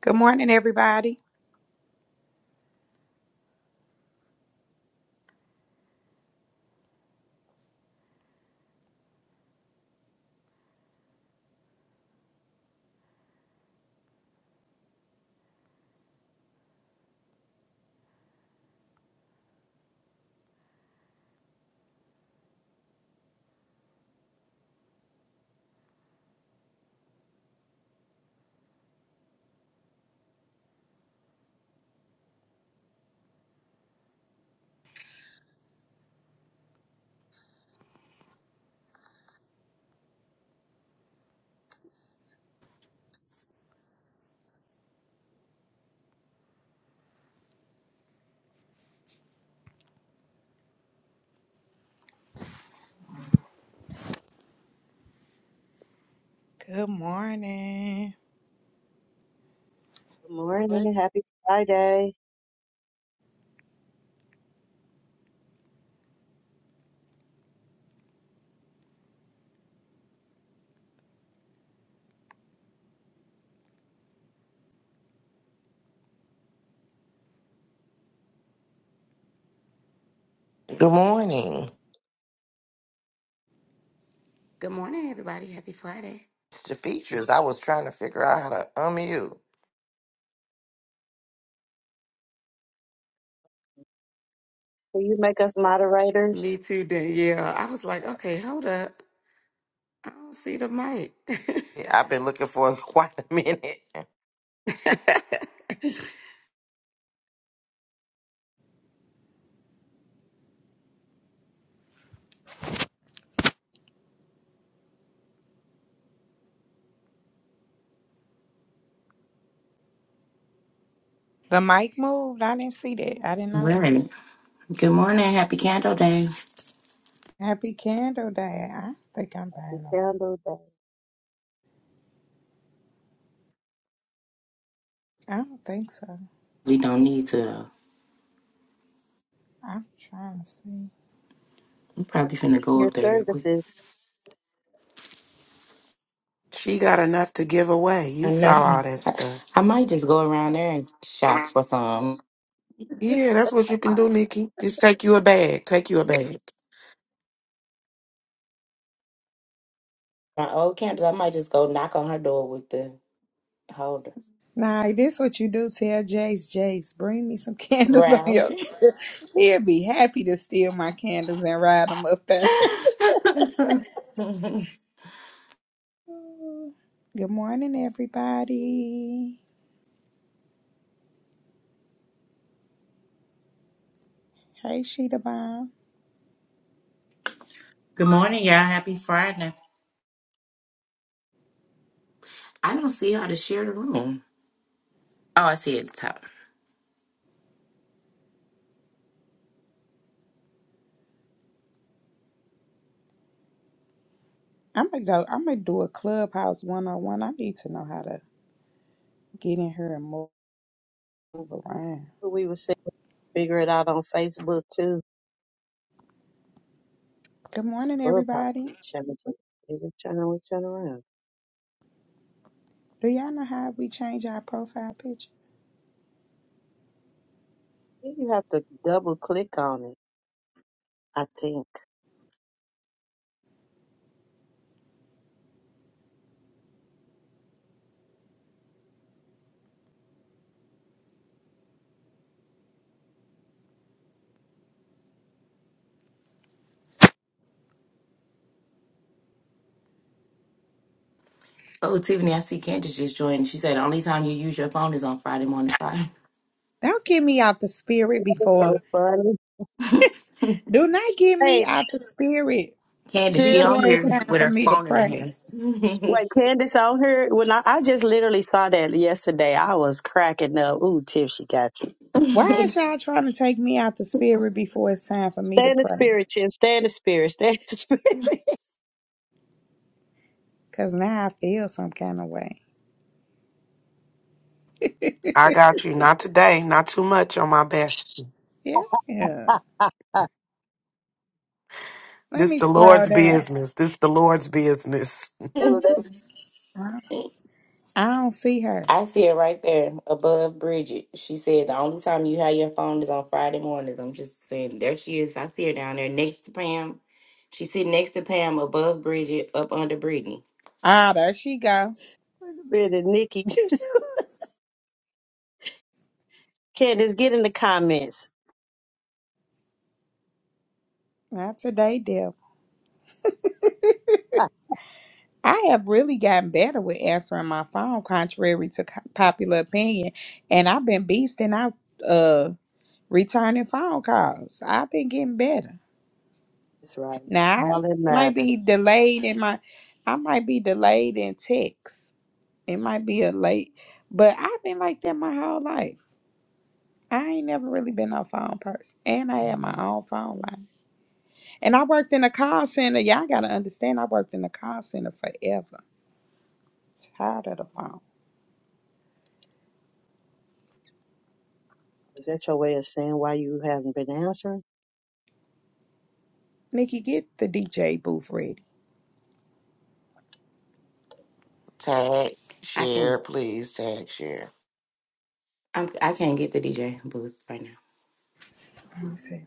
Good morning, everybody. Good morning. Good morning. Happy Friday. Good morning. Good morning, everybody. Happy Friday. It's the features. I was trying to figure out how to unmute. Will you make us moderators? Me too, Danielle. I was like, okay, hold up. I don't see the mic. Yeah, I've been looking for quite a minute. The mic moved. I didn't see that. I didn't know. Right. Good morning. Happy Candle Day. Happy Candle Day. I don't think I'm Happy buying no. candle day. I don't think so. We don't need to though. I'm trying to see. I'm probably finna go Your up there real quick. services. She got enough to give away. You I know. saw all that I, stuff. I might just go around there and shop for some. Yeah, that's what you can do, Nikki. Just take you a bag. Take you a bag. My old candles. I might just go knock on her door with the holder. Nah, this what you do. Tell Jace, Jace, bring me some candles on your Right. skin. He'll be happy to steal my candles and ride them up there. I Good morning, everybody. Hey, Sheeta Bomb. Good morning, y'all. Happy Friday. don't see how to share the room. Oh, I see it at the top. I'm gonna go. I'm gonna do a clubhouse one on one. I need to know how to get in here and move. move around. We were saying figure it out on Facebook too. Good This morning, clubhouse everybody. be channel to every channel we turn around. I Do y'all know how we change our profile picture? think You have to double click on it, I think. Oh, Tiffany, I see Candace just joined. She said the only time you use your phone is on Friday morning five. Don't get me out the spirit It's so before. funny. Do not get me Hey, out the spirit Candace, she chill. on before it's here time with for her me to phone in pray. her Wait, Candace on here. When I, I just literally saw that yesterday, I was cracking up. Ooh, Tiff, she got you. Why is hand. y'all trying to take me out the spirit before it's time for me Stay to in the pray? spirit, Tiff. Stay in the spirit. Stay in the Because now I feel some kind of way. I got you. Not today. Not too much on my best. yeah. Let This me the scroll Lord's down. business. This the Lord's business. spirit. I don't see her. I see it right there above Bridget. She said the only time you have your phone is on Friday mornings. I'm just saying, there she is. I see her down there next to Pam. She's sitting next to Pam, above Bridget, up under Brittany. Ah, there she go. Wait a minute, Nikki. Candace, get in the comments. Not today, devil. I have really gotten better with answering my phone, contrary to co- popular opinion. And I've been beasting out uh, returning phone calls. I've been getting better. That's right. Now, I All that might matters. be delayed in my, I might be delayed in texts. It might be a late, but I've been like that my whole life. I ain't never really been no phone person. And I had my own phone line. And I worked in a call center. Y'all got to understand, I worked in a call center forever. Tired of the phone. Is that your way of saying why you haven't been answering? Nikki, get the DJ booth ready. Tag, I can't. share, please. Tag, share. I'm. I can't get the DJ booth right now. Let me see.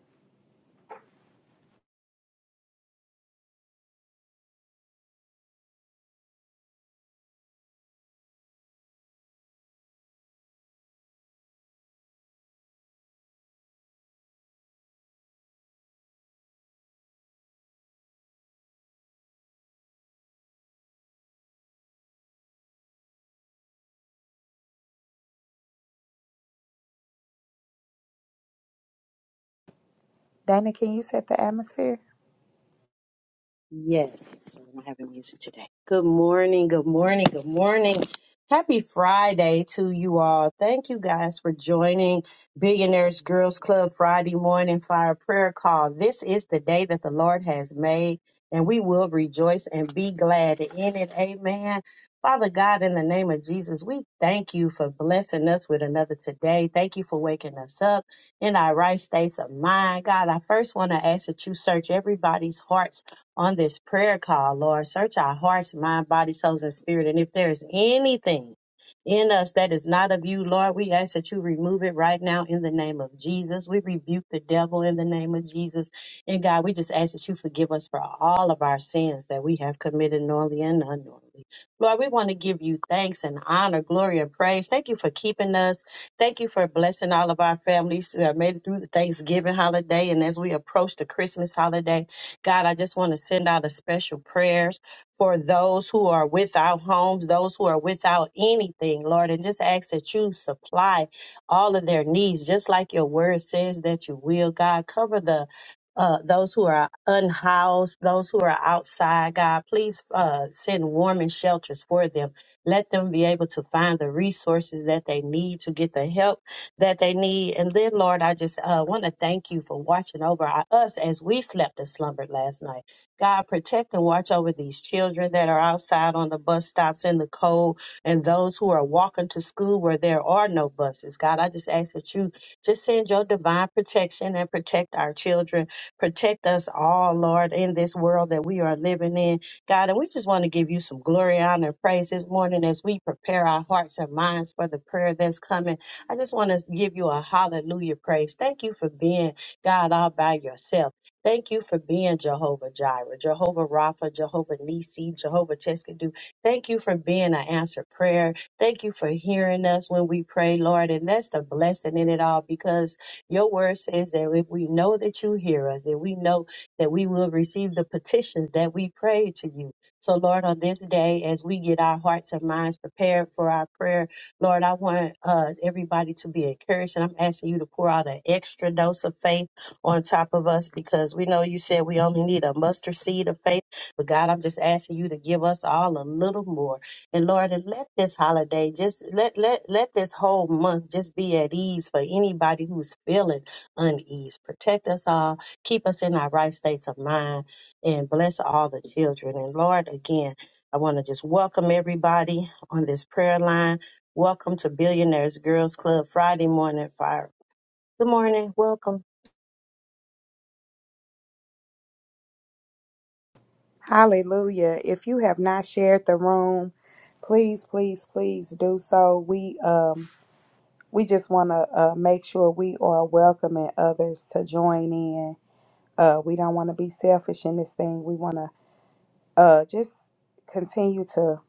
Dana, can you set the atmosphere? Yes, sorry, I don't have any music today. Good morning, good morning, good morning. Happy Friday to you all. Thank you guys for joining Billionaires Girls Club Friday morning fire prayer call. This is the day that the Lord has made, and we will rejoice and be glad in it. Amen. Father God, in the name of Jesus, we thank you for blessing us with another today. Thank you for waking us up in our right states of mind. God, I first want to ask that you search everybody's hearts on this prayer call, Lord. Search our hearts, mind, body, souls, and spirit. And if there is anything in us that is not of you, Lord, we ask that you remove it right now in the name of Jesus. We rebuke the devil in the name of Jesus. And God, we just ask that you forgive us for all of our sins that we have committed knowingly and unknowingly. Lord, we want to give you thanks and honor, glory, and praise. Thank you for keeping us. Thank you for blessing all of our families who have made it through the Thanksgiving holiday. And as we approach the Christmas holiday, God, I just want to send out a special prayers for those who are without homes, those who are without anything, Lord, and just ask that you supply all of their needs, just like your word says that you will, God. Cover the uh, those who are unhoused, those who are outside, God, please uh, send warm and shelters for them. Let them be able to find the resources that they need to get the help that they need. And then, Lord, I just uh, want to thank you for watching over our, us as we slept and slumbered last night. God, protect and watch over these children that are outside on the bus stops in the cold and those who are walking to school where there are no buses. God, I just ask that you just send your divine protection and protect our children. Protect us all, Lord, in this world that we are living in. God, and we just want to give you some glory, honor, and praise this morning as we prepare our hearts and minds for the prayer that's coming. I just want to give you a hallelujah praise. Thank you for being God all by yourself. Thank you for being Jehovah Jireh, Jehovah Rapha, Jehovah Nisi, Jehovah Teskadu. Thank you for being an answered prayer. Thank you for hearing us when we pray, Lord. And that's the blessing in it all because your word says that if we know that you hear us, that we know that we will receive the petitions that we pray to you. So, Lord, on this day, as we get our hearts and minds prepared for our prayer Lord, I want uh, everybody to be encouraged, and I'm asking you to pour out an extra dose of faith on top of us because we know you said we only need a mustard seed of faith. But God, I'm just asking you to give us all a little more. And Lord, and let this holiday just let let let this whole month just be at ease for anybody who's feeling unease. Protect us all, keep us in our right states of mind, and bless all the children. And Lord, again. I want to just welcome everybody on this prayer line. Welcome to Billionaires Girls Club Friday morning fire. Good morning. Welcome. Hallelujah. If you have not shared the room, please, please, please do so. We um we just want to uh, make sure we are welcoming others to join in. Uh, we don't want to be selfish in this thing. We want to uh just continue to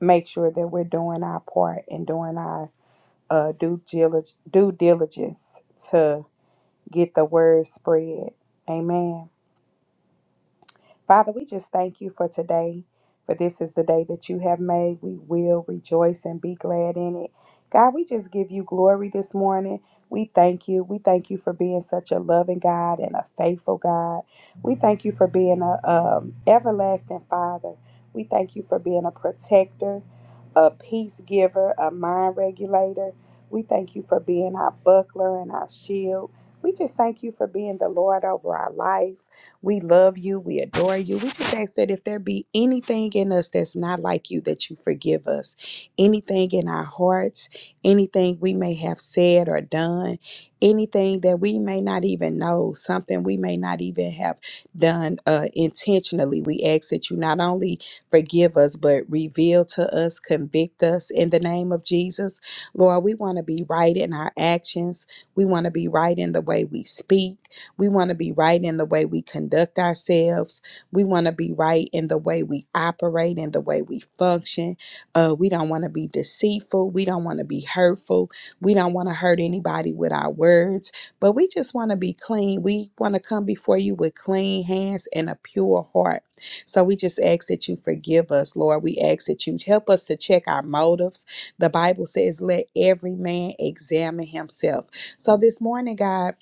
make sure that we're doing our part and doing our uh due diligence. due diligence to get the word spread. Amen. Father, we just thank you for today, for this is the day that you have made. We will rejoice and be glad in it. God, we just give you glory this morning. We thank you. We thank you for being such a loving God and a faithful God. We thank you for being a um, everlasting Father. We thank you for being a protector, a peace giver, a mind regulator. We thank you for being our buckler and our shield. We just thank you for being the Lord over our life. We love you. We adore you. We just ask that if there be anything in us that's not like you, that you forgive us. Anything in our hearts, anything we may have said or done, anything that we may not even know, something we may not even have done uh, intentionally. We ask that you not only forgive us, but reveal to us, convict us in the name of Jesus. Lord, we want to be right in our actions. We want to be right in the way we speak. We want to be right in the way we conduct ourselves. We want to be right in the way we operate, in the way we function. Uh, we don't want to be deceitful. We don't want to be hurtful. We don't want to hurt anybody with our words, but we just want to be clean. We want to come before you with clean hands and a pure heart. So we just ask that you forgive us, Lord. We ask that you help us to check our motives. The Bible says, let every man examine himself. So this morning, God,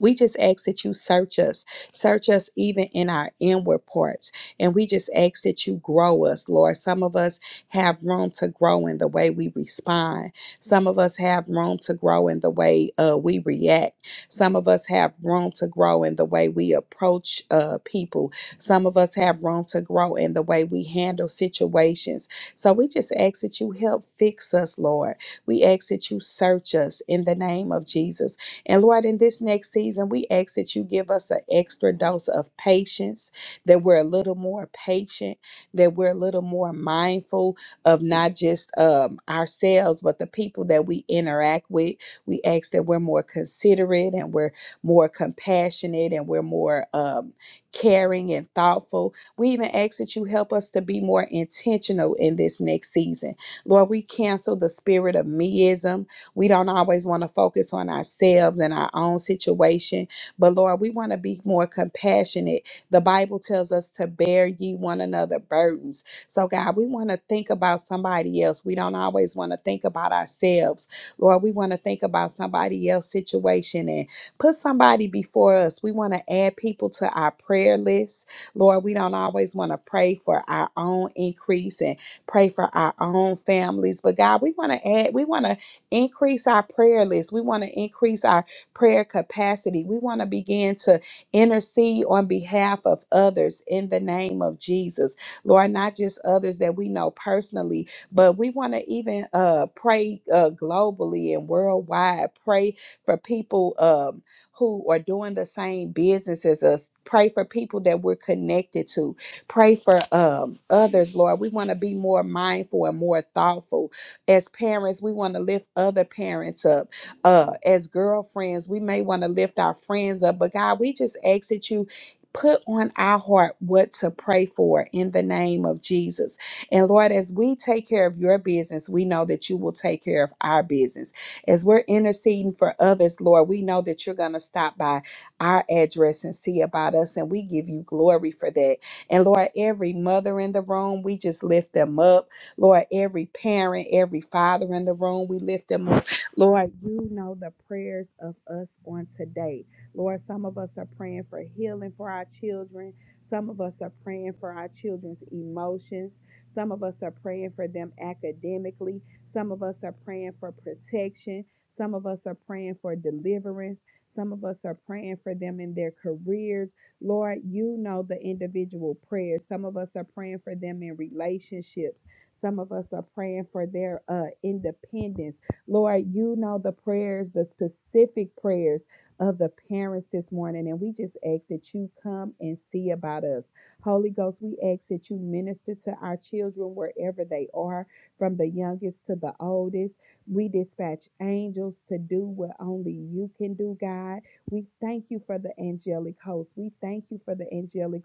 we just ask that you search us, search us even in our inward parts. And we just ask that you grow us, Lord. Some of us have room to grow in the way we respond. Some of us have room to grow in the way uh, we react. Some of us have room to grow in the way we approach uh, people. Some of us have room to grow in the way we handle situations. So we just ask that you help fix us, Lord. We ask that you search us in the name of Jesus. And Lord, in this next season, we ask that you give us an extra dose of patience, that we're a little more patient, that we're a little more mindful of not just um, ourselves, but the people that we interact with. We ask that we're more considerate and we're more compassionate and we're more um, caring and thoughtful. We even ask that you help us to be more intentional in this next season. Lord, we cancel the spirit of meism we don't always want to focus on ourselves and our own situation, but Lord, we want to be more compassionate. The Bible tells us to bear ye one another burdens. So, God, we want to think about somebody else. We don't always want to think about ourselves. Lord, we want to think about somebody else's situation and put somebody before us. We want to add people to our prayer list. Lord, we don't always want to pray for our own increase and pray for our own families. But God, we want to add, we want to Increase our prayer list. We want to increase our prayer capacity. We want to begin to intercede on behalf of others in the name of Jesus. Lord, not just others that we know personally, but we want to even uh, pray uh, globally and worldwide. Pray for people um, who are doing the same business as us. Pray for people that we're connected to. Pray for um, others, Lord. We want to be more mindful and more thoughtful as parents, we want to lift other parents up. Uh, as girlfriends, we may want to lift our friends up. But God, we just ask that you put on our heart what to pray for in the name of Jesus. And Lord, as we take care of your business, we know that you will take care of our business. As we're interceding for others, Lord, we know that you're going to stop by our address and see about us. And we give you glory for that. And Lord, every mother in the room, we just lift them up. Lord, every parent, every father in the room, we lift them up. Lord, you know the prayers of us on today. Lord, some of us are praying for healing for our children. Some of us are praying for our children's emotions. Some of us are praying for them academically. Some of us are praying for protection. Some of us are praying for deliverance. Some of us are praying for them in their careers. Lord, you know the individual prayers. Some of us are praying for them in relationships. Some of us are praying for their uh, independence. Lord, you know the prayers, the specific prayers of the parents this morning. And we just ask that you come and see about us. Holy Ghost, we ask that you minister to our children wherever they are, from the youngest to the oldest. We dispatch angels to do what only you can do, God. We thank you for the angelic host. We thank you for the angelic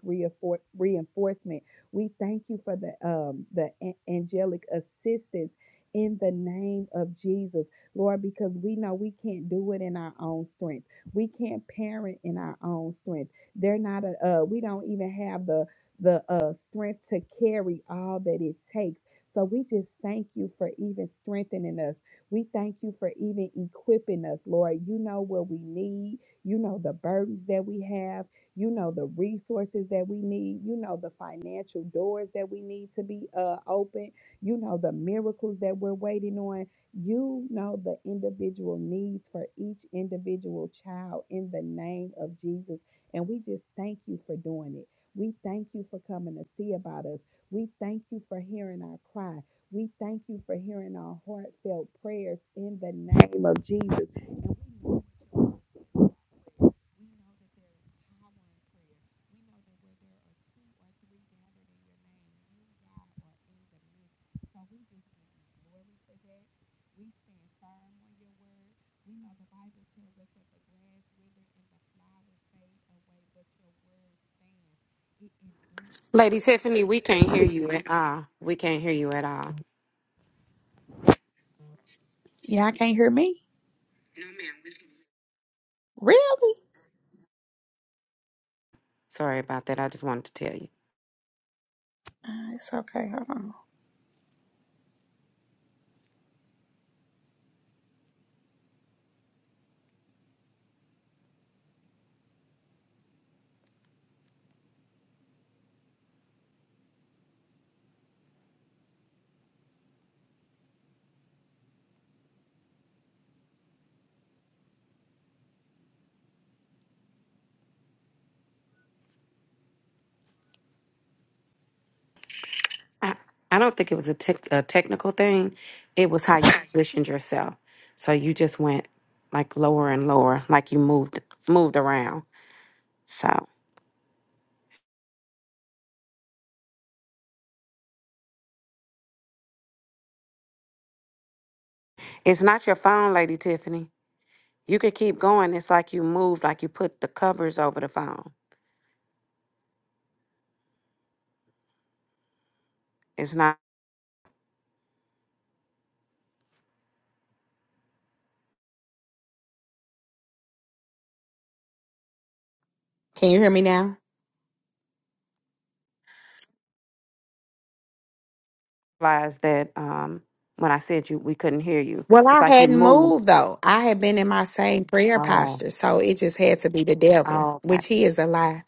reinforcement we thank you for the um, the a- angelic assistance in the name of Jesus, Lord, because we know we can't do it in our own strength. We can't parent in our own strength. They're not a uh, we don't even have the the uh, strength to carry all that it takes. So we just thank you for even strengthening us. We thank you for even equipping us, Lord. You know what we need. You know the burdens that we have you know the resources that we need you know the financial doors that we need to be uh, open you know the miracles that we're waiting on you know the individual needs for each individual child in the name of jesus and we just thank you for doing it we thank you for coming to see about us we thank you for hearing our cry we thank you for hearing our heartfelt prayers in the name of jesus Lady Tiffany, we can't hear you at all. We can't hear you at all. Y'all can't hear me? Really? Sorry about that. I just wanted to tell you. Uh, it's okay. Hold on. I, I don't think it was a, tech a technical thing. It was how you positioned yourself. So you just went like lower and lower, like you moved moved around. So it's not your phone, Lady Tiffany. You could keep going. It's like you moved, like you put the covers over the phone. It's not Can you hear me now? realize that um, when I said you, we couldn't hear you. Well, It's I like you hadn't moved. moved though. I had been in my same prayer Oh, posture, so it just had to be the devil, oh, I- which he is a lie.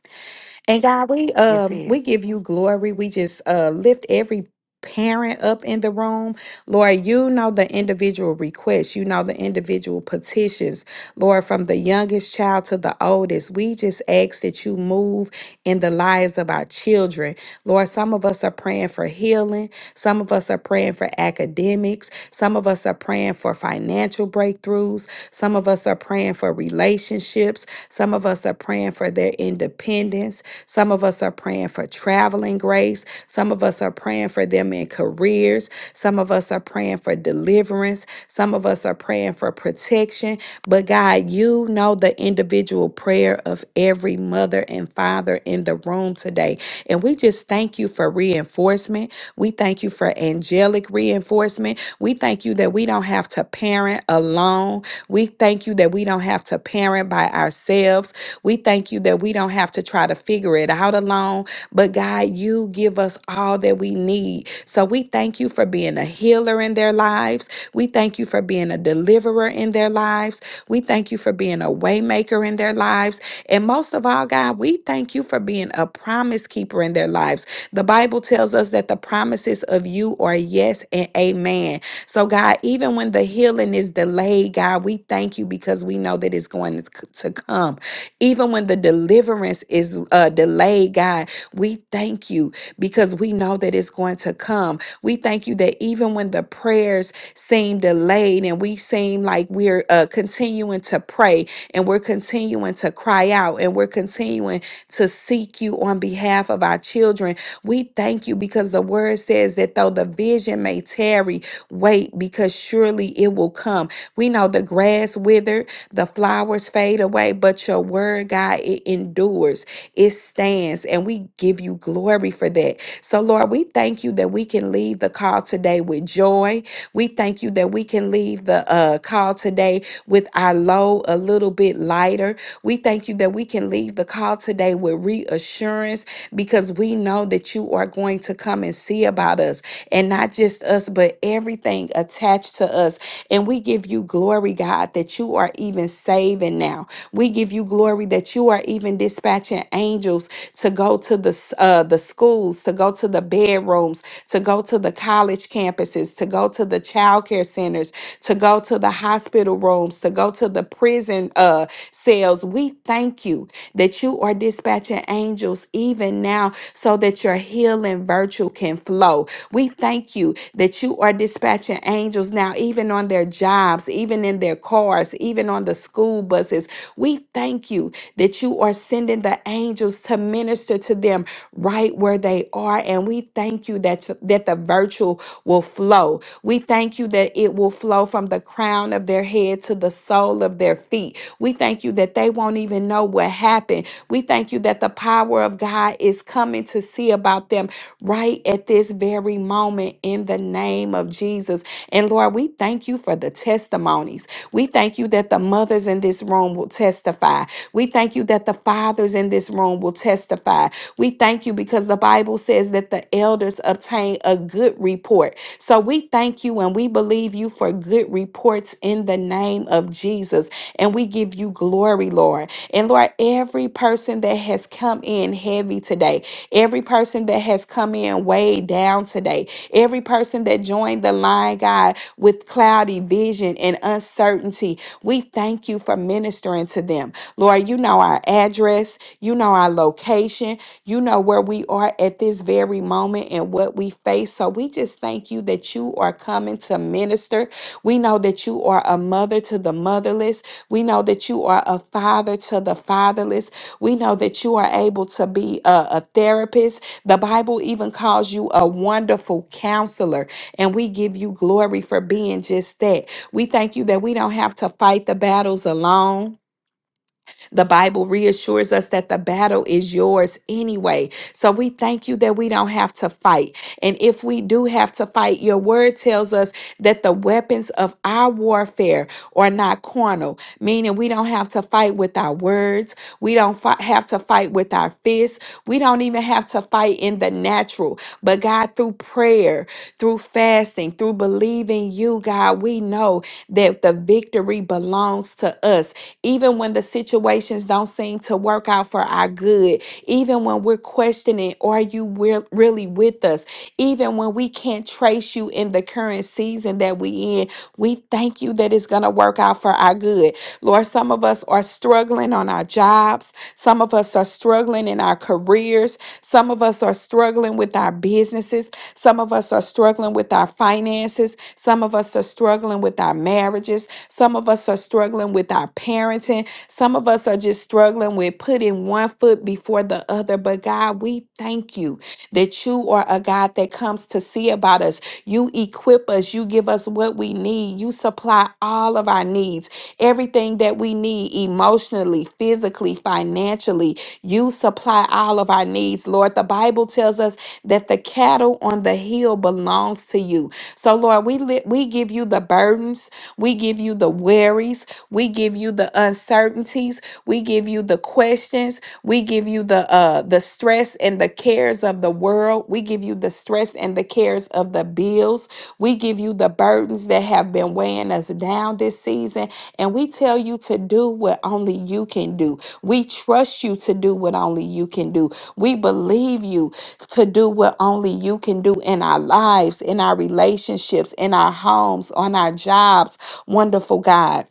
And God, we you um see we it. give you glory. We just uh lift every parent up in the room. Lord, you know the individual requests, you know the individual petitions, Lord, from the youngest child to the oldest. We just ask that you move in the lives of our children. Lord, some of us are praying for healing, some of us are praying for academics, some of us are praying for financial breakthroughs, some of us are praying for relationships, some of us are praying for their independence. Some of us are praying for traveling grace. Some of us are praying for them in careers. Some of us are praying for deliverance. Some of us are praying for protection. But God, you know the individual prayer of every mother and father in the room today. And we just thank you for reinforcement. We thank you for angelic reinforcement. We thank you that we don't have to parent alone own. We thank you that we don't have to parent by ourselves. We thank you that we don't have to try to figure it out alone. But God, you give us all that we need. So we thank you for being a healer in their lives. We thank you for being a deliverer in their lives. We thank you for being a waymaker in their lives. And most of all, God, we thank you for being a promise keeper in their lives. The Bible tells us us that the promises of you are yes and amen. So, God, even when the healing is delayed, God, we thank you because we know that it's going to to come. Even when the deliverance is uh, delayed, God, we thank you because we know that it's going to come. We thank you that even when the prayers seem delayed and we seem like we're uh, continuing to pray and we're continuing continuing to cry out and we're continuing to seek you on behalf of our children. We thank you because the word says that though the vision may tarry, wait because surely it will come. We know the grass withered, the flowers fade away, but your word, God, it endures, it stands, and we give you glory for that. So, Lord, we thank you that we can leave the call today with joy we thank you that we can leave the uh, call today with our load a little bit lighter. We thank you that we can leave the call today with reassurance because we know that you are going to come and see about us and not just us, but everything attached to us. And we give you glory, God, that you are even saving now. We give you glory that you are even dispatching angels to go to the s- uh, the schools, to go go to the bedrooms, to go to the college campuses, to go to the child care centers, to go to the hospital rooms, to go to the prison uh, cells. We thank you that you are dispatching angels even now so that your healing virtue can flow. We thank you that you are dispatching angels now, even on their jobs, even in their cars, even on the school buses. We thank you that you are sending the angels to minister to them right where they are. And we thank you that, that the virtue will flow. We thank you that it will flow from the crown of their head to the sole of their feet. We thank you that they won't even know what happened. We thank you that the power of God is coming to see about them right at this very moment in the name of Jesus. And Lord, we thank you for the testimonies. We thank thank you that the mothers in this room will testify. We thank you that the fathers in this room will testify. We thank you because the Bible says that the elders obtain a good report. So we thank you and we believe you for good reports in the name of Jesus. And we give you glory, Lord. And Lord, every person that has come in heavy today, every person that has come in weighed down today, every person that joined joined the line, God, with cloudy vision and uncertainty. We thank you for ministering to them. Lord, you know our address, you know our location, you know where we are at this very moment and what we face. So we just thank you that you are coming to minister. We know that you are a mother to the motherless. We know that you are a father to the fatherless. We know that you are able to be a, a therapist. The Bible even calls you a wonderful counselor. And we give you glory for being just that. We thank you that we don't have to fight the battles alone. The Bible reassures us that the battle is yours anyway. So we thank you that we don't have to fight. And if we do have to fight, your word tells us that the weapons of our warfare are not corner meaning we don't have to fight with our words. We don't fi- have to fight with our fists. We don't even have to fight in the natural. But God, through prayer, through fasting, through believing you, God, we know that the victory belongs to us. Even when the situations don't seem to work out for our good, even when we're questioning, are you re- really with us? Even when we can't trace you in the current season that we in, we thank you that it's going to work out for our good. Lord, some of us are struggling on our jobs. Some of us are struggling in our careers. Some of us are struggling with our businesses. Some of us are struggling with our finances. Some of us are struggling with our marriages. Some of us are struggling with our parenting. Some of us are just struggling with putting one foot before the other. But God, we thank you that you are a God that comes to see about us. You equip us. You give us what we need. You supply all of our needs. Everything that we need emotionally, physically, financially, you supply all of our needs, Lord. The Bible tells us that the cattle on the hill belongs to you. So, Lord, we li- we give you the burdens, we give you the worries, we give you the uncertainties, we give you the questions, we give you the uh the stress and the cares of the world. We give you the stress and the cares of the bills. We give you the burdens that have been weighing us down this season. And we tell you to do what only you can do. We trust you to do what only you can do. We believe you to do what only you can do in our lives, in our relationships, in our homes, on our jobs. Wonderful God.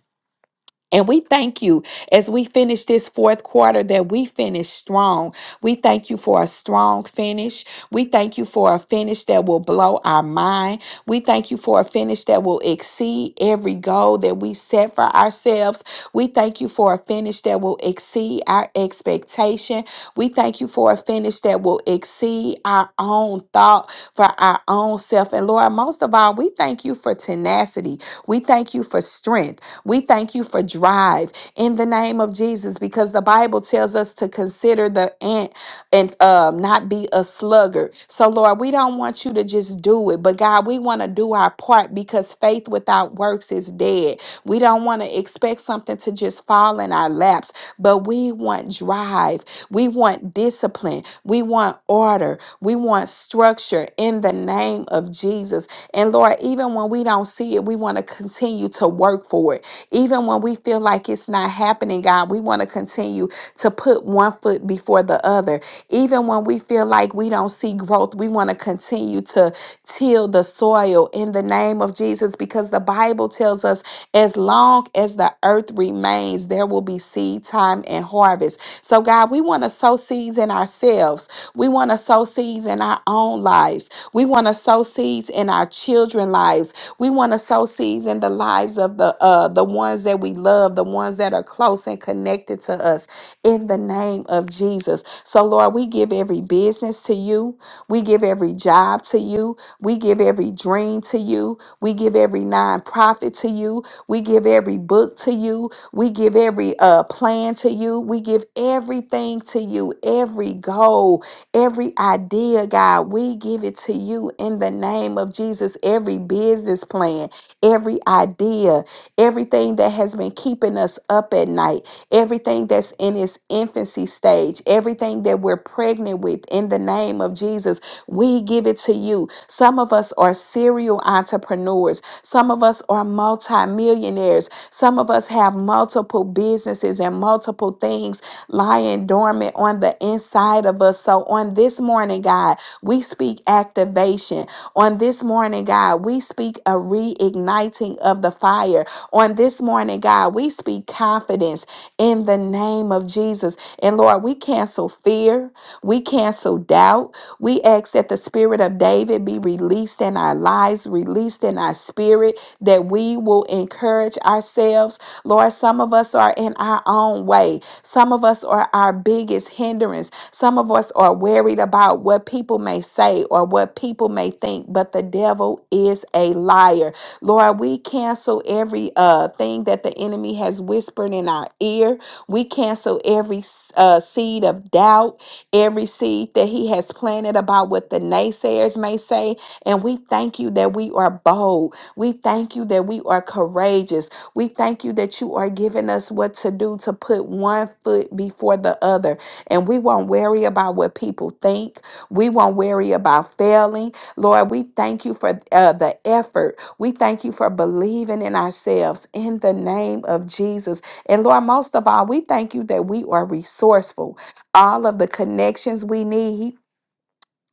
And we thank you as we finish this fourth quarter that we finish strong. We thank you for a strong finish. We thank you for a finish that will blow our mind. We thank you for a finish that will exceed every goal that we set for ourselves. We thank you for a finish that will exceed our expectation. We thank you for a finish that will exceed our own thought for our own self. And Lord, most of all, we thank you for tenacity. We thank you for strength. We thank you for drive in the name of Jesus because the Bible tells us to consider the ant and um, not be a sluggard. So, Lord, we don't want you to just do it, but God, we want to do our part because faith without works is dead. We don't want to expect something to just fall in our laps, but we want drive. We want discipline. We want order. We want structure in the name of Jesus. And Lord, even when we don't see it, we want to continue to work for it. Even when we feel like it's not happening, God, we want to continue to put one foot before the other. Even when we feel like we don't see growth, we want to continue to till the soil in the name of Jesus because the Bible tells us as long as the earth remains, there will be seed time and harvest. So, God, we want to sow seeds in ourselves. We want to sow seeds in our own lives. We want to sow seeds in our children's lives. We want to sow proceeds in the lives of the uh the ones that we love, the ones that are close and connected to us in the name of Jesus. So Lord, we give every business to you. We give every job to you. We give every dream to you. We give every nonprofit to you. We give every book to you. We give every uh plan to you. We give everything to you, every goal, every idea, God. We give it to you in the name of Jesus. Jesus every business plan, every idea, everything that has been keeping us up at night, everything that's in its infancy stage, everything that we're pregnant with in the name of Jesus. We give it to you. Some of us are serial entrepreneurs, some of us are multimillionaires, some of us have multiple businesses and multiple things lying dormant on the inside of us. So on this morning, God, we speak reactivation. On this morning, God, we speak a reigniting of the fire. On this morning, God, we speak confidence in the name of Jesus. And Lord, we cancel fear, we cancel doubt. We ask that the spirit of David be released in our lives, released in our spirit, that we will encourage ourselves. Lord, some of us are in our own way. Some of us are our biggest hindrance. Some of us are well worried about what people may say or what people may think, but the devil is a liar. Lord, we cancel every uh thing that the enemy has whispered in our ear. We cancel every uh, seed of doubt, every seed that he has planted about what the naysayers may say. And we thank you that we are bold. We thank you that we are courageous. We thank you that you are giving us what to do to put one foot before the other. And we won't worry about what people think. We won't worry about failing. Lord, we thank you for uh, the effort. We thank you for believing in ourselves in the name of Jesus. And Lord, most of all, we thank you that we are resourceful. All of the connections we need,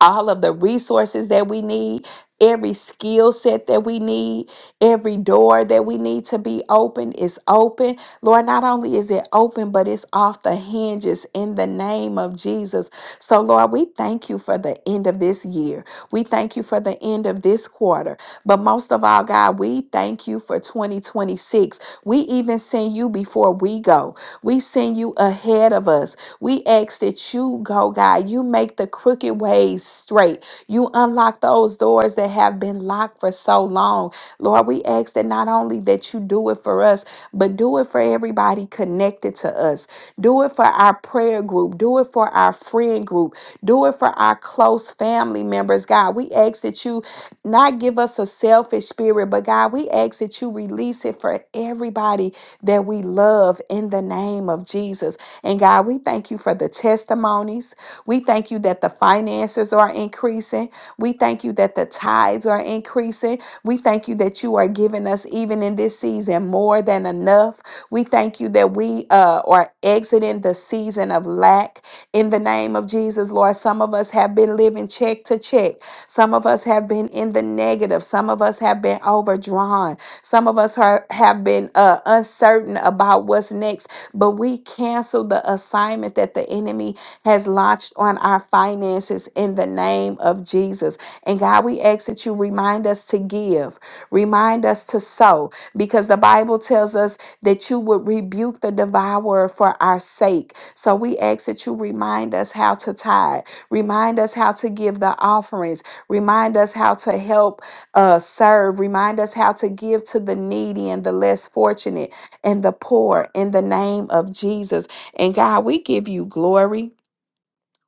all of the resources that we need, every skill set that we need. Every door that we need to be open is open. Lord, not only is it open, but it's off the hinges in the name of Jesus. So, Lord, we thank you for the end of this year. We thank you for the end of this quarter. But most of all, God, we thank you for 2026. We even send you before we go. We send you ahead of us. We ask that you go, God. You make the crooked ways straight. You unlock those doors that have been locked for so so long. Lord, we ask that not only that you do it for us, but do it for everybody connected to us. Do it for our prayer group. Do it for our friend group. Do it for our close family members. God, we ask that you not give us a selfish spirit, but God, we ask that you release it for everybody that we love in the name of Jesus. And God, we thank you for the testimonies. We thank you that the finances are increasing. We thank you that the tithes tithes are increasing. We thank you that you are giving us, even in this season, more than enough. We thank you that we uh, are exiting the season of lack in the name of Jesus, Lord. Some of us have been living check to check, some of us have been in the negative, some of us have been overdrawn, some of us are, have been uh, uncertain about what's next, but we cancel the assignment that the enemy has launched on our finances in the name of Jesus. And God, we ask that you remind us to give, remind us to sow, because the Bible tells us that you would rebuke the devourer for our sake. So we ask that you remind us how to tithe, remind us how to give the offerings, remind us how to help uh, serve, remind us how to give to the needy and the less fortunate and the poor in the name of Jesus. And God, we give you glory.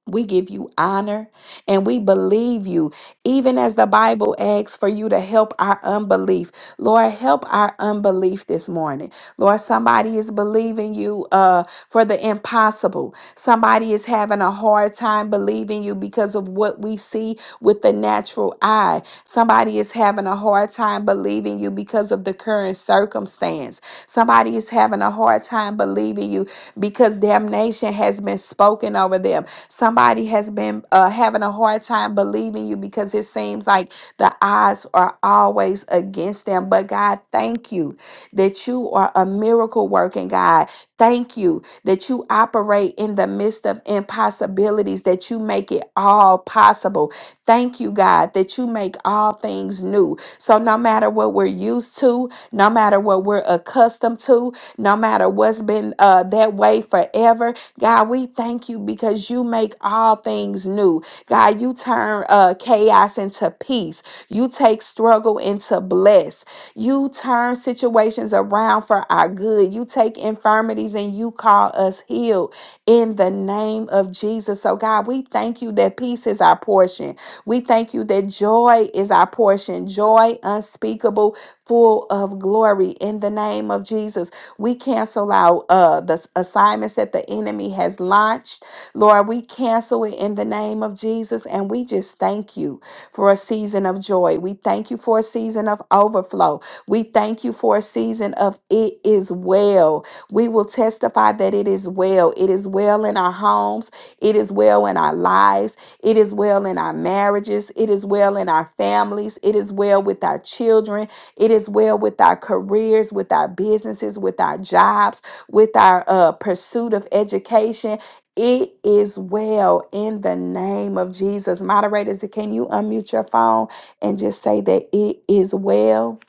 We give you honor and we believe you, even as the Bible asks for you to help our unbelief. Lord, help our unbelief this morning. Lord, somebody is believing you uh, for the impossible. Somebody is having a hard time believing you because of what we see with the natural eye. Somebody is having a hard time believing you because of the current circumstance. Somebody is having a hard time believing you because damnation has been spoken over them. Somebody has been uh, having a hard time believing you because it seems like the odds are always against them. But God, thank you that you are a miracle working God. Thank you that you operate in the midst of impossibilities, that you make it all possible. Thank you, God. God, that you make all things new. So no matter what we're used to, no matter what we're accustomed to, no matter what's been uh, that way forever, God, we thank you because you make all things new. God, you turn uh, chaos into peace. You take struggle into bless. You turn situations around for our good. You take infirmities and you call us healed in the name of Jesus. So, God, we thank you that peace is our portion portion. We thank you that joy is our portion, joy unspeakable, full of glory in the name of Jesus. We cancel out uh, the assignments that the enemy has launched. Lord, we cancel it in the name of Jesus. And we just thank you for a season of joy. We thank you for a season of overflow. We thank you for a season of it is well. We will testify that it is well. It is well in our homes, it is well in our lives. It is well in our marriages. It is well in our families. It is well with our children. It is well with our careers, with our businesses, with our jobs, with our uh, pursuit of education. It is well in the name of Jesus. Moderators, can you unmute your phone and just say that it is well?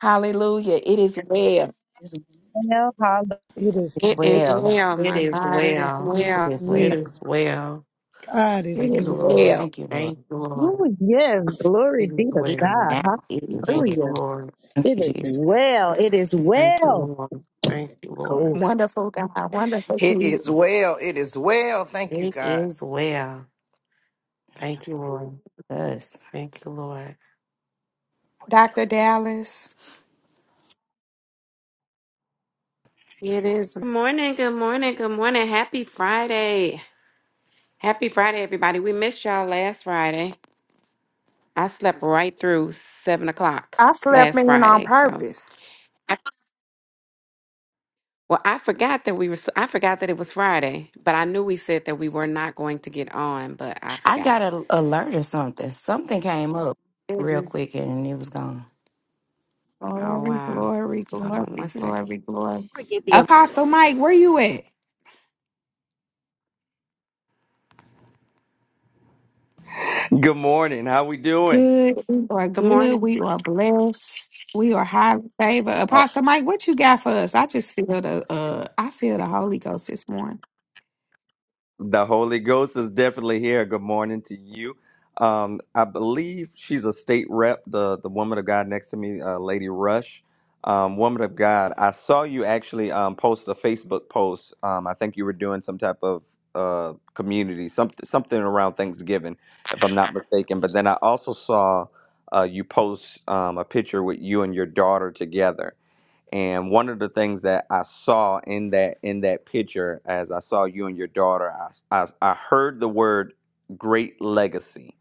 Hallelujah. It is well. It's- Well, It is It well. is Well, well, It my is God. It is It well. is it well. is well. It well. is well. God is It Thank is you, well. Lord. well. Thank you, Lord. Thank you, Lord. hallelujah. Yes, glory It be is to Even well. God. now, it is well. Thank you, Hallelujah. Lord. Thank It you, is Jesus. well. It is Thank you, well. Lord. Thank you, Lord. Cold. Wonderful God. Wonderful It is Jesus. well. It is well. Thank you, It God. is well. Thank you, Lord. Us. Thank you, Lord. Dr. Dallas, It is. Good morning, good morning, good morning. Happy Friday. Happy Friday, everybody. We missed y'all last Friday. I slept right through seven o'clock I slept last in on Friday. So, purpose. I, well, I forgot that we were, I forgot that it was Friday, but I knew we said that we were not going to get on, but I I forgot. got an alert or something. Something came up real Mhm. quick and it was gone. Oh, Glory, wow. glory, Hold glory, on one second. glory, glory. Apostle Mike, where you at? Good morning. How we doing? Good or Good good? morning. We just we face Uh, feel the one. the Holy Ghost is definitely here. Good morning to you. Um, I believe she's a state rep, the the woman of God next to me, uh, Lady Rush. Um, woman of God, I saw you actually um, post a Facebook post. Um, I think you were doing some type of uh, community, something something around Thanksgiving, if I'm not mistaken. But then I also saw uh, you post um, a picture with you and your daughter together And one of the things that I saw in that in that picture, as I saw you and your daughter, I I, I heard the word great legacy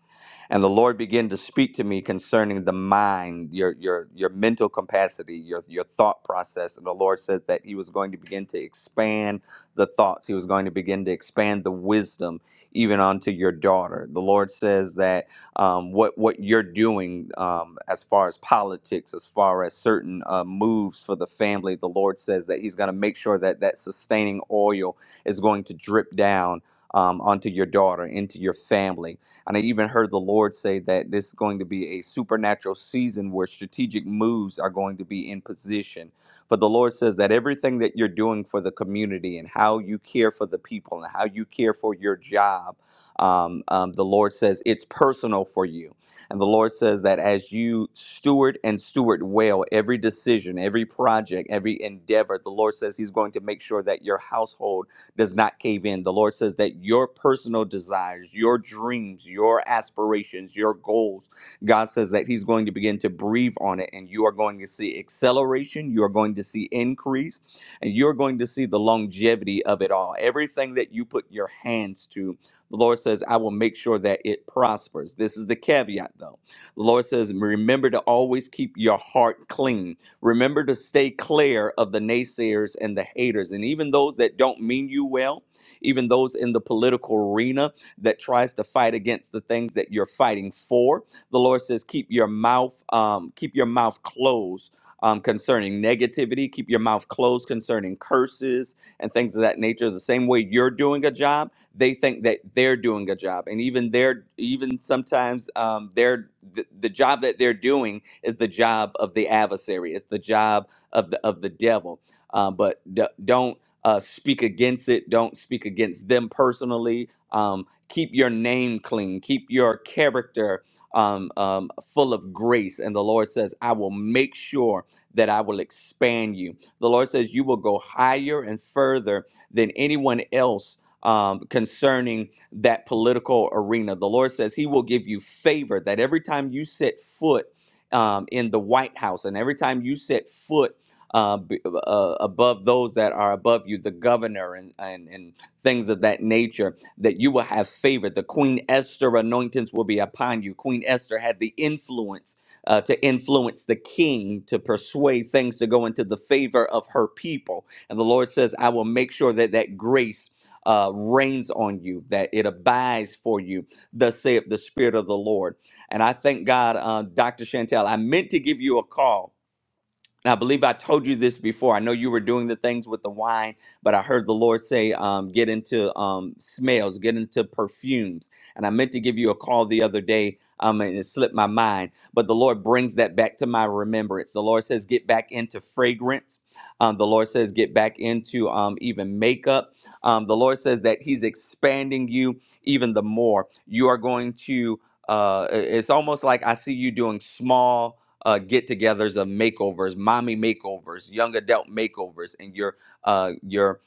and the Lord began to speak to me concerning the mind, your your your mental capacity, your your thought process. And the Lord says that He was going to begin to expand the thoughts. He was going to begin to expand the wisdom even onto your daughter. The Lord says that um, what what you're doing um, as far as politics, as far as certain uh, moves for the family, the Lord says that He's going to make sure that that sustaining oil is going to drip down um, onto your daughter, into your family and I even heard the Lord say that this is going to be a supernatural season where strategic moves are going to be in position. For the Lord says that everything that you're doing for the community and how you care for the people and how you care for your job, um, um, the Lord says it's personal for you. And the Lord says that as you steward and steward well every decision, every project, every endeavor, the Lord says He's going to make sure that your household does not cave in. The Lord says that your personal desires, your dreams, your aspirations, your goals, God says that He's going to begin to breathe on it, and you are going to see acceleration, you are going to see increase, and you're going to see the longevity of it all. Everything that you put your hands to, the Lord says, I will make sure that it prospers. This is the caveat, though. The Lord says, remember to always keep your heart clean Remember to stay clear of the naysayers and the haters, and even those that don't mean you well, even those in the political arena that tries to fight against the things that you're fighting for. The Lord says, keep your mouth, um, keep your mouth closed. Um, concerning negativity, keep your mouth closed concerning curses and things of that nature. The same way you're doing a job, they think that they're doing a job, and even their, even sometimes um, their the, the job that they're doing it's the job of the adversary. It's the job of the of the devil. Uh, but d- don't uh, speak against it. Don't speak against them personally. Um, keep your name clean. Keep your character um, um, full of grace. And the Lord says, I will make sure that I will expand you. The Lord says, you will go higher and further than anyone else um, concerning that political arena. The Lord says He will give you favor that every time you set foot um, in the White House. And every time you set foot uh, b- uh, above those that are above you, the governor and, and, and things of that nature, that you will have favor. The Queen Esther anointings will be upon you. Queen Esther had the influence uh, to influence the king to persuade things to go into the favor of her people. And the Lord says, I will make sure that that grace. Uh, reigns on you, that it abides for you, thus saith the Spirit of the Lord. And I thank God, uh, Dr. Chantel, I meant to give you a call I believe I told you this before. I know you were doing the things with the wine, but I heard the Lord say, um, get into um, smells, get into perfumes. And I meant to give you a call the other day, um, and it slipped my mind. But the Lord brings that back to my remembrance. The Lord says, get back into fragrance. Um, the Lord says, get back into um, even makeup. Um, the Lord says that He's expanding you even the more. You are going to. Uh, it- it's almost like I see you doing small uh, get-togethers of makeovers, mommy makeovers, young adult makeovers, and your uh, your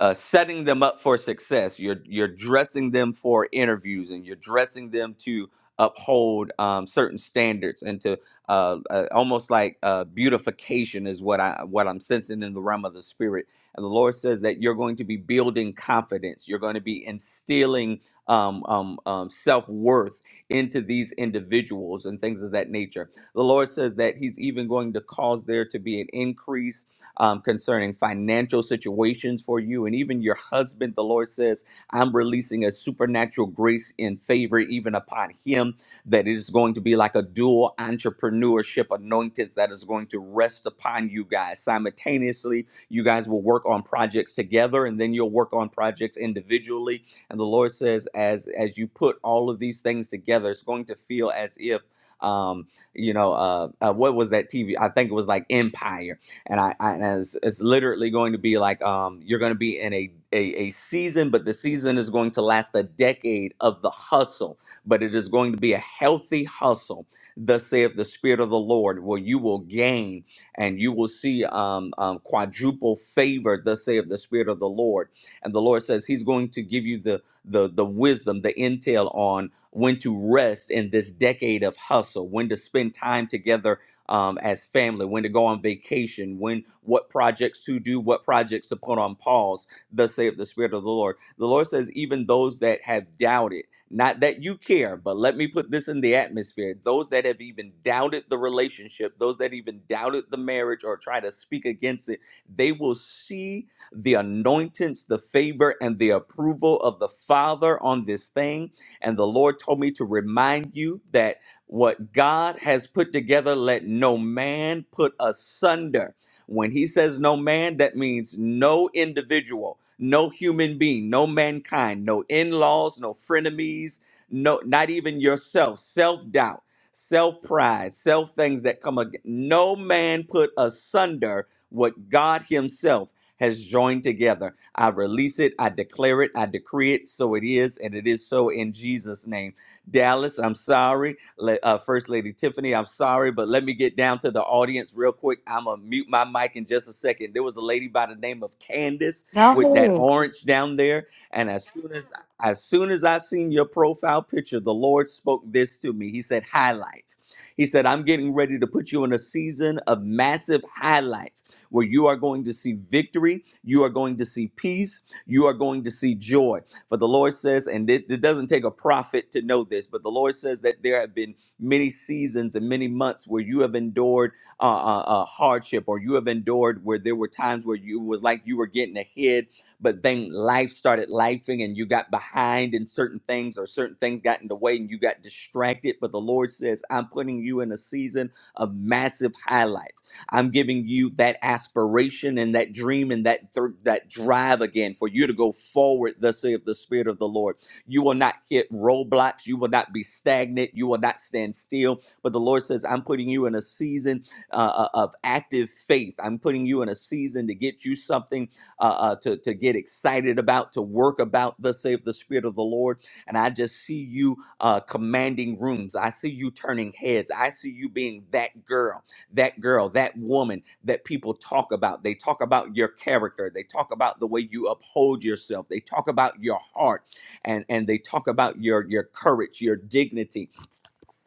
uh, setting them up for success. You're you're dressing them for interviews, and you're dressing them to uphold um, certain standards and to uh, uh, almost like uh, beautification is what I what I'm sensing in the realm of the spirit. And the Lord says that you're going to be building confidence. You're going to be instilling um, um, um, self worth into these individuals and things of that nature. The Lord says that He's even going to cause there to be an increase um, concerning financial situations for you and even your husband. The Lord says, I'm releasing a supernatural grace and favor even upon him, that it is going to be like a dual entrepreneurship anointed that is going to rest upon you guys. Simultaneously, you guys will work on projects together and then you'll work on projects individually. And the Lord says, as as you put all of these things together, it's going to feel as if um, you know, uh, uh, what was that TV? I think it was like Empire and I, I and it's, it's literally going to be like um you're going to be in a, a a season, but the season is going to last a decade of the hustle, but it is going to be a healthy hustle. Thus saith the Spirit of the Lord, where you will gain and you will see um, um quadruple favor. Thus saith the Spirit of the Lord, and the Lord says He's going to give you the the the wisdom, the intel on when to rest in this decade of hustle, when to spend time together um, as family, when to go on vacation, when what projects to do, what projects to put on pause. Thus saith the Spirit of the Lord. The Lord says, even those that have doubted, not that you care, but let me put this in the atmosphere. Those that have even doubted the relationship, those that even doubted the marriage or try to speak against it, they will see the anointings, the favor, and the approval of the Father on this thing. And the Lord told me to remind you that. What God has put together, let no man put asunder. When he says no man, that means no individual, no human being, no mankind, no in laws, no frenemies, no, not even yourself, self doubt, self pride, self things that come again. No man put asunder what God Himself has joined together. I release it, I declare it, I decree it, so it is, and it is so in Jesus' name. Dallas, I'm sorry. Le- uh, First Lady Tiffany, I'm sorry, but let me get down to the audience real quick. I'm going to mute my mic in just a second. There was a lady by the name of Candace Go with that ahead. orange down there. And as soon as, as soon as I seen your profile picture, the Lord spoke this to me. He said, highlights. He said, I'm getting ready to put you in a season of massive highlights where you are going to see victory, you are going to see peace, you are going to see joy. But the Lord says, and it, it doesn't take a prophet to know this, but the Lord says that there have been many seasons and many months where you have endured uh, uh, uh, hardship, or you have endured where there were times where you was like you were getting ahead, but then life started lifing and you got behind in certain things, or certain things got in the way and you got distracted. But the Lord says, I'm putting you in a season of massive highlights. I'm giving you that aspiration and that dream and that thr- that drive again for you to go forward. Thus saith the Spirit of the Lord. You will not hit roadblocks. You will not be stagnant. You will not stand still. But the Lord says, I'm putting you in a season uh, uh, of active faith. I'm putting you in a season to get you something uh, uh, to to get excited about, to work about. Thus saith the Spirit of the Lord. And I just see you uh, commanding rooms. I see you turning heads. I see you being that girl that girl, that woman that people talk about. They talk about your character. They talk about the way you uphold yourself. They talk about your heart and, and they talk about your, your courage, your dignity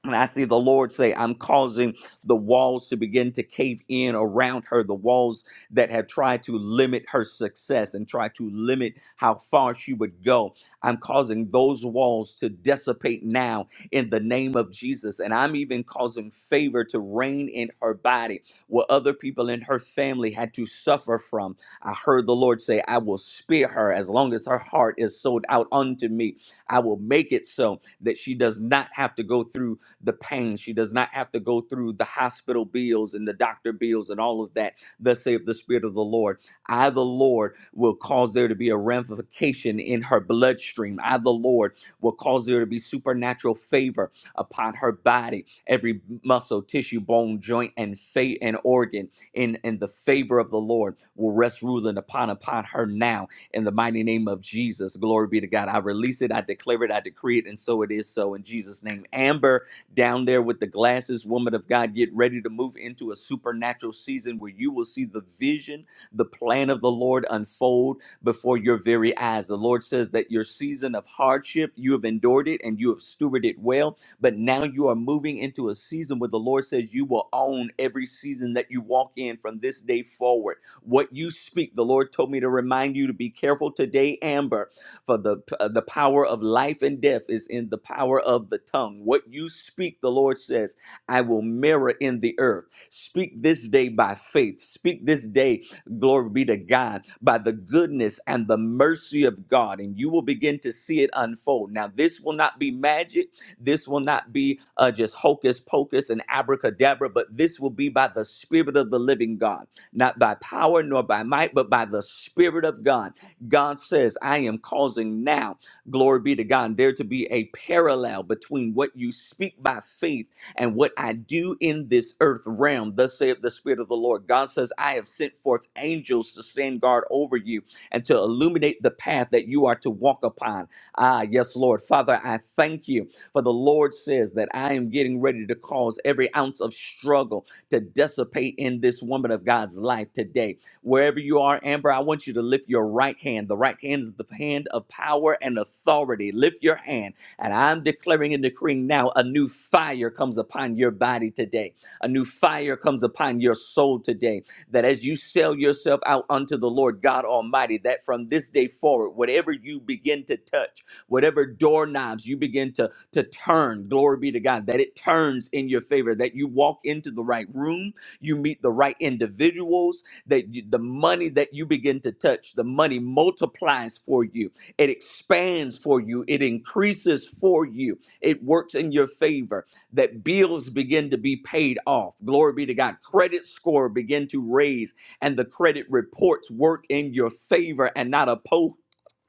and I see the Lord say, I'm causing the walls to begin to cave in around her, the walls that have tried to limit her success and try to limit how far she would go. I'm causing those walls to dissipate now in the name of Jesus. And I'm even causing favor to reign in her body, what other people in her family had to suffer from. I heard the Lord say, I will spare her as long as her heart is sold out unto me. I will make it so that she does not have to go through the pain. She does not have to go through the hospital bills and the doctor bills and all of that. Thus saith the Spirit of the Lord. I, the Lord, will cause there to be a ramification in her bloodstream. I, the Lord, will cause there to be supernatural favor upon her body, every muscle, tissue, bone, joint, and fa- and organ. In in the favor of the Lord will rest, ruling upon upon her now. In the mighty name of Jesus, glory be to God. I release it. I declare it. I decree it, and so it is. So in Jesus' name, Amber down there with the glasses, woman of God, get ready to move into a supernatural season where you will see the vision, the plan of the Lord unfold before your very eyes. The Lord says that your season of hardship, you have endured it and you have stewarded it well, but now you are moving into a season where the Lord says you will own every season that you walk in from this day forward. What you speak, the Lord told me to remind you to be careful today, Amber for the uh, the power of life and death is in the power of the tongue. What you speak, the Lord says, I will mirror in the earth. Speak this day by faith. Speak this day, glory be to God, by the goodness and the mercy of God, and you will begin to see it unfold. Now, this will not be magic. This will not be uh, just hocus pocus and abracadabra, but this will be by the Spirit of the living God, not by power nor by might, but by the Spirit of God God says, I am causing now, glory be to God, there to be a parallel between what you speak by faith and what I do in this earth realm. Thus saith the Spirit of the Lord. God says, I have sent forth angels to stand guard over you and to illuminate the path that you are to walk upon. Ah, yes, Lord. Father, I thank you for the Lord says that I am getting ready to cause every ounce of struggle to dissipate in this woman of God's life today Wherever you are, Amber, I want you to lift your right hand. The right hand is the hand of power and authority. Lift your hand. And I'm declaring and decreeing now a new fire comes upon your body today. A new fire comes upon your soul today. That as you sell yourself out unto the Lord God Almighty, that from this day forward, whatever you begin to touch, whatever doorknobs you begin to, to turn, glory be to God, that it turns in your favor, that you walk into the right room, you meet the right individuals, that you, the money that you begin to touch, the money multiplies for you. It expands for you. It increases for you. It works in your favor. That bills begin to be paid off. Glory be to God. Credit score begin to raise, and the credit reports work in your favor and not opposed.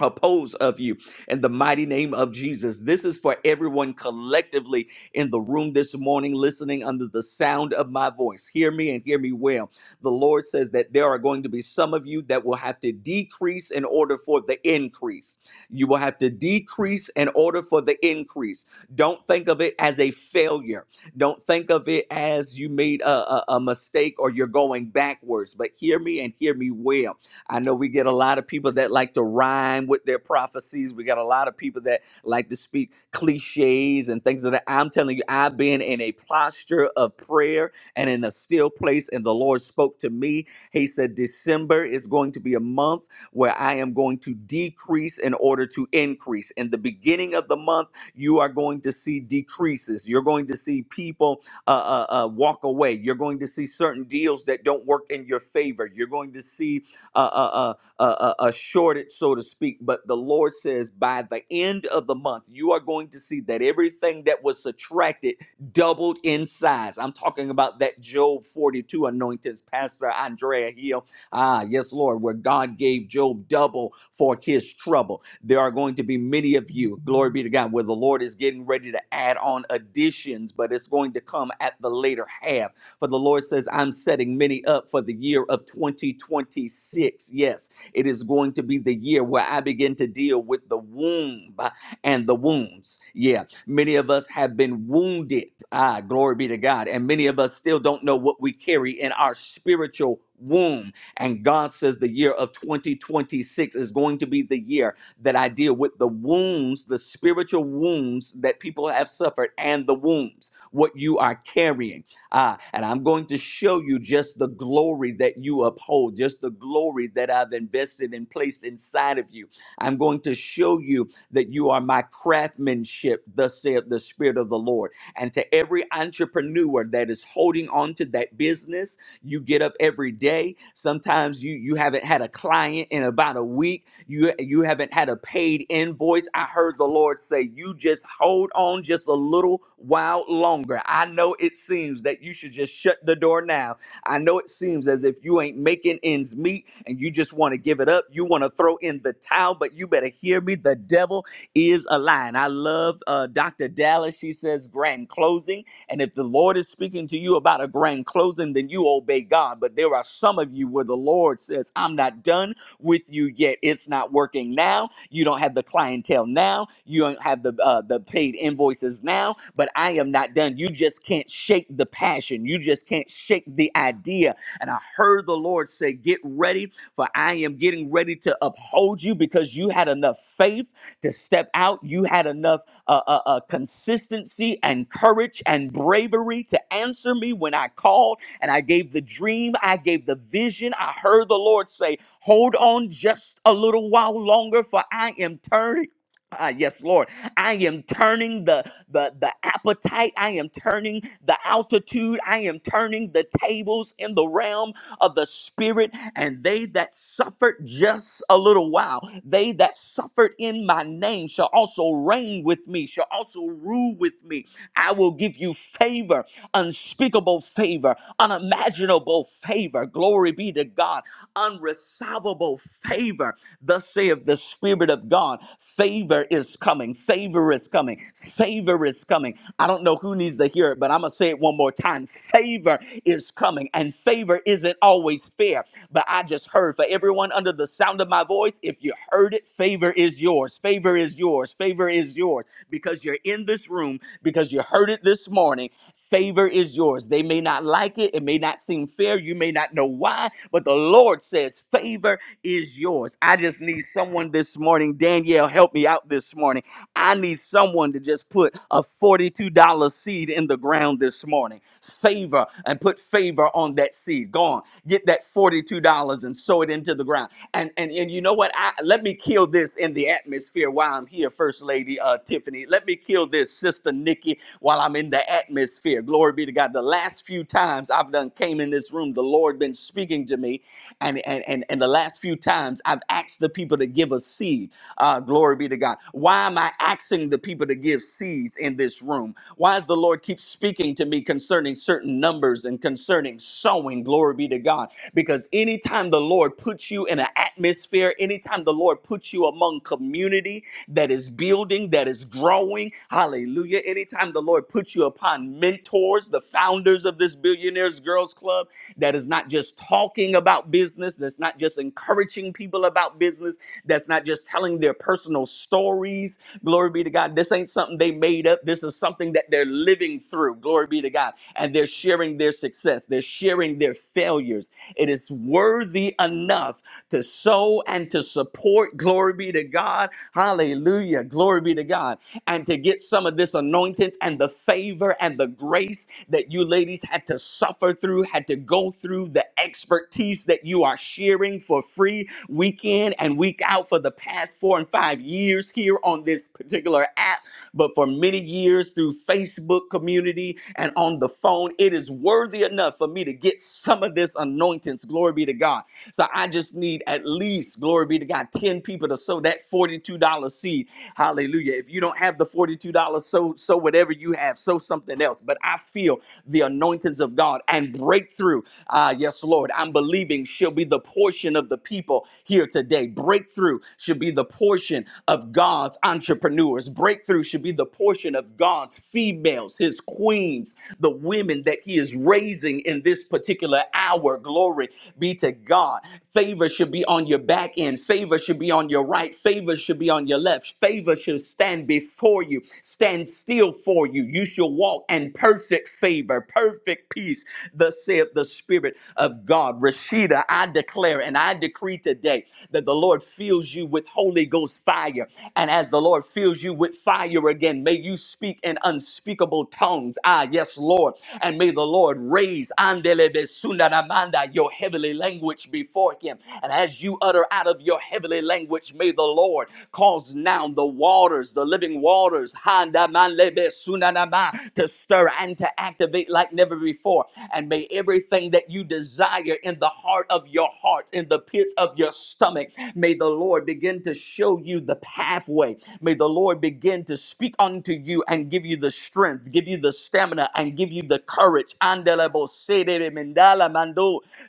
Oppose of you in the mighty name of Jesus. This is for everyone collectively in the room this morning, listening under the sound of my voice. Hear me and hear me well the Lord says that there are going to be some of you that will have to decrease in order for the increase. You will have to decrease in order for the increase. Don't think of it as a failure. Don't think of it as you made a, a, a mistake or you're going backwards. But hear me and hear me well. I know we get a lot of people that like to rhyme with their prophecies. We got a lot of people that like to speak cliches and things of that. I'm telling you, I've been in a posture of prayer and in a still place. And the Lord spoke to me. He said, December is going to be a month where I am going to decrease in order to increase. In the beginning of the month, you are going to see decreases. You're going to see people uh, uh, uh, walk away. You're going to see certain deals that don't work in your favor. You're going to see uh, uh, uh, uh, uh, a shortage, so to speak. But the Lord says, by the end of the month, you are going to see that everything that was subtracted doubled in size. I'm talking about that Job 42 anointings, Pastor Andrea Hill. Ah, yes, Lord, where God gave Job double for his trouble. There are going to be many of you, glory be to God, where the Lord is getting ready to add on additions, but it's going to come at the later half. For the Lord says, I'm setting many up for the year of 2026. Yes, it is going to be the year where I begin to deal with the womb and the wombs. Yeah, Many of us have been wounded. Ah, glory be to God. And many of us still don't know what we carry in our spiritual womb. And God says the year of 2026 is going to be the year that I deal with the wounds, the spiritual wounds that people have suffered and the wounds, what you are carrying. Ah, and I'm going to show you just the glory that you uphold, just the glory that I've invested and placed inside of you. I'm going to show you that you are my craftsmanship, thus saith the Spirit of the Lord. And to every entrepreneur that is holding on to that business, you get up every day. Sometimes you you haven't had a client in about a week. You you haven't had a paid invoice. I heard the Lord say, "You just hold on just a little while longer." I know it seems that you should just shut the door now I know it seems as if you ain't making ends meet and you just want to give it up. You want to throw in the towel, but you better hear me. The devil is a lie. And I love uh, Dr. Dallas. She says grand closing. And if the Lord is speaking to you about a grand closing, then you obey God. But there are some of you where the Lord says, I'm not done with you yet. It's not working now. You don't have the clientele now. You don't have the uh, the paid invoices now. But I am not done. You just can't shake the passion. You just can't shake the idea. And I heard the Lord say, "Get ready, for I am getting ready to uphold you because you had enough faith to step out. You had enough uh, uh, uh, consistency and courage and bravery to answer me when I called and I gave the dream. I gave the vision. I heard the Lord say." Hold on just a little while longer, for I am turning. Ah, yes, Lord. I am turning the, the the appetite. I am turning the altitude. I am turning the tables in the realm of the spirit. And they that suffered just a little while, they that suffered in my name shall also reign with me, shall also rule with me. I will give you favor, unspeakable favor, unimaginable favor. Glory be to God unresolvable favor. Thus saith the Spirit of God. Favor is coming. Favor is coming. Favor is coming. I don't know who needs to hear it, but I'm going to say it one more time. Favor is coming, and favor isn't always fair. But I just heard for everyone under the sound of my voice, if you heard it, favor is yours. Favor is yours. Favor is yours because you're in this room, because you heard it this morning Favor is yours. They may not like it. It may not seem fair. You may not know why, but the Lord says, Favor is yours. I just need someone this morning. Danielle, help me out this morning. I need someone to just put a $42 seed in the ground this morning. Favor and put favor on that seed. Go on, get that $42 and sow it into the ground. And and and you know what? I let me kill this in the atmosphere while I'm here, First Lady uh, Tiffany. Let me kill this, Sister Nikki, while I'm in the atmosphere. Glory be to God. The last few times I've done came in this room, the Lord been speaking to me, and and and, and the last few times I've asked the people to give a seed. Uh, glory be to God. Why am I asking the people to give seeds in this room? Why does the Lord keep speaking to me concerning certain numbers and concerning sowing? Glory be to God. Because anytime the Lord puts you in an atmosphere, anytime the Lord puts you among community that is building, that is growing, hallelujah. Anytime the Lord puts you upon mentors, directed towards the founders of this Billionaires Girls Club that is not just talking about business, that's not just encouraging people about business, that's not just telling their personal stories. Glory be to God. This ain't something they made up. This is something that they're living through. Glory be to God. And they're sharing their success, they're sharing their failures. It is worthy enough to sow and to support. Glory be to God. Hallelujah. Glory be to God and to get some of this anointance and the favor and the grace that you ladies had to suffer through, had to go through, the expertise that you are sharing for free week in and week out for the past four and five years here on this particular app but for many years through Facebook community and on the phone. It is worthy enough for me to get some of this anointance. Glory be to God. So I just need at least, glory be to God, 10 people to sow that $42 seed. Hallelujah. If you don't have the $42, sow, sow whatever you have, sow something else. But I feel the anointings of God and breakthrough. Ah, yes, Lord. I'm believing she'll be the portion of the people here today. Breakthrough should be the portion of God's entrepreneurs. Breakthrough breakthrough should be the portion of God's females, his queens, the women that he is raising in this particular hour. Glory be to God. Favor should be on your back end. Favor should be on your right. Favor should be on your left. Favor should stand before you, stand still for you. You shall walk in perfect favor, perfect peace, thus saith the Spirit of God. Rashida, I declare and I decree today that the Lord fills you with Holy Ghost fire. And as the Lord fills you, you with fire again. May you speak in unspeakable tongues. Ah, yes, Lord. And may the Lord raise Andelebe Sundaramanda, your heavenly language before him. And as you utter out of your heavenly language, may the Lord cause now the waters, the living waters, Handamanlebe Sunanama, to stir and to activate like never before. And may everything that you desire in the heart of your heart, in the pits of your stomach, may the Lord begin to show you the pathway. May the may the Lord begin to speak unto you and give you the strength, give you the stamina, and give you the courage.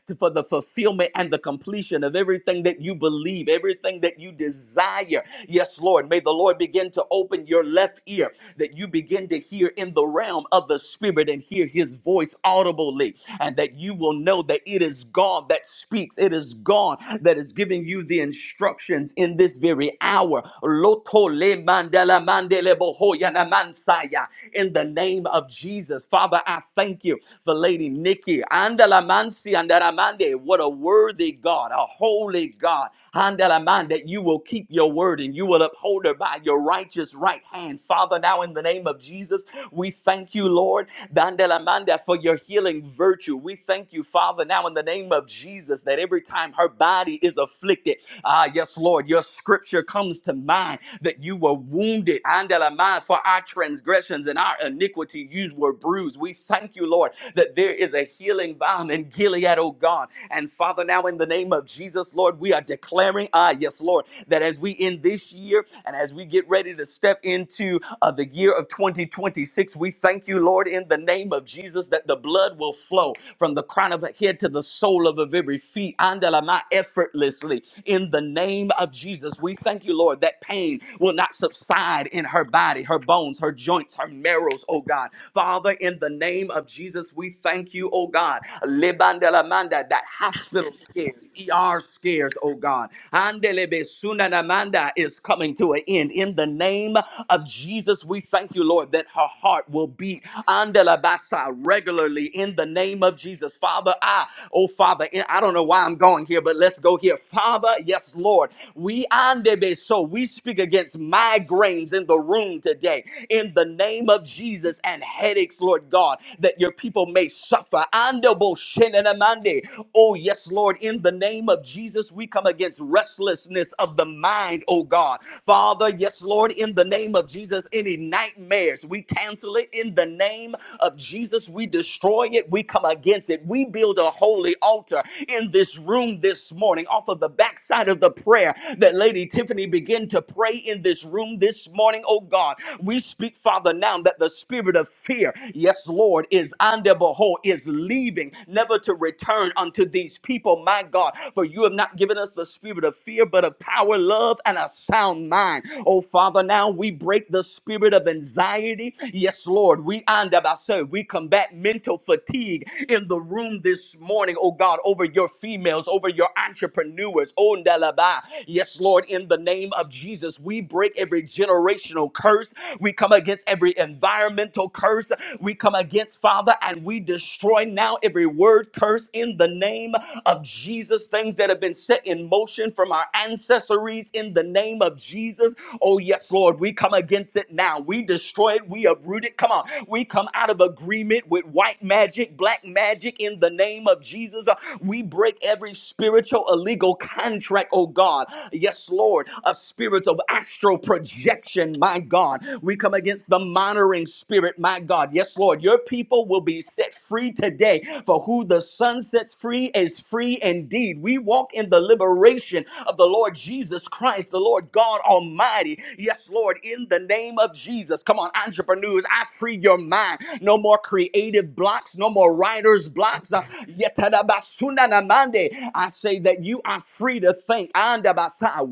to- For the fulfillment and the completion of everything that you believe, everything that you desire. Yes, Lord. May the Lord begin to open your left ear that you begin to hear in the realm of the Spirit and hear His voice audibly, and that you will know that it is God that speaks, it is God that is giving you the instructions in this very hour. Loto Kole mandela mandele bohoya na mansaya. In the name of Jesus, Father, I thank you for Lady Nikki. Andala mansi andala mande. What a worthy God, a holy God. Andala man, that you will keep your word and you will uphold her by your righteous right hand. Father, now in the name of Jesus, we thank you, Lord, Dandela manda, for your healing virtue. We thank you, Father, now in the name of Jesus, that every time her body is afflicted, ah, yes, Lord, your scripture comes to mind mind that you were wounded andala mind for our transgressions and our iniquity you were bruised we thank you lord that there is a healing balm in gilead oh god and father now in the name of jesus lord we are declaring ah yes lord that as we end this year and as we get ready to step into uh, the year of 2026 we thank you lord in the name of jesus that the blood will flow from the crown of the head to the sole of her very feet andala mind effortlessly in the name of jesus we thank you lord Lord, that pain will not subside in her body, her bones, her joints, her marrows, oh God. Father, in the name of Jesus, we thank you, oh God. Lebandelamanda, that hospital scares, ER scares, oh God. Andelebesunanamanda is coming to an end. In the name of Jesus, we thank you, Lord, that her heart will beat Andelabasa regularly in the name of Jesus. Father, I, oh Father, I don't know why I'm going here, but let's go here. Father, yes, Lord. We andebe is so. We speak against migraines in the room today in the name of Jesus and headaches, Lord God, that your people may suffer. Andabo shenanamande. Oh, yes, Lord, in the name of Jesus, we come against restlessness of the mind, oh God. Father, yes, Lord, in the name of Jesus, any nightmares, we cancel it in the name of Jesus. We destroy it, we come against it. We build a holy altar in this room this morning off of the backside of the prayer that Lady Lady Tiffany begin to pray in this room this morning, oh God. We speak, Father, now that the spirit of fear, yes, Lord, is under behold, is leaving, never to return unto these people, my God. For you have not given us the spirit of fear, but of power, love, and a sound mind. Oh Father, now we break the spirit of anxiety. Yes, Lord, we under ourselves. We combat mental fatigue in the room this morning, oh God, over your females, over your entrepreneurs. Oh, Ndalaba. Yes, Yes, Lord, in the name of Jesus, we break every generational curse. We come against every environmental curse. We come against, Father, and we destroy now every word curse in the name of Jesus. Things that have been set in motion from our ancestries in the name of Jesus. Oh, yes, Lord, we come against it now. We destroy it. We uproot it. Come on. We come out of agreement with white magic, black magic in the name of Jesus. Uh, We break every spiritual illegal contract, oh God. God. Yes, Lord, a spirit of astral projection, my God. We come against the monitoring spirit, my God. Yes, Lord, your people will be set free today. For who the Son sets free is free indeed. We walk in the liberation of the Lord Jesus Christ, the Lord God Almighty. Yes, Lord, in the name of Jesus. Come on, entrepreneurs, I free your mind. No more creative blocks, no more writer's blocks. Uh, yetadabasunanamande. I say that you are free to think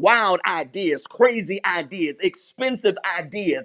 wild ideas, crazy ideas, expensive ideas.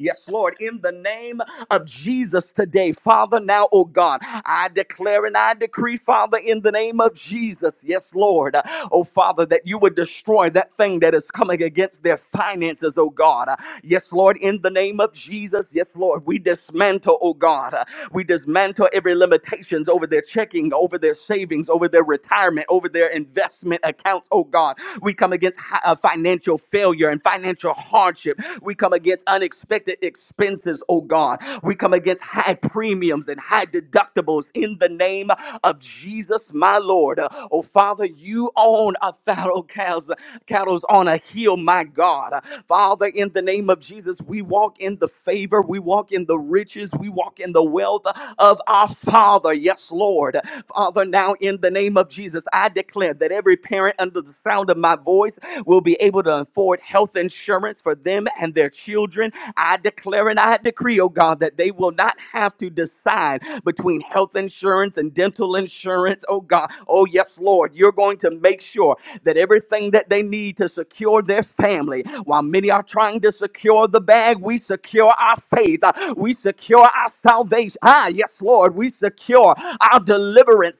Yes, Lord, in the name of Jesus today, Father, now, oh God, I declare and I decree, Father, in the name of Jesus, yes, Lord, oh Father, that you would destroy that thing that is coming against their finances, oh God. Yes, Lord, in the name of Jesus, yes, Lord, we dismantle, oh God, we dismantle every limitations over their checking, over their their savings, over their retirement, over their investment accounts. Oh God, we come against hi- uh, financial failure and financial hardship. We come against unexpected expenses, oh God. We come against high premiums and high deductibles in the name of Jesus, my Lord. Uh, Oh Father, you own a fallow cows, cattle's on a hill, my God. Uh, Father, in the name of Jesus, we walk in the favor, we walk in the riches, we walk in the wealth of our Father. Yes, Lord. Father, now in the name of Jesus, I declare that every parent under the sound of my voice will be able to afford health insurance for them and their children. I declare and I decree, oh God, that they will not have to decide between health insurance and dental insurance, oh God. Oh, yes, Lord, you're going to make sure that everything that they need to secure their family, while many are trying to secure the bag, we secure our faith, Uh, we secure our salvation. Ah, yes, Lord, we secure our of deliverance.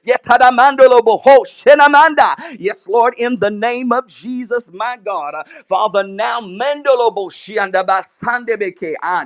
Yes, Lord, in the name of Jesus, my God. Uh, Father, now mandolobo Ah,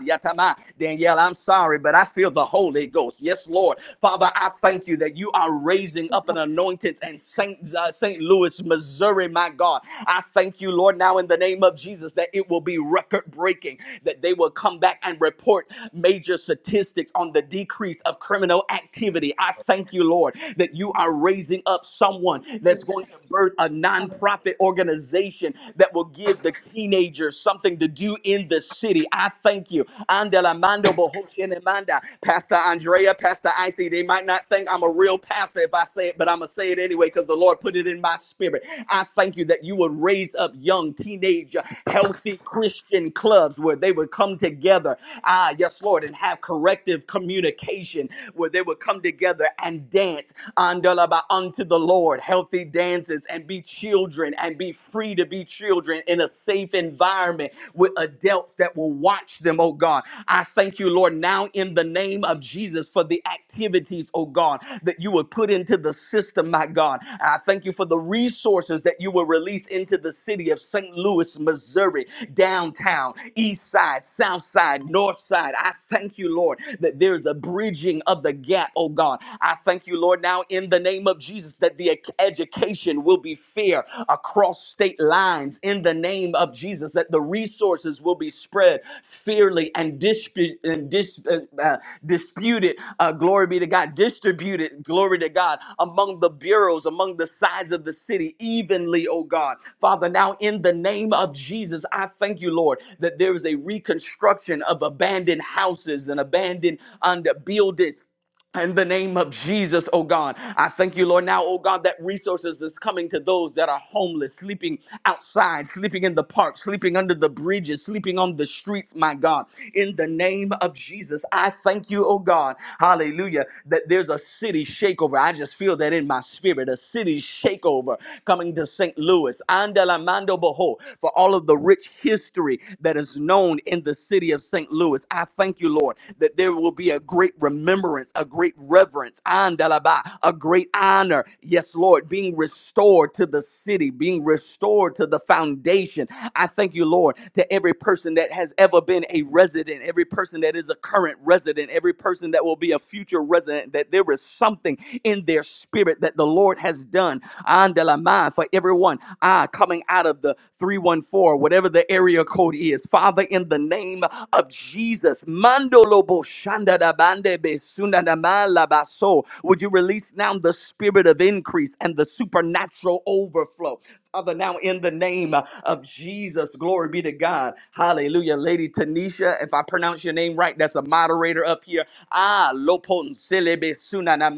Danielle, I'm sorry, but I feel the Holy Ghost. Yes, Lord. Father, I thank you that you are raising up an anointed and St. Uh, St. Louis, Missouri, my God. I thank you, Lord, now in the name of Jesus, that it will be record breaking, that they will come back and report major statistics on the decrease of criminal activity. I I thank you, Lord, that you are raising up someone that's going to birth a nonprofit organization that will give the teenagers something to do in the city. I thank you. Andela mando bohoshene manda. Pastor Andrea, Pastor Icy, they might not think I'm a real pastor if I say it, but I'm going to say it anyway because the Lord put it in my spirit. I thank you that you would raise up young, teenage, healthy Christian clubs where they would come together. Ah, yes, Lord, and have corrective communication where they would come come together and dance unto the Lord, healthy dances, and be children and be free to be children in a safe environment with adults that will watch them, oh God. I thank you, Lord, now in the name of Jesus for the activities, oh God, that you would put into the system, my God. I thank you for the resources that you will release into the city of St. Louis, Missouri, downtown, east side, south side, north side. I thank you, Lord, that there's a bridging of the gap gap, oh God. I thank you, Lord, now in the name of Jesus that the education will be fair across state lines in the name of Jesus, that the resources will be spread fairly and, dispute, and dis, uh, uh, disputed, uh, glory be to God, distributed, glory to God, among the bureaus, among the sides of the city, evenly, oh God. Father, now in the name of Jesus, I thank you, Lord, that there is a reconstruction of abandoned houses and abandoned under buildings in the name of Jesus, oh God, I thank you, Lord. Now, oh God, that resources is coming to those that are homeless, sleeping outside, sleeping in the park, sleeping under the bridges, sleeping on the streets, my God. In the name of Jesus, I thank you, oh God, hallelujah, that there's a city shakeover. I just feel that in my spirit, a city shakeover coming to St. Louis. Andela mando boho, for all of the rich history that is known in the city of St. Louis. I thank you, Lord, that there will be a great remembrance, a great reverence, andalaba, a great honor. Yes, Lord, being restored to the city, being restored to the foundation. I thank you, Lord, to every person that has ever been a resident, every person that is a current resident, every person that will be a future resident, that there is something in their spirit that the Lord has done. Andalama, for everyone ah, coming out of the 314, whatever the area code is. Father, in the name of Jesus, Mandolo Shanda da bande be sunda da ma la so. Would you release now the spirit of increase and the supernatural overflow? Father, now in the name of Jesus, glory be to God. Hallelujah. Lady Tanisha, if I pronounce your name right, that's a moderator up here. Ah, lopon selebe suna na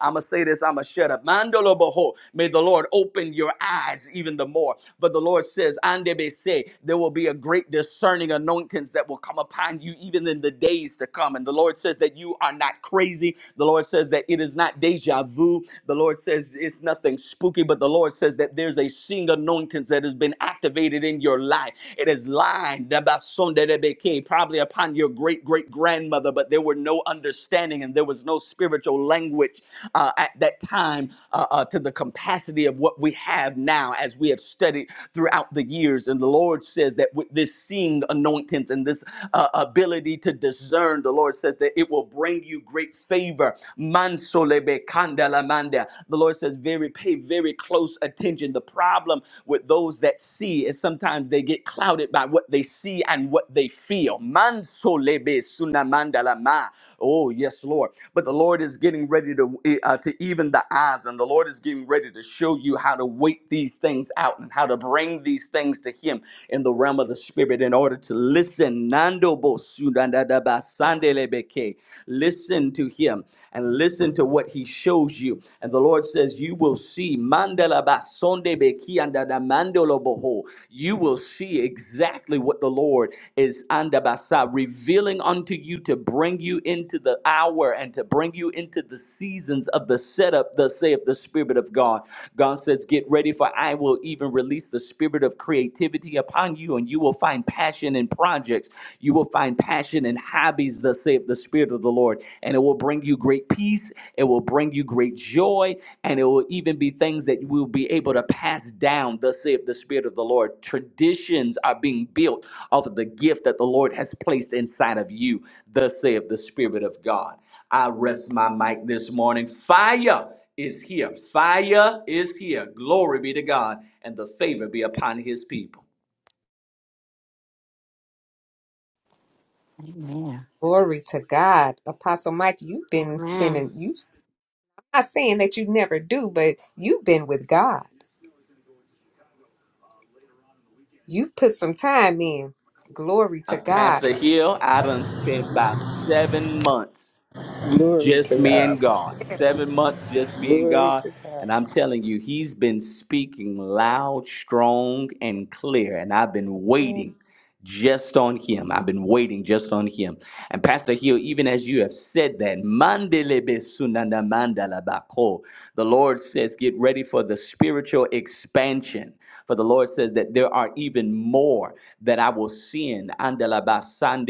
I'ma say this, I'ma shut up. Mandolo boho. May the Lord open your eyes even the more. But the Lord says, Andebe se, there will be a great discerning anointings that will come upon you even." even in the days to come. And the Lord says that you are not crazy. The Lord says that it is not deja vu. The Lord says it's nothing spooky, but the Lord says that there's a seeing anointing that has been activated in your life. It is lying, probably upon your great great grandmother, but there were no understanding and there was no spiritual language uh, at that time uh, uh, to the capacity of what we have now as we have studied throughout the years. And the Lord says that with this seeing anointings and this uh, ability to discern, the Lord says that it will bring you great favor. Mansolebe kandalamanda. The Lord says, very pay very close attention. The problem with those that see is sometimes they get clouded by what they see and what they feel. Mansolebe sunamandalama. Oh, yes, Lord. But the Lord is getting ready to eh, uh, to even the odds, and the Lord is getting ready to show you how to wait these things out and how to bring these things to Him in the realm of the Spirit in order to listen. Nando bo su da ba sande Listen to Him and listen to what He shows you. And the Lord says, "You will see." Mandela ba sonde be da mando you will see exactly what the Lord is andabasa, revealing unto you to bring you into the hour and to bring you into the seasons of the setup, thus saith the Spirit of God. God says, Get ready, for I will even release the spirit of creativity upon you, and you will find passion in projects. You will find passion in hobbies, thus saith the Spirit of the Lord, and it will bring you great peace. It will bring you great joy. And it will even be things that you will be able to pass down, thus saith the Spirit of the Lord. Traditions are being built out of the gift that the Lord has placed inside of you, thus saith the Spirit of God. I rest my mic this morning. Fire is here. Fire is here. Glory be to God. And the favor be upon his people. Glory to God. Apostle Mike, you've been Amen. spending you not saying that you never do, but you've been with God. You've put some time in. Glory A to God. pastor here, I done spent about seven months Glory to just me God. and God. Seven months, just me and Glory God. to God. And I'm telling you, he's been speaking loud, strong, and clear. And I've been waiting just on him. I've been waiting just on him. And Pastor Hill, even as you have said that, mandele sunana mandala the Lord says, get ready for the spiritual expansion. For the Lord says that there are even more that I will send andala ba sande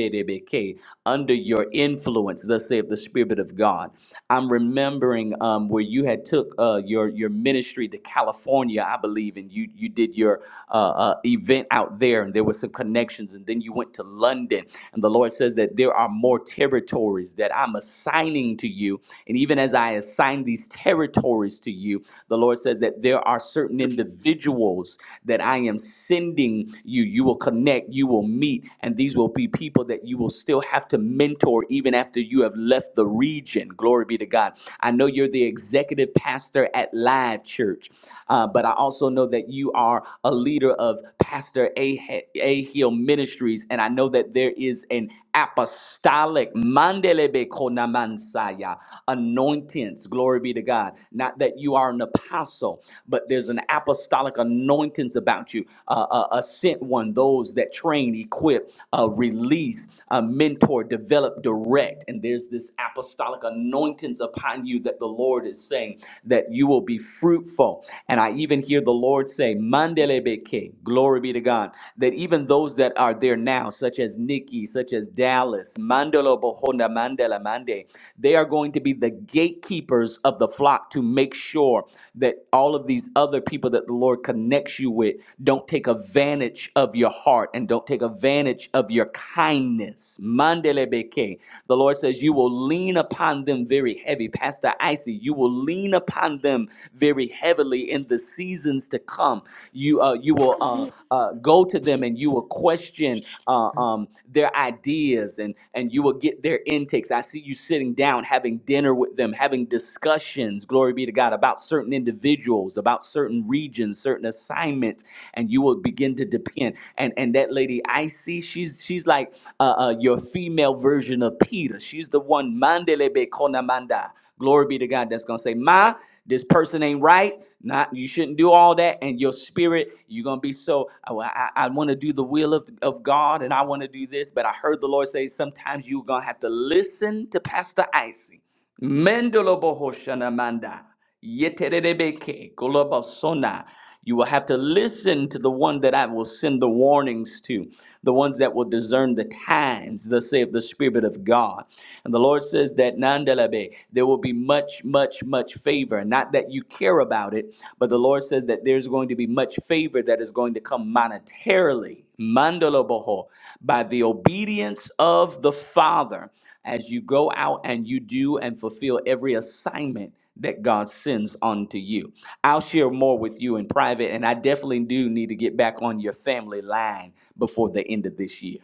under your influence, thus saith the Spirit of God. I'm remembering um, where you had took uh, your, your ministry to California, I believe believe, and you you did your uh, uh, event out there, and there were some connections, and then you went to London, and the Lord says that there are more territories that I'm assigning to you, and even as I assign these territories to you, the Lord says that there are certain individuals that I am sending you. You will connect, you will meet, and these will be people that you will still have to mentor even after you have left the region. Glory be to God. I know know you're the executive pastor at Live Church, uh, but I also know that you are a leader of Pastor A. A. Hill Ministries, and I know that there is an apostolic mandelebe konamansaya anointance. Glory be to God. Not that you are an apostle, but there's an apostolic anointance about you, uh, a, a sent one, those that train, equip, uh, release, uh, mentor, develop direct. And there's this apostolic anointings upon you that the Lord is saying that you will be fruitful. And I even hear the Lord say, Mandelebeke, glory be to God, that even those that are there now, such as Nikki, such as Dallas, Mandela Bohonda, Mandela Mande, they are going to be the gatekeepers of the flock to make sure that all of these other people that the Lord connects you with don't take advantage advantage of your heart and don't take advantage of your kindness. Mandelebeke. The Lord says, You will lean upon them very heavy. Pastor Icy, you will lean upon them very heavily in the seasons to come. You, uh, you will uh, uh, go to them and you will question uh, um, their ideas and and you will get their intakes. I see you sitting down, having dinner with them, having discussions. Glory be to God about certain individuals individuals, about certain regions, certain assignments, and you will begin to depend. And and that lady I see, she's she's like uh, uh, your female version of Peter. She's the one mandelebe konamanda. Glory be to God. That's gonna say, Ma, this person ain't right. Not you shouldn't do all that. And your spirit, you're gonna be so. "Oh, I, I, want to do the will of, of God, and I want to do this. But I heard the Lord say sometimes you're gonna have to listen to Pastor Icy Mendolobo Hoshana manda Yeterebeke Golobasona. You will have to listen to the one that I will send the warnings to, the ones that will discern the times, thus saith the Spirit of God. And the Lord says that Nandalabe, there will be much, much, much favor. Not that you care about it, but the Lord says that there's going to be much favor that is going to come monetarily. Mandaloboho, by the obedience of the Father as you go out and you do and fulfill every assignment that God sends onto you. I'll share more with you in private, and I definitely do need to get back on your family line before the end of this year.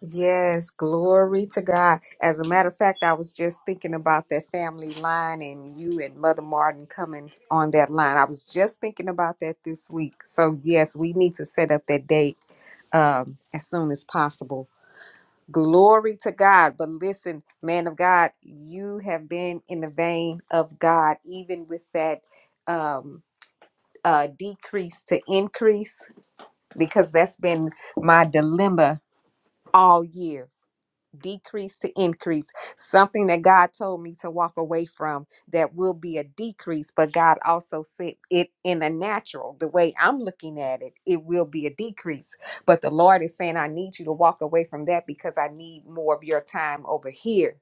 Yes, glory to God. As a matter of fact, I was just thinking about that family line and you and Mother Martin coming on that line. I was just thinking about that this week. So yes, we need to set up that date um as soon as possible. Glory to God. But listen, man of God, you have been in the vein of God, even with that um, uh, decrease to increase, because that's been my dilemma all year decrease to increase something that god told me to walk away from that will be a decrease but god also said it in the natural the way i'm looking at it it will be a decrease but the lord is saying i need you to walk away from that because i need more of your time over here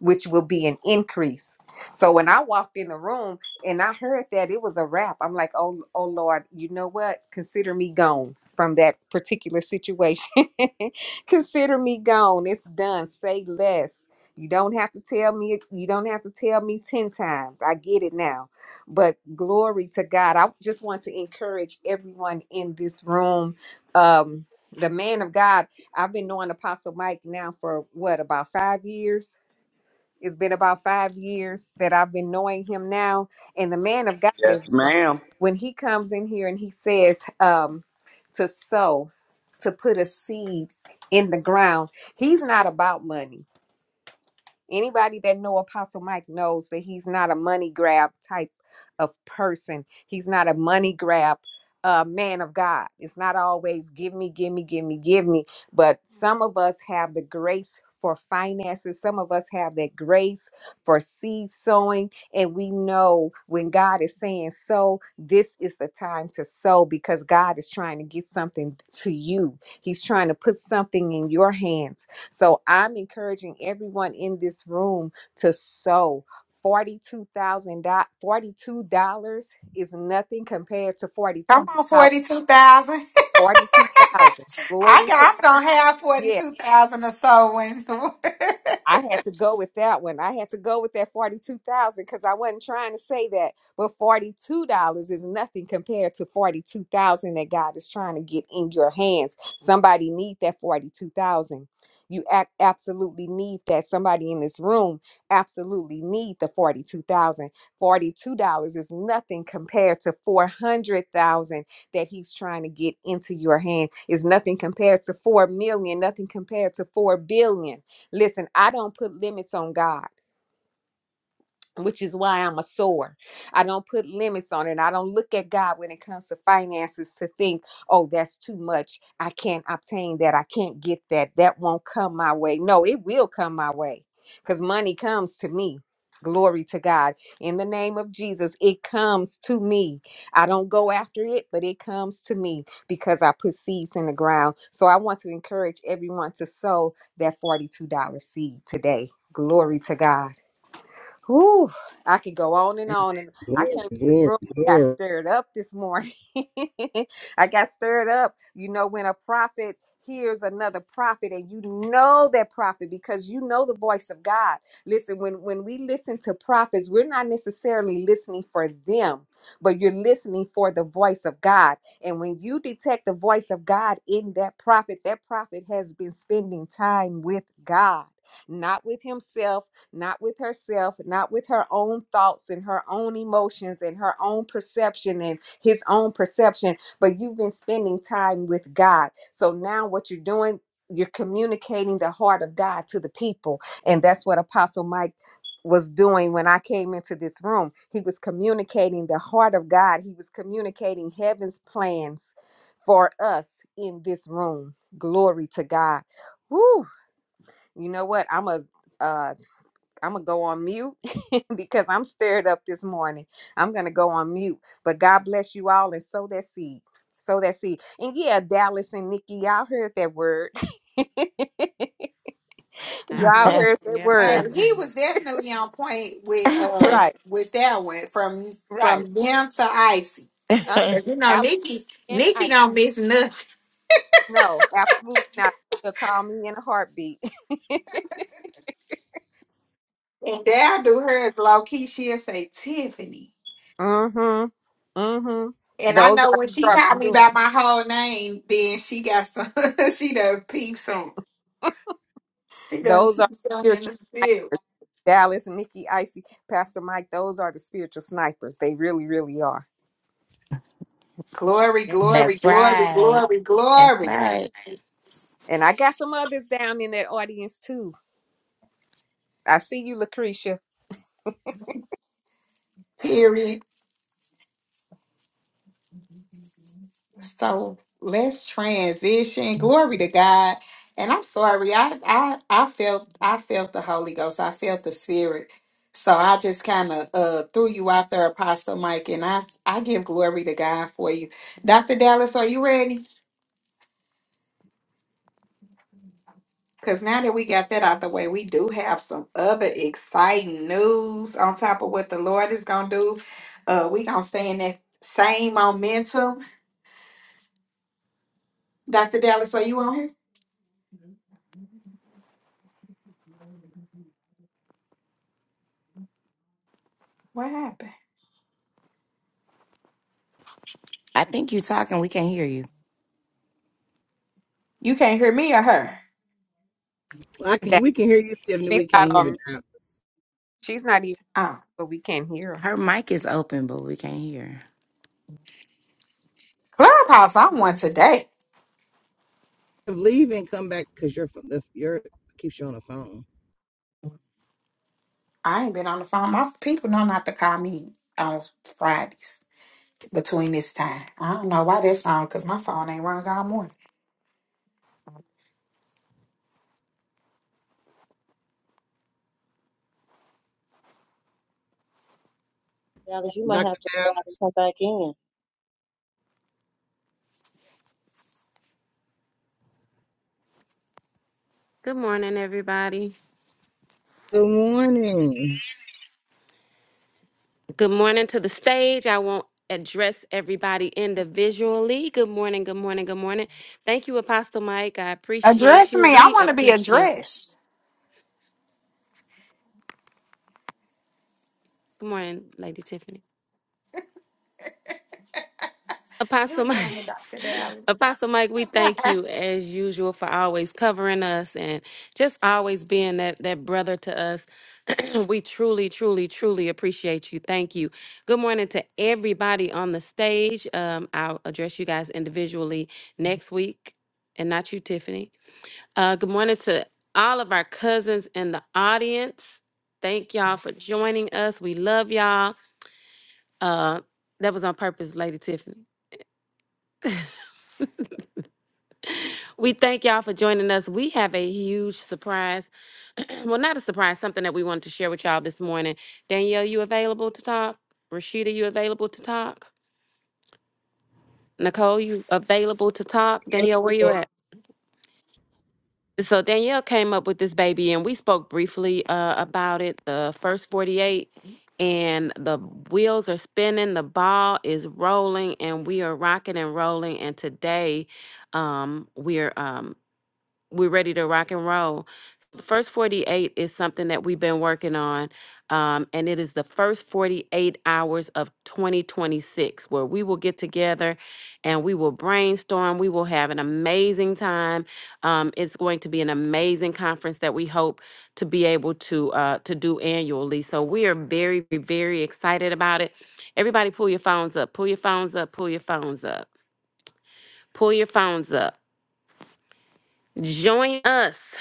which will be an increase. So when I walked in the room and I heard that it was a wrap, I'm like, oh, oh Lord, you know what? Consider me gone from that particular situation. Consider me gone. It's done. Say less. You don't have to tell me. You don't have to tell me ten times. I get it now. But glory to God. I just want to encourage everyone in this room. Um, the man of God. I've been knowing Apostle Mike now for what about five years? It's been about five years that I've been knowing him now. And the man of God is Yes, ma'am. when he comes in here and he says um, to sow, to put a seed in the ground, he's not about money. Anybody that know Apostle Mike knows that he's not a money grab type of person. He's not a money grab uh, man of God. It's not always give me, give me, give me, give me. But some of us have the grace for finances. Some of us have that grace for seed sowing. And we know when God is saying sow, this is the time to sow because God is trying to get something to you. He's trying to put something in your hand so I'm encouraging everyone in this room to sow. Forty-two thousand dollars. Forty-two dollars is nothing compared to Come forty-two on, thousand. forty two thousand. Forty-two thousand. I Glory to God. know. I had to go with that one. I had to go with that forty-two thousand because I wasn't trying to say that, but forty-two dollars is nothing compared to forty-two thousand that God is trying to get in your hands. Somebody need that forty-two thousand. You act absolutely need that. Somebody in this room absolutely need the forty-two thousand. Forty-two dollars is nothing compared to four hundred thousand that He's trying to get into your hand. Is nothing compared to four million. Nothing compared to four billion Listen, I don't put limits on God which is why I'm a sower. I don't put limits on it. I don't look at God when it comes to finances to think, oh, that's too much. I can't obtain that. I can't get that. That won't come my way. No, it will come my way because money comes to me. Glory to God. In the name of Jesus, it comes to me. I don't go after it, but it comes to me because I put seeds in the ground. So I want to encourage everyone to sow that $42 seed today. Glory to God. Whew, I could go on and on, and I Glory, came to this glory, room and got glory. stirred up this morning. I got stirred up. You know, when a prophet hears another prophet, and you know that prophet because you know the voice of God. Listen, when when we listen to prophets, we're not necessarily listening for them, but you're listening for the voice of God. And when you detect the voice of God in that prophet, that prophet has been spending time with God, not with himself not with herself, not with her own thoughts and her own emotions and her own perception and his own perception, but you've been spending time with God. So now what you're doing, you're communicating the heart of God to the people. And that's what Apostle Mike was doing when I came into this room. He was communicating the heart of God, he was communicating heaven's plans for us in this room. Glory to God. Woo! You know what? I'm a uh I'm gonna go on mute because I'm stirred up this morning. I'm gonna go on mute. But God bless you all and sow that seed. Sow that seed. And yeah, Dallas and Nikki, y'all heard that word. y'all I heard it. heard that Yeah. hey, word. he was definitely on point with uh Right, with that one from right. from them to Icy. Uh, Amen. Cause you know Dallas Nikki, and Nikki I don't miss nothing. no, absolutely not. You'll call me in a heartbeat. And Dad do hers low key. She'll say Tiffany. mm-hmm. Mm-hmm. And I Those know are when she sharp called me shooters. by my whole name, then she got some. she done peeped some. She done Those are peeped some in spiritual the spirit. snipers. Dallas, Nikki, Icy, Pastor Mike, those are the spiritual snipers. They really, really are. Glory, Yes, glory, sir. That's glory, right. glory, That's glory. Yes. right. And I got some others down in that audience too. I see you, Lucretia. Period. So let's transition. Glory to God. And I'm sorry. I I I felt I felt the Holy Ghost. I felt the Spirit. So I just kind of uh, threw you out there, Apostle Mike, and I I give glory to God for you, Doctor Dallas. Are you ready? Because now that we got that out the way, we do have some other exciting news on top of what the Lord is going to do. Uh, we going to stay in that same momentum. Dr. Dallas, are you on here? What happened? I think you're talking. We can't hear you. You can't hear me or her? Well, I can. That- We can hear you, Tiffany. She's We not can't hear on. Dallas. She's not even, Oh, but we can't hear her. Her mic is open, but we can't hear. Clubhouse, I'm one today. If Leave and come back because your the, your keeps you on the phone. I ain't been on the phone. My people know not to call me on Fridays between this time. I don't know why that's on because my phone ain't rung all morning. Dallas, you might have Doctor to go Dallas. out and come back in. Good morning, everybody. Good morning. Good morning to the stage. I won't address everybody individually. Good morning, good morning, good morning. Thank you, Apostle Mike. I appreciate Address you. me. I We want to be appreciate. addressed. Good morning, Lady Tiffany. Good Apostle Mike, morning, Dr. Dallas. Apostle Mike, we thank you as usual for always covering us and just always being that that brother to us. we truly, truly, truly appreciate you. Thank you. Good morning to everybody on the stage. Um, I'll address you guys individually next week, and not you, Tiffany. Uh, good morning to all of our cousins in the audience. Thank y'all for joining us. We love y'all. Uh, that was on purpose, Lady Tiffany. We thank y'all for joining us. We have a huge surprise. well, not a surprise, something that we wanted to share with y'all this morning. Danielle, you available to talk? Rashida, you available to talk? Nicole, you available to talk? Yes, Danielle, where you you at? So Danielle came up with this baby, and we spoke briefly uh, about it. The first forty-eight, and the wheels are spinning, the ball is rolling, and we are rocking and rolling. And today, um, we're um, we're ready to rock and roll. The First 48 is something that we've been working on, um, and it is the first 48 hours of 2026 where we will get together and we will brainstorm. We will have an amazing time. Um, it's going to be an amazing conference that we hope to be able to uh, to do annually. So we are very very excited about it. Everybody, pull your phones up. Pull your phones up. Pull your phones up. Pull your phones up. Join us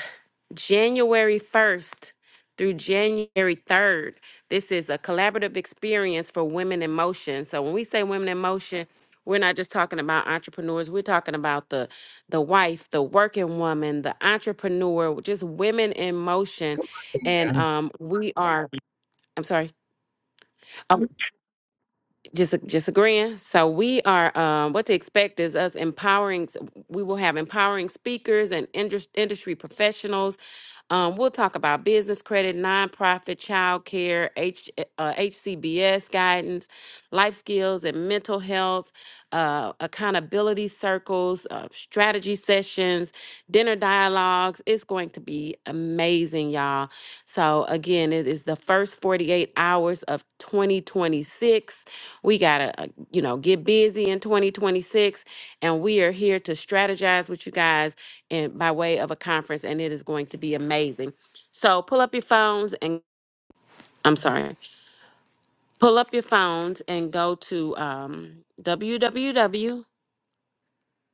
January 1st through January 3rd. This is a collaborative experience for women in motion. So when we say women in motion, we're not just talking about entrepreneurs. We're talking about the the wife, the working woman, the entrepreneur, just women in motion. are. And And um, we are. I'm sorry. Just ag- just agreeing. So we are. Um, what to expect is us empowering. We will have empowering speakers and indus- industry professionals. Um, we'll talk about business credit, nonprofit, child care, H, uh, HCBS guidance, life skills and mental health, uh, accountability circles, uh, strategy sessions, dinner dialogues. It's going to be amazing, y'all. So, again, it is the first 48 hours of 2026. We got to, you know, get busy in 2026. And we are here to strategize with you guys in, by way of a conference, and it is going to be amazing. So pull up your phones and I'm sorry, pull up your phones and go to um,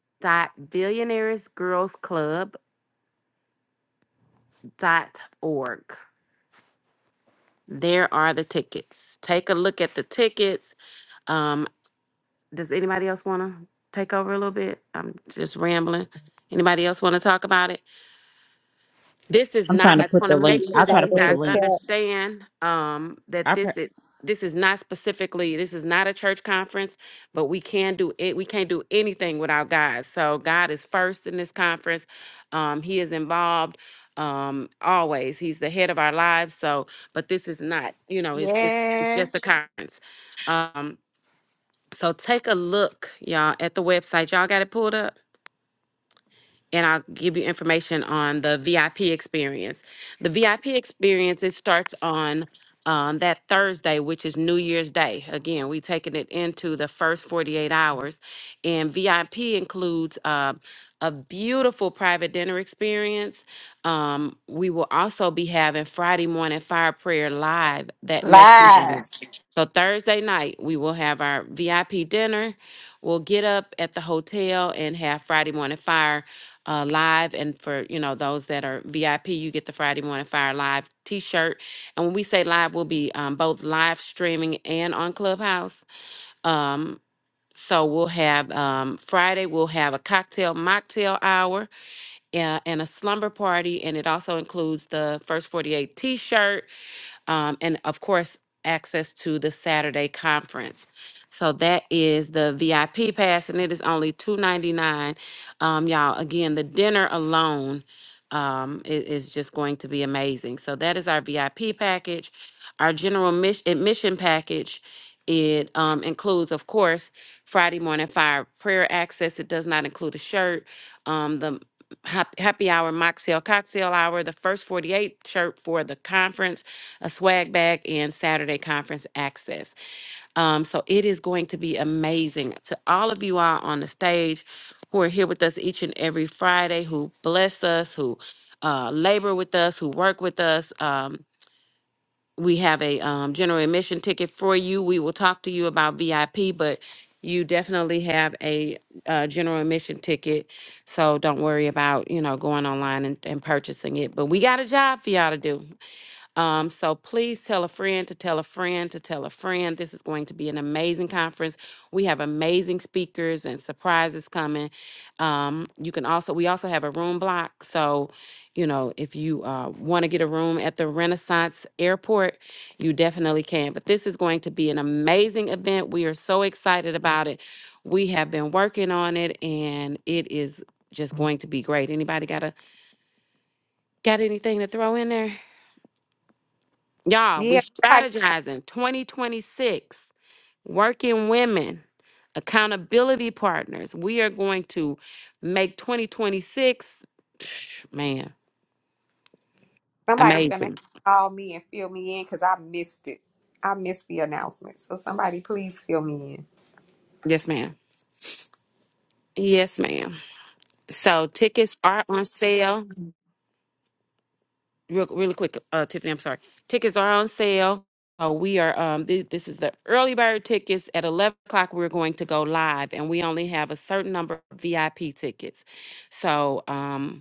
www.billionairesgirlsclub.org. There are the tickets. Take a look at the tickets. Um, does anybody else want to take over a little bit? I'm just rambling. Anybody else want to talk about it? This is I'm trying not, to I just put want the to The make link. I'll sure try that to website you put in the the guys link. chat. understand um, that I pr- this is, this is not specifically, this is not a church conference, but we can do it. We can't do anything without God. So God is first in this conference. Um, he is involved um, always. He's the head of our lives. So, but this is not, you know, it's, it's, it's Yeah. just a conference. Um, so take a look, y'all, at the website. Y'all got it pulled up? and I'll give you information on the VIP experience. The VIP experience it starts on um, that Thursday, which is New Year's Day. Again, we taking it into the first 48 hours, and VIP includes uh, a beautiful private dinner experience. Um, we will also be having Friday morning fire prayer live that next morning. So Thursday night we will have our VIP dinner. We'll get up at the hotel and have Friday morning fire uh, live and for you know those that are vip you get the friday morning fire live t-shirt and when we say live we'll be um, both live streaming and on clubhouse um, so we'll have um, friday we'll have a cocktail mocktail hour uh, and a slumber party and it also includes the first 48 t-shirt um, and of course, access to the Saturday conference. So that is the VIP pass, and it is only two ninety nine. Um, y'all, again, the dinner alone um, i- is, just going to be amazing. So that is our VIP package. Our general mis- admission package. It um, includes, of course, Friday morning fire prayer access. It does not include a shirt. Um, the hap- happy hour mocktail cocktail hour the first 48 shirt for the conference a swag bag, and Saturday conference access. Um, so it is going to be amazing to all of you all on the stage who are here with us each and every Friday, who bless us, who uh, labor with us, who work with us. Um, we have a um, general admission ticket for you. We will talk to you about VIP, but you definitely have a uh, general admission ticket. So don't worry about, you know, going online and, and purchasing it. But we got a job for y'all to do. Um, so please tell a friend to tell a friend to tell a friend. This is going to be an amazing conference. We have amazing speakers and surprises coming. Um, you can also we also have a room block. So, you know, if you uh, want to get a room at the Renaissance Airport, you definitely can. But this is going to be an amazing event. We are so excited about it. We have been working on it, and it is just going to be great. Anybody got a got anything to throw in there? Y'all, we Yeah, somebody, strategizing 2026, working women, accountability partners. We are going to make 2026, man, somebody's gonna have to amazing. call me and fill me in because I missed it. I missed the announcement. So somebody, please fill me in. Yes, ma'am. Yes, ma'am. So tickets are on sale. Real, really quick, uh, Tiffany, I'm sorry. Tickets are on sale. Uh, we are, um, th- this is the early bird tickets. At 11 o'clock, we're going to go live, and we only have a certain number of VIP tickets. So, um,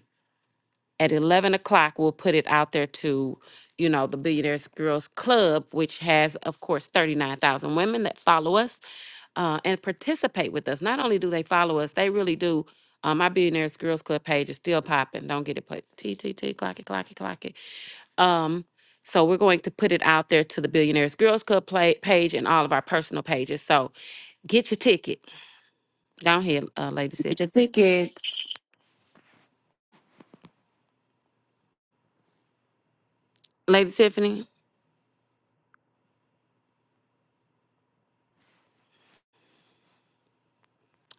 at 11 o'clock we'll put it out there to you know the billionaires girls club which has of course 39000 women that follow us uh, and participate with us not only do they follow us they really do um, my billionaires girls club page is still popping don't get it put t t t clock it clock it clock it um, so we're going to put it out there to the billionaires girls club play, page and all of our personal pages so get your ticket go ahead uh, lady Get your tiffany tickets. lady tiffany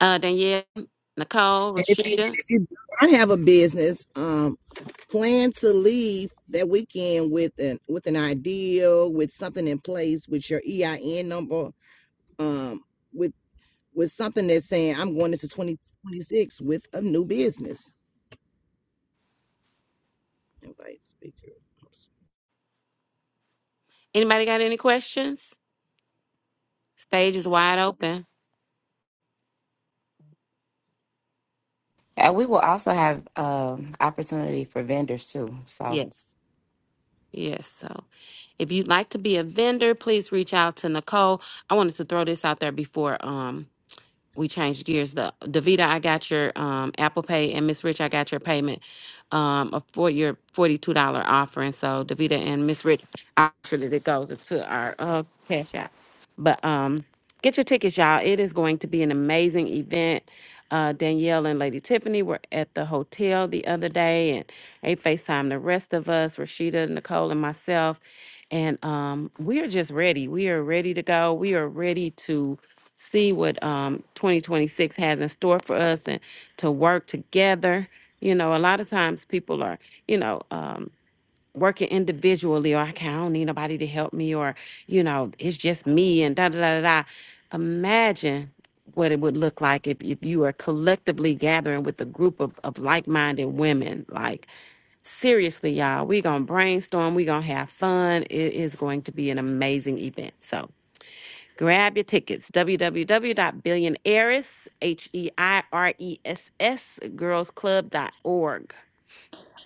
uh, danielle nicole if, and rashida if you don't have a business, um, plan to leave that weekend with an with an ideal, with something in place, with your EIN number, um, with with something that's saying I'm going into 2026 with a new business. Invite speaker. Anybody got any questions? Stage is wide open. And we will also have um, opportunity for vendors too. So Yes. Yes. So if you'd like to be a vendor, please reach out to Nicole. I wanted to throw this out there before um we change gears. The Davita, I got your um Apple Pay and Miss Rich, I got your payment um of for your forty two dollar offering. So Davita and Miss Rich, I'll make sure that it goes into our uh cash app. But um, get your tickets, y'all. It is going to be an amazing event. Uh, Danielle and Lady Tiffany were at the hotel the other day, and they FaceTime the rest of us, Rashida, Nicole, and myself. And um, we are just ready. We are ready to go. We are ready to see what um, 2026 has in store for us and to work together. You know, a lot of times people are, you know, um, working individually or okay, I don't need nobody to help me or, you know, it's just me and da da da da. da. Imagine what it would look like if, if you are collectively gathering with a group of, of like-minded women. Like seriously, y'all, we gonna brainstorm, we gonna have fun. It is going to be an amazing event. So grab your tickets, www.billionaires, H-E-I-R-E-S-S, girls club dot org.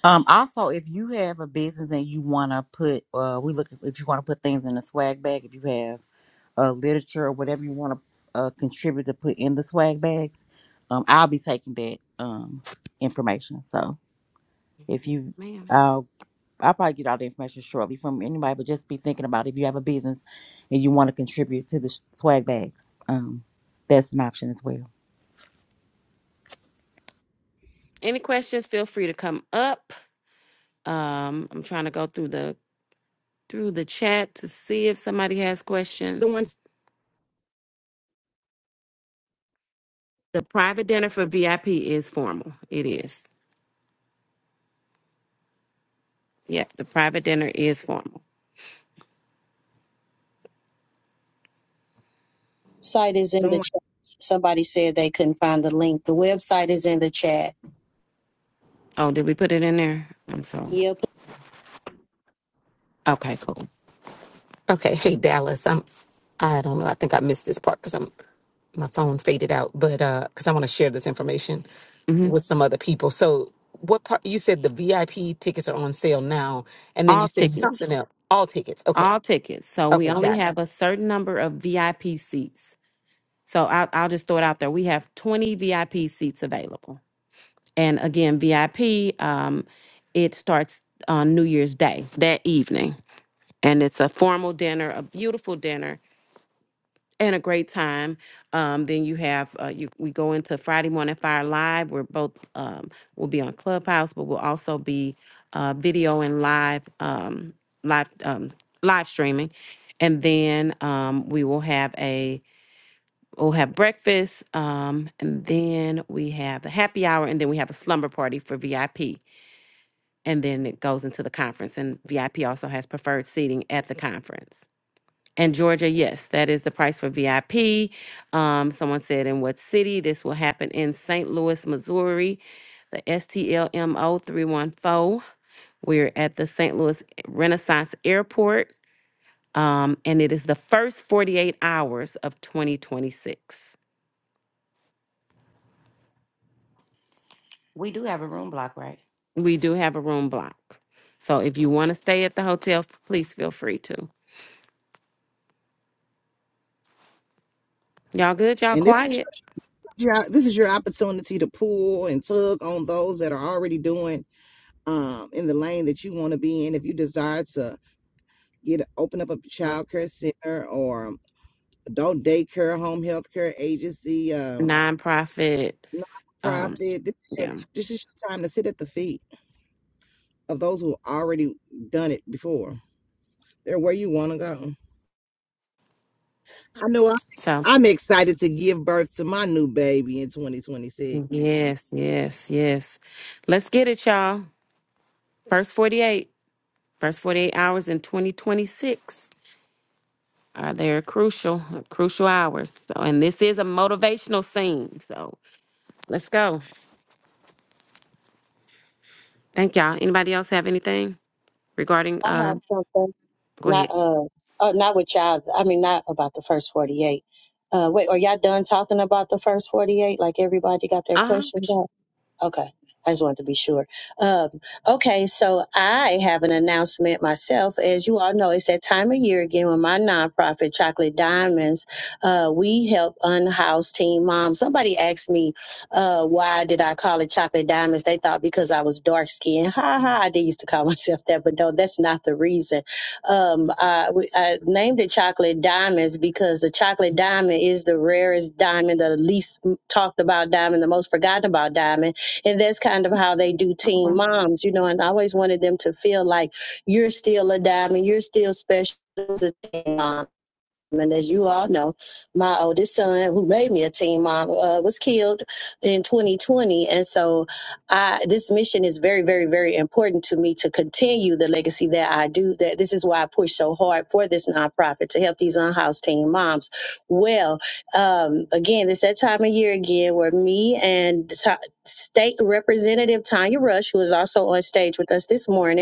um also if you have a business and you want to put uh we look if you want to put things in a swag bag if you have uh literature or whatever you want to uh contribute to put in the swag bags um I'll be taking that um information so if you Man. I'll I'll probably get all the information shortly from anybody but just be thinking about if you have a business and you want to contribute to the sh- swag bags um that's an option as well. Any questions, feel free to come up. Um, I'm trying to go through the through the chat to see if somebody has questions. Someone, The private dinner for VIP is formal. It is. Yeah, the private dinner is formal. Website is in the someone. chat. Somebody said they couldn't find the link. The website is in the chat. Oh, did we put it in there? I'm sorry. Yep. Okay, cool. Okay, hey Dallas. I'm. I don't know. I think I missed this part because I'm my phone faded out. But uh, because I want to share this information hmm with some other people. So what part? You said the VIP tickets are on sale now, and then you All said something tickets. else. All tickets. Okay. All tickets. So we Okay, only got it. have a certain number of VIP seats. So I'll, I'll just throw it out there. We have 20 VIP seats available. And again, VIP, um, it starts on New Year's Day that evening. and it's a formal dinner, a beautiful dinner, and a great time. Um, then you have uh, you, we go into Friday morning fire live. We're both um, will be on Clubhouse, but we'll also be uh, video and live um, live um, live streaming. And then um, we will have a we'll have breakfast, um, and then we have the happy hour, and then we have a slumber party for VIP, and then it goes into the conference. And VIP also has preferred seating at the conference. And Georgia, yes, that is the price for VIP. Um, someone said in what city? This will happen in St. Louis, Missouri, the STLMO 314. We're at the St. Louis Renaissance Airport, um, and it is the first 48 hours of 2026. we do have a room block, right? We do have a room block. So if you want to stay at the hotel, f- please feel free to. Y'all good? Y'all And this is quiet? your- this is your opportunity to pull and tug on those that are already doing um, in the lane that you want to be in. If you desire to get open up a child care center or adult daycare, home health care agency, um, Nonprofit. Um, nonprofit, this is your yeah. this is your time to sit at the feet of those who already done it before. They're where you want to go. I know I'm, So I'm excited to give birth to my new baby in 2026. Yes, yes, yes. Let's get it, y'all. First 48, first 48 hours in 2026 are they're crucial, crucial hours. So, and this is a motivational scene. So let's go. Thank y'all. Anybody else have anything regarding, I uh, have something. go Not ahead. uh, uh not with y'all. I mean, not about the first forty eight. Uh, wait, are y'all done talking about the first forty eight? Like everybody got their Uh questions out? Okay. I just wanted to be sure. Um, okay, so I have an announcement myself. As you all know, it's that time of year again with my nonprofit, Chocolate Diamonds. Uh, we help unhoused teen moms. Somebody asked me, uh, why did I call it Chocolate Diamonds? They thought because I was dark skinned. Ha ha, I did used to call myself that, but no, that's not the reason. Um, I, we- I named it Chocolate Diamonds because the chocolate diamond is the rarest diamond, the least talked about diamond, the most forgotten about diamond and that's kind of how they do teen huh. moms, you know, and I always wanted them to feel like you're still a diamond, you're still special as a teen mom and as you all know, my oldest son, who made me a teen mom, uh, was killed in 2020. And so I, this mission is very, very, very important to me to continue the legacy that I do. That This is why I push so hard for this nonprofit to help these unhoused teen moms. Well, um, again, it's that time of year again where me and Ta- State Representative Tanya Rush, who is also on stage with us this morning,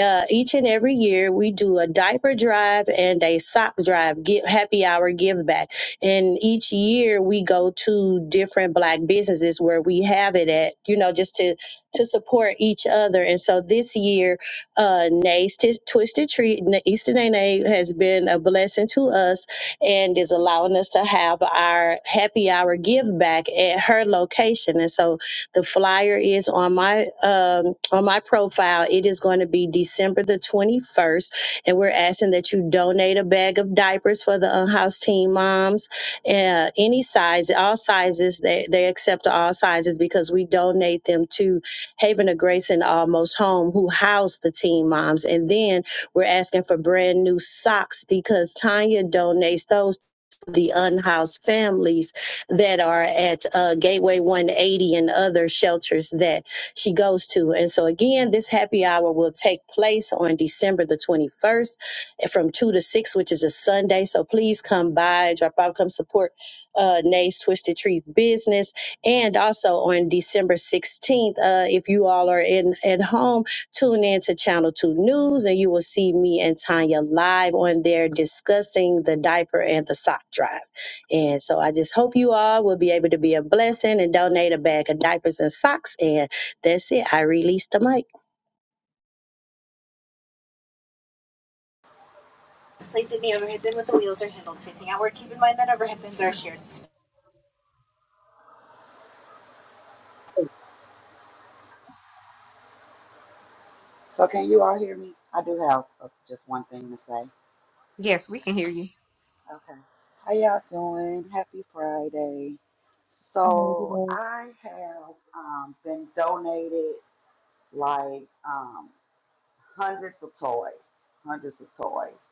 uh, each and every year we do a diaper drive and a sock drive get happy hour give back and each year we go to different black businesses where we have it at you know just to to support each other and so this year uh nay's Tis- twisted Treat Na- easter nay nay has been a blessing to us and is allowing us to have our happy hour give back at her location and so the flyer is on my um, on my profile. It is going to be December the 21st, and we're asking that you donate a bag of diapers for the unhoused teen moms, uh, any size, all sizes. They they accept all sizes because we donate them to Haven of Grace and Almost Home, who house the teen moms, and then we're asking for brand new socks because Tanya donates those the unhoused families that are at uh, Gateway 180 and other shelters that she goes to. And so, again, this happy hour will take place on December the 21st from 2 to 6, which is a Sunday. So, please come by, drop off, come support uh, Nay's Twisted Trees business. And also on December 16th, uh, if you all are in at home, Tune in to Channel 2 News and you will see me and Tanya live on there discussing the diaper and the sock drive. And so I just hope you all will be able to be a blessing and donate a bag of diapers and socks. And that's it. I release the mic. Placed in the overhead bin with the wheels or handles facing outward. Keep in mind that overhead bins are shared. So can you all hear me? I do have uh, just one thing to say. Yes, we can hear you. Okay. How y'all doing? Happy Friday. So I have um, been donated like um, hundreds of toys, hundreds of toys.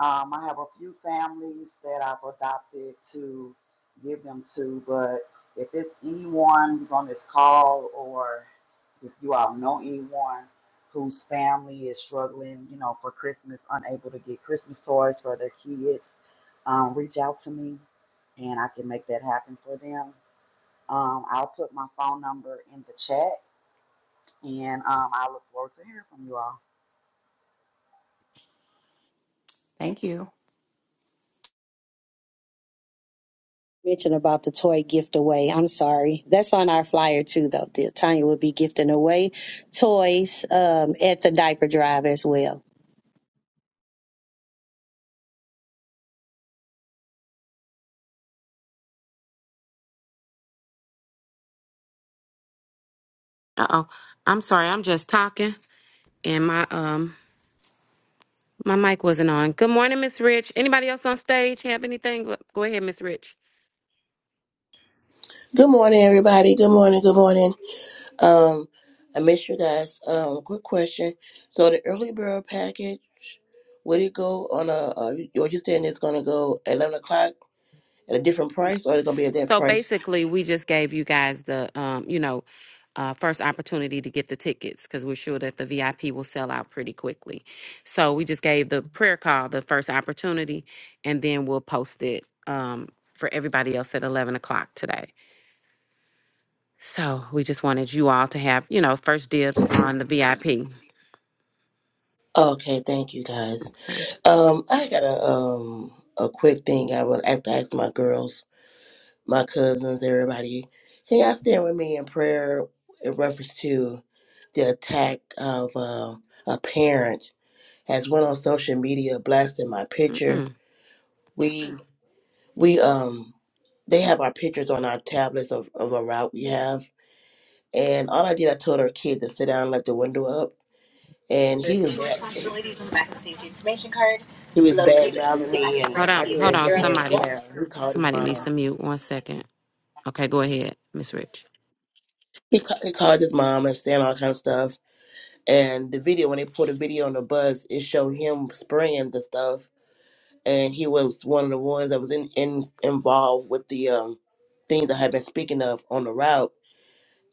Um, I have a few families that I've adopted to give them to, but if it's anyone who's on this call or if you all know anyone whose family is struggling, you know, for Christmas, unable to get Christmas toys for their kids, um, reach out to me and I can make that happen for them. Um, I'll put my phone number in the chat and um, I look forward to hearing from you all. Thank you. Mention about the toy gift away. I'm sorry. That's on our flyer too, though. The- Tanya will be gifting away toys um, at the diaper drive as well. Uh oh. I'm sorry. I'm just talking and my, um, my mic wasn't on. Good morning, Miss Rich. Anybody else on stage have anything? Go go ahead, Miss Rich. Good morning, everybody. Good morning. Good morning. Um, I missed you guys. Um, quick question. So the early bird package, would it go on a? Uh, are you saying it's gonna go at eleven o'clock at a different No. price, or it's gonna be at that So price? basically, we just gave you guys the, um, you know, uh, first opportunity to get the tickets because we're sure that the VIP will sell out pretty quickly. So we just gave the prayer call the first opportunity, and then we'll post it um, for everybody else at eleven o'clock today. So we just wanted you all to have, you know, first dibs on the VIP. Okay, thank you guys. Um, I got a um a quick thing I would have to ask my girls, my cousins, everybody. Can y'all stand with me in prayer in reference to the attack of uh, a parent? has went on social media blasting my picture. Mm-mm. We we um they have our pictures on our tablets of, of a route we have. And all I did I told our kid to sit down and let the window up and he was Receiving bad responsibilities on the back of the safety information card. he was bad Location, mouthing the back me in and Hold front of I on, you just hold if said, on. you're Young man, sit unable. Somebody, down. He called his somebody needs mom. to mute. One second. Okay, go ahead, Miss Rich. He, ca- he called his mom and saying all kind of stuff. And the video when they put a video on the buzz, it showed him spraying the stuff and he was one of the ones that was in, in involved with the um things I had been speaking of on the route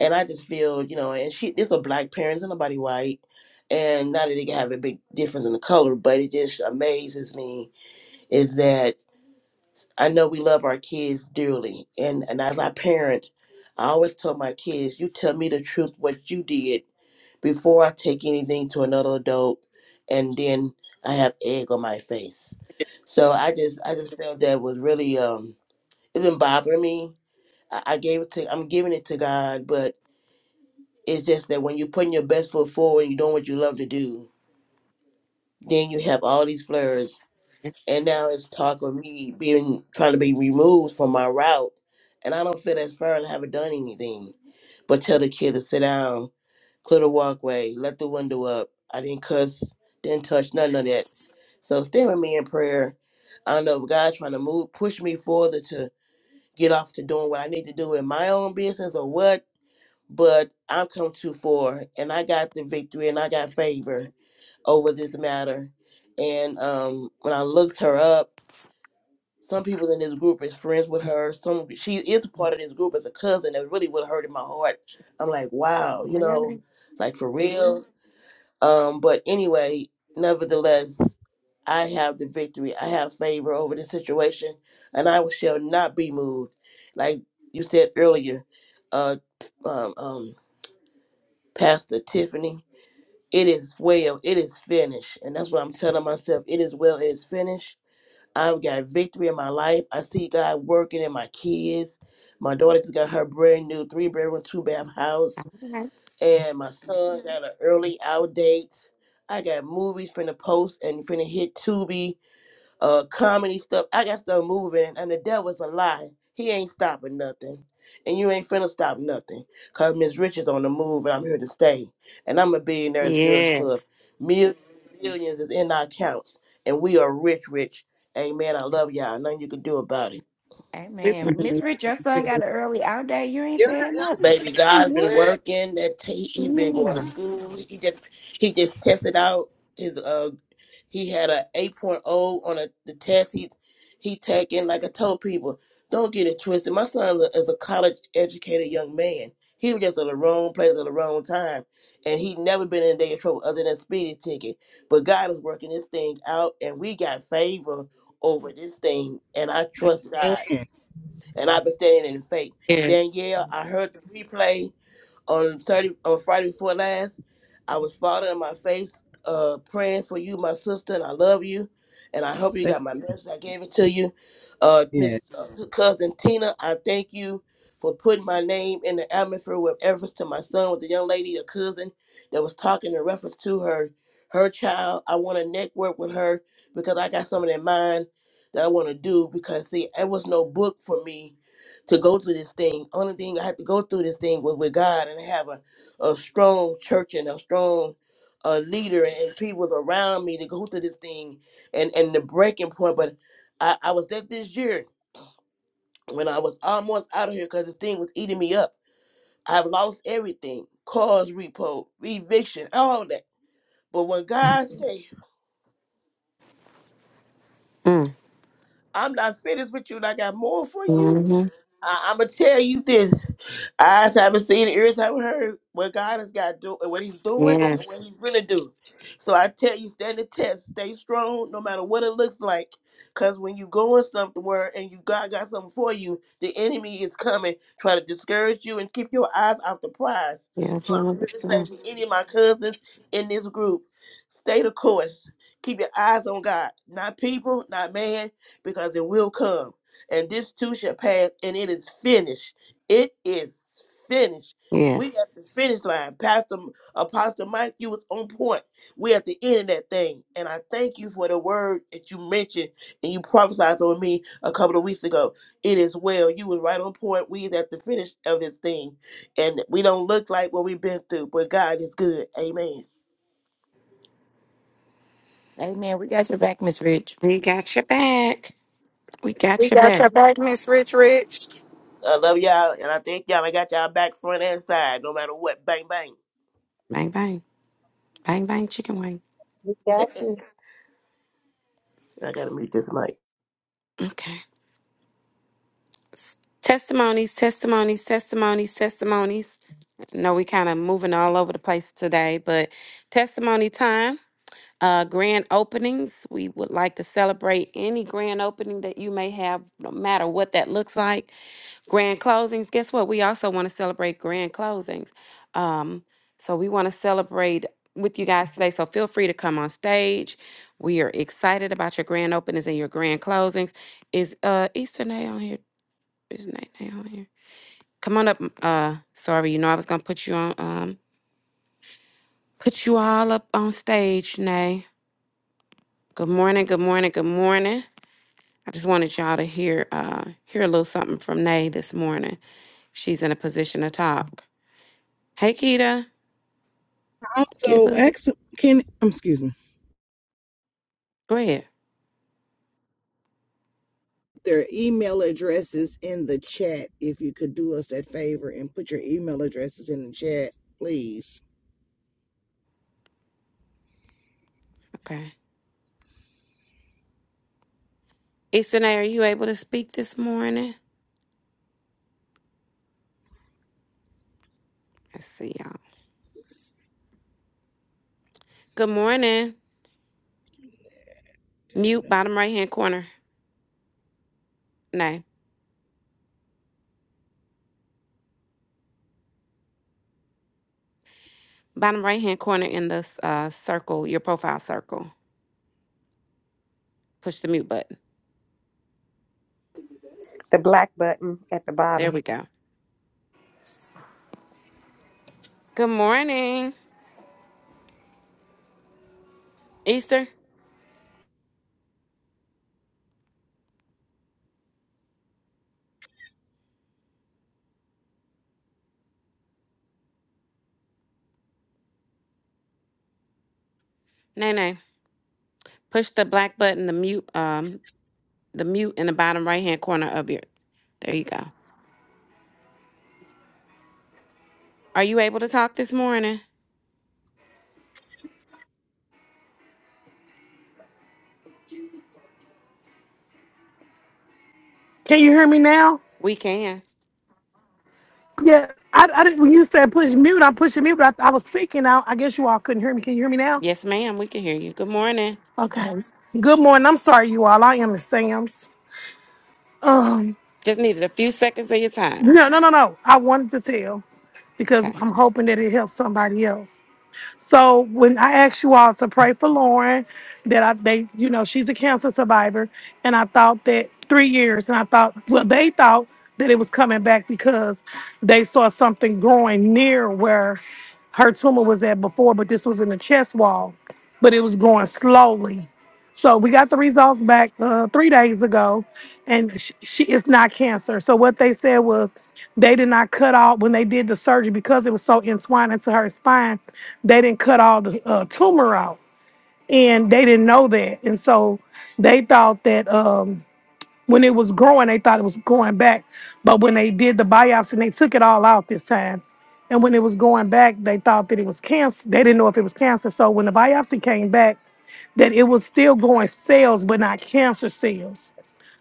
And I just feel, you know, and she it's a black parents and nobody white. And not that they can have a big difference in the color, but it just amazes me is that I know we love our kids dearly. And and as I parent, I always tell my kids, you tell me the truth what you did before I take anything to another adult and then I have egg on my face. So I just I just felt that was really um it been bothering me. I, I gave it to I'm giving it to God, but it's just that when you're putting your best foot forward and you're doing what you love to do, then you have all these flares. And now it's talk of me being trying to be removed from my route. And I don't feel that's fair and I haven't done anything. But tell the kid to sit down, clear the walkway, let the window up. I didn't cuss, didn't touch, none of that. So stay with me in prayer. I don't know if God's trying to move, push me further to get off to doing what I need to do in my own business or what but I've come too far, and I got the victory, and I got favor over this matter. And um, when I looked her up, some people in this group is friends with her. Some she is a part of this group as a cousin. That really would hurt in my heart. I'm like, wow, you know, Really? like for real. Um, but anyway, nevertheless, I have the victory. I have favor over this situation, and I shall not be moved. Like you said earlier, uh, um, um, Pastor Tiffany, it is well, it is finished. And that's what I'm telling myself. It is well, it is finished. I've got victory in my life. I see God working in my kids. My daughter just got her brand new three bedroom, two bath house. Okay. And my son got an early out date. I got movies finna post and finna hit Tubi uh comedy stuff. I got stuff moving and the devil's a lie. He ain't stopping nothing. And you ain't finna stop nothing. Cause Miss Rich is on the move and I'm here to stay. And I'm a billionaires girls Yes. club. Millions, billions is in our accounts. And we are rich, rich. Amen. I love y'all. Nothing you can do about it. Mhm. Amen. Different. Miss Love Rich, your son got too. an early out day. You ain't Yeah, saying I was just nothing. gonna Baby, say God's been what. working. That he, he's been going to Yeah. school. He just he just tested out his uh he had a 8.0 on a, the test. He he taking like I told people, don't get it twisted. My son is a, is a college educated young man. He was just at the wrong place at the wrong time, and he never been in a day of trouble other than speeding ticket. But God is working this thing out, and we got favor over this thing, and I trust God Amen. and I've been standing in faith. Yes. Danielle, I heard the replay on thirty on Friday before last. I was falling on my face, uh, praying for you, my sister, and I love you. And I hope you Thank- got my message. I gave it to you, uh, Yes. Miss uh, Cousin Tina. I thank you for putting my name in the atmosphere with reference to my son with the young lady, a cousin that was talking in reference to her her child. I want to network with her because I got something in mind that I want to do. Because see, it was no book for me to go through this thing. Only thing I have to go through this thing was with God and have a, a strong church and a strong uh, leader and people around me to go through this thing and, and the breaking point. But I, I was at this year when I was almost out of here because this thing was eating me up. I've lost everything cars, repo, eviction, all that. But when God say, Mm. I'm not finished with you and I got more for you, Mm-hmm. I, I'm gonna tell you this: eyes haven't seen, ears haven't heard what God has got do, what He's doing, and Yes. what He's gonna do. So I tell you, stand the test, stay strong, no matter what it looks like. Cause when you going somewhere and you God got something for you, the enemy is coming, trying to discourage you and keep your eyes off the prize. Yeah, So I'm Jimmy, here good to say to stuff. any of my cousins in this group, stay the course. Keep your eyes on God, not people, not man, because it will come and this too shall pass, and it is finished. It is finished. We Yes. at the finish line. Pastor Apostle Mike, you was on point. We at the end of that thing. And I thank you for the word that you mentioned and you prophesied over me a couple of weeks ago. It is well. You was right on point. We is at the finish of this thing. And we don't look like what we've been through, but God is good. Amen. Amen. We got your back, Miss Rich. We got your back. We got We your got back. your back, Miss Rich Rich. I love y'all and I thank y'all. I got y'all back front and side, no matter what. Bang bang. Bang, bang. Bang, bang, chicken wing. We got you. I gotta meet this mic. Okay. S- Testimonies, testimonies, testimonies, testimonies. I know we kind of moving all over the place today, but testimony time. Uh, grand openings. We would like to celebrate any grand opening that you may have, no matter what that looks like. grand closings guess what we also want to celebrate grand closings um so we want to celebrate with you guys today so feel free to come on stage we are excited about your grand openings and your grand closings is uh easter nay on here is night nay on here come on up m- uh sorry you know i was gonna put you on um put you all up on stage nay good morning good morning good morning i just wanted y'all to hear uh hear a little something from nay this morning she's in a position to talk hey keita Get a Also, bug. ex can um, excuse me. Go ahead. Their email addresses in the chat. If you could do us that favor and put your email addresses in the chat, please. Okay. Easternay, are you able to speak this morning? Let's see y'all. Good morning. Mute bottom right hand corner. No. Bottom right hand corner in the uh, circle, your profile circle. Push the mute button. The black button at the bottom. There we go. Good morning. Easter. No, no. Push the black button, the mute, um, the mute in the bottom right hand corner of your there you go. Are you able to talk this morning? Can you hear me now? We can. Yeah, I, I didn't. When you said push mute, I'm pushing mute, but I, I was speaking. I, I guess you all couldn't hear me. Can you hear me now? Yes, ma'am, we can hear you. Good morning. Okay. Good morning. I'm sorry, you all. I am the Sam's. Um, Just needed a few seconds of your time. no, no, no, no. I wanted to tell because Okay. I'm hoping that it helps somebody else. So when I asked you all to pray for Lauren, that I they you know she's a cancer survivor, and I thought that three years, and I thought well they thought that it was coming back because they saw something growing near where her tumor was at before, but this was in the chest wall, but it was growing slowly. So we got the results back uh, three days ago, and she, she it's not cancer. So what they said was they did not cut out when they did the surgery because it was so entwined into her spine. They didn't cut all the uh, tumor out, and they didn't know that. And so they thought that um, when it was growing, they thought it was going back, but when they did the biopsy and they took it all out this time. And when it was going back, they thought that it was cancer. They didn't know if it was cancer. So when the biopsy came back, that it was still going sales, but not cancer sales.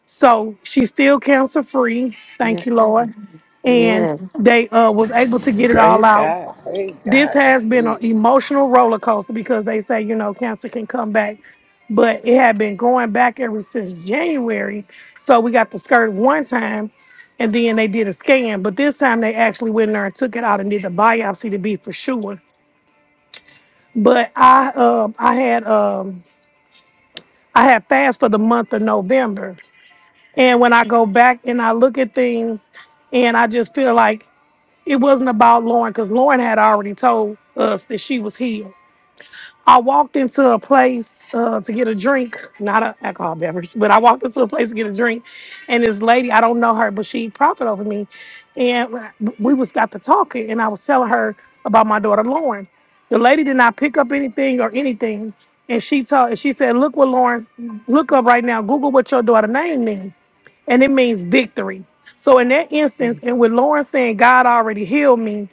So she's still cancer free. Thank Yes, you, sir. Lord. And Yes. they uh, was able to get it all Praise out. God. Praise This God. That's has been an big. emotional roller coaster because they say you know cancer can come back, but it had been going back ever since January. So we got the skirt one time, and then they did a scan. But this time they actually went in there and took it out and did the biopsy to be for sure. But I uh, I had um I had fast for the month of November. And when I go back and I look at things, and I just feel like it wasn't about Lauren because Lauren had already told us that she was healed. I walked into a place uh, to get a drink, not an alcohol beverage, but I walked into a place to get a drink, and this lady, I don't know her, but she profit over me, and we was got to talking, and I was telling her about my daughter Lauren. The lady did not pick up anything or anything, and she told, she said, "Look what Lauren's, look up right now, Google what your daughter name is." and it means victory. So in that instance, Mhm. and with Lauren saying God already healed me,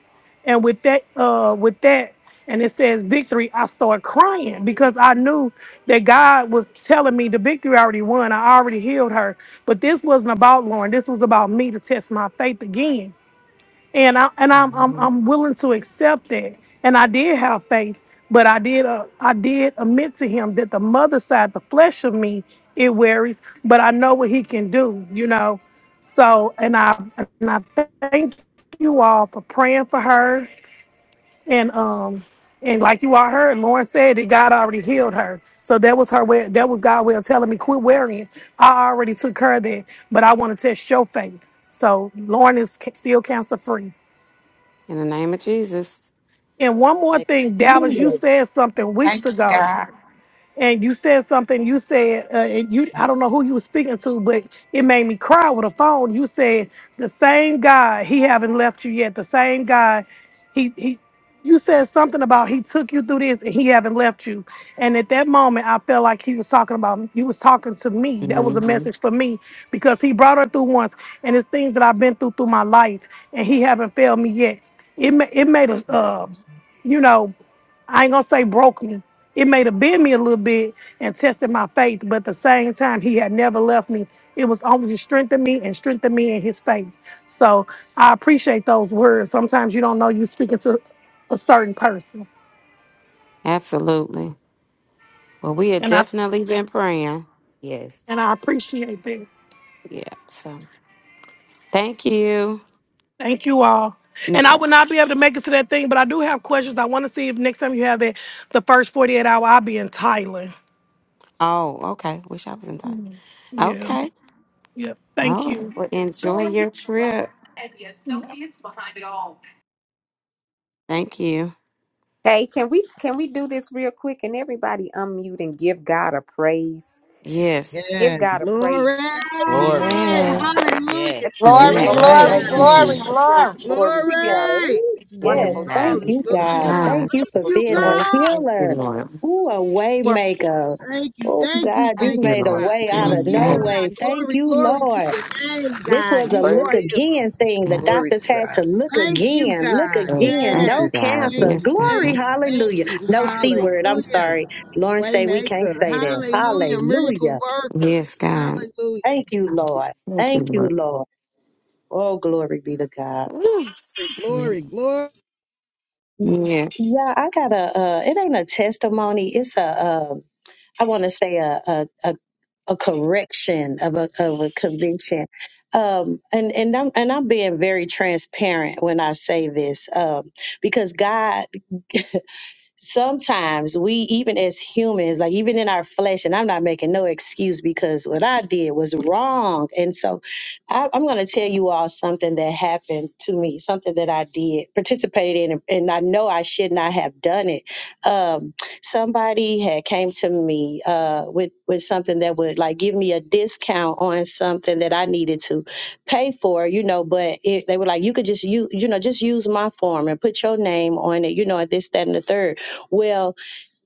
and with that, uh, with that, and it says victory, I start crying because I knew that God was telling me the victory I already won. I already healed her. But this wasn't about Lauren. This was about me to test my faith again and I and I'm I'm In I'm willing to accept that. And I did have faith, but I did uh, I did admit to him that the mother side, the flesh of me, it worries. But I know what he can do, you know. So and I and I thank you all for praying for her and um and like you all heard, Lauren said that God already healed her. So that was her way. That was God way of telling me quit worrying. I already took her there, but I want to test your faith. So Lauren is ca- still cancer free. the name of Jesus. And one more Like, thing, Dallas, you said something weeks Thank you, ago God. and you said something. You said, uh, and you I don't know who you were speaking to, but it made me cry with a phone. You said the same God, He haven't left you yet. The same God, He He. You said something about He took you through this and He haven't left you. And at that moment, I felt like He was talking about you was talking to me. That was a hmm message for me because He brought her through once, and it's things that I've been through through my life, and He haven't failed me yet. It ma- it made a uh, you know. I ain't gonna say broke me. It may have been me a little bit and tested my faith, but at the same time, he had never left me. It was only to strengthen me and strengthen me in his faith. So I appreciate those words. Sometimes you don't know you're speaking to a certain person. Absolutely. Well, we have And I definitely been praying. Yes. and I appreciate that. Yeah. So thank you. Thank you all. No And I problem. would not be able to make it to that thing, but I do have questions. I want to see if next time you have that the first 48 hour, I'll be in Thailand. Oh, okay. Wish I was in time. Yeah. Okay. Yep. All Thank right. you. Well, enjoy your trip. Thank you. Hey, can we can we do this real quick and everybody unmute and give God a praise? Yes. Give Yes, God a glory. praise for this. Glory Hallelujah. Amen. God. Yes. Every Glory, Thank vocal Glory, you, Man, Yes. glory, Glory. God. thank you, to glory, Amen. Jesus. glory. Glory to God. hallelujah. Glory. Ooh, Thank you, Yes, Lord Wonderful Yes, God. thank Jesus. thank you, you, Yes, Lord. God. Hallelujah. Thank God. you Thank for Oh, you, being a Lord, God. Thank you, healer. Lord. Ooh, a way Glory. maker. Thank you, Oh, thank you, God, you Thank thank you, made you, a Lord. God. way out Thank of Yes, you, no Thank God. you. God. way. Thank Glory, you, glory to Lord. your name, This God. was a You look are Praise you. again Yes, thing. The God. glory doctors to had to God. look Thank you, again, look God. Yes, again. thank Yes. you, No God. Thank cancer. you, Yes, God. thank Glory, you, thank hallelujah. you. No C word. I'm Hallelujah. sorry. Lauren say we can't Waymaker. say that. Hallelujah. Miracle Hallelujah. worker. Yes, God. Hallelujah. Thank you, Lord. Thank you, Thank you, Lord. Lord. Oh, glory be to God. Woo. Glory, glory. glory. Yes. Yeah, I got a. Uh, it ain't a testimony. It's a. Uh, I want to say a a, a a correction of a of a conviction. Um, and and I'm and I'm being very transparent when I say this, um, because God. sometimes we even as humans like even in our flesh and i'm not making no excuse because what i did was wrong and so I, i'm going to tell you all something that happened to me something that i did participated in and i know i should not have done it um, somebody had came to me uh, with with something that would like give me a discount on something that i needed to pay for you know but it, they were like you could just you you know just use my form and put your name on it you know and this that and the third well,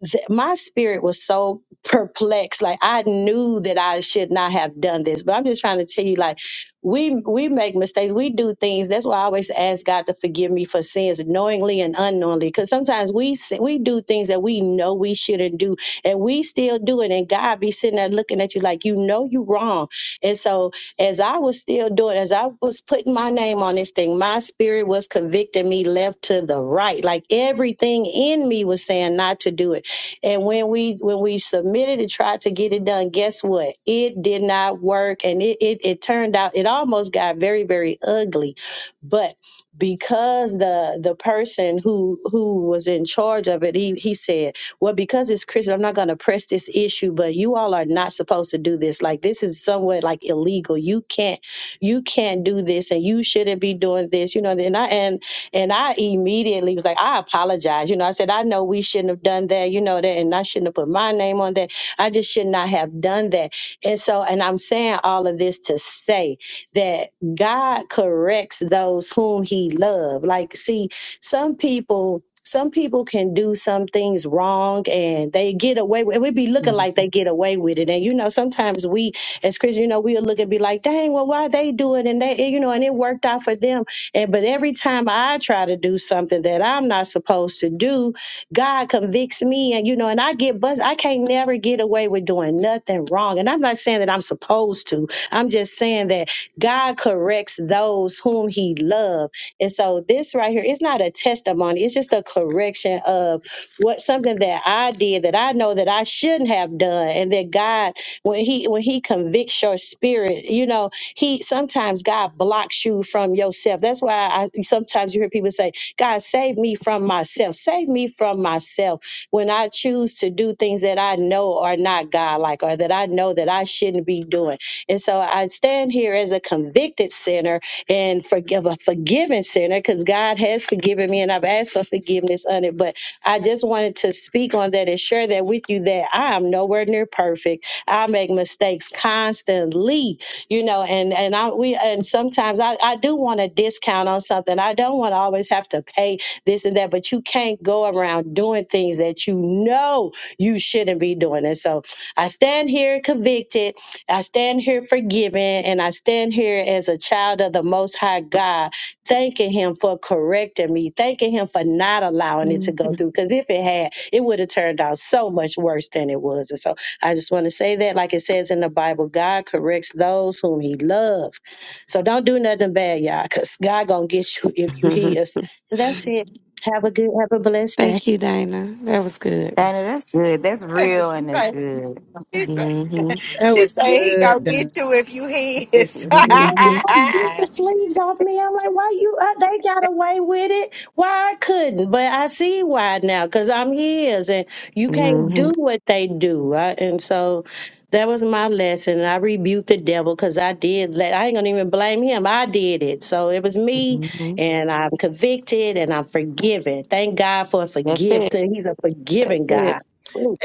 th- my spirit was so perplexed like i knew that i should not have done this but i'm just trying to tell you like we we make mistakes we do things that's why i always ask god to forgive me for sins knowingly and unknowingly because sometimes we sin- we do things that we know we shouldn't do and we still do it and god be sitting there looking at you like you know you wrong and so as i was still doing as i was putting my name on this thing my spirit was convicting me left to the right like everything in me was saying not to do it and when we when we submitted and tried to get it done, guess what? It did not work. And it it, it turned out it almost got very, very ugly. But because the the person who who was in charge of it, he he said, Well, because it's Christian, I'm not gonna press this issue, but you all are not supposed to do this. Like this is somewhat like illegal. You can't you can't do this and you shouldn't be doing this, you know. And I and and I immediately was like, I apologize. You know, I said, I know we shouldn't have done that, you know, that, and I shouldn't have put my name on that. I just should not have done that. And so, and I'm saying all of this to say that God corrects those whom he loves. Like, see, some people, some people can do some things wrong and they get away with it. We be looking like they get away with it. And you know, sometimes we as Christians, you know, we'll look and be like, dang, well, why they do it? And they, you know, and it worked out for them and but every time I try to do something that I'm not supposed to do, God convicts me, and you know, and I get bust. I can't never get away with doing nothing wrong. And I'm not saying that I'm supposed to. I'm just saying that God corrects those whom He loves. And so this right here, it's not a testimony. It's just a correction of what something that I did that I know that I shouldn't have done, and that God, when He when He convicts your spirit, you know he sometimes God blocks you from yourself. That's why I sometimes you hear people say, God, save me from myself. Save me from myself. When I choose to do things that I know are not God like or that I know that I shouldn't be doing. And so I stand here as a convicted sinner and forgive a forgiven sinner because God has forgiven me and I've asked for forgiveness on it. But I just wanted to speak on that and share that with you that I am nowhere near perfect. I make mistakes constantly you know and and i we and sometimes i i do want a discount on something i don't want to always have to pay this and that but you can't go around doing things that you know you shouldn't be doing and so i stand here convicted i stand here forgiven and i stand here as a child of the most high god thanking him for correcting me thanking him for not allowing it to go through because if it had it would have turned out so much worse than it was and so I just want to say that, like it says in the Bible, God corrects those whom He loves. So don't do nothing bad, y'all, because God gonna get you if you Mhm. hear us. And that's it. Have a good, have a blessed day. Thank you, Dana. That was good. And that's good. That's real and that's good. hmm That He was say he gonna good. God. get you if he is Lord, you hmm gonna beat the sleeves off me. I'm like, why you? Uh, they got away with it. Why I couldn't? But I see why now, cause I'm his, and you can't hmm do what they do. Right? And so that was my lesson. And I rebuked the devil, cause I did. Let, I ain't gonna even blame him. I did it. So it was me, hmm and I'm convicted, and I'm forgiven. Thank God for That's forgiveness. it. He's a forgiving That's God. it.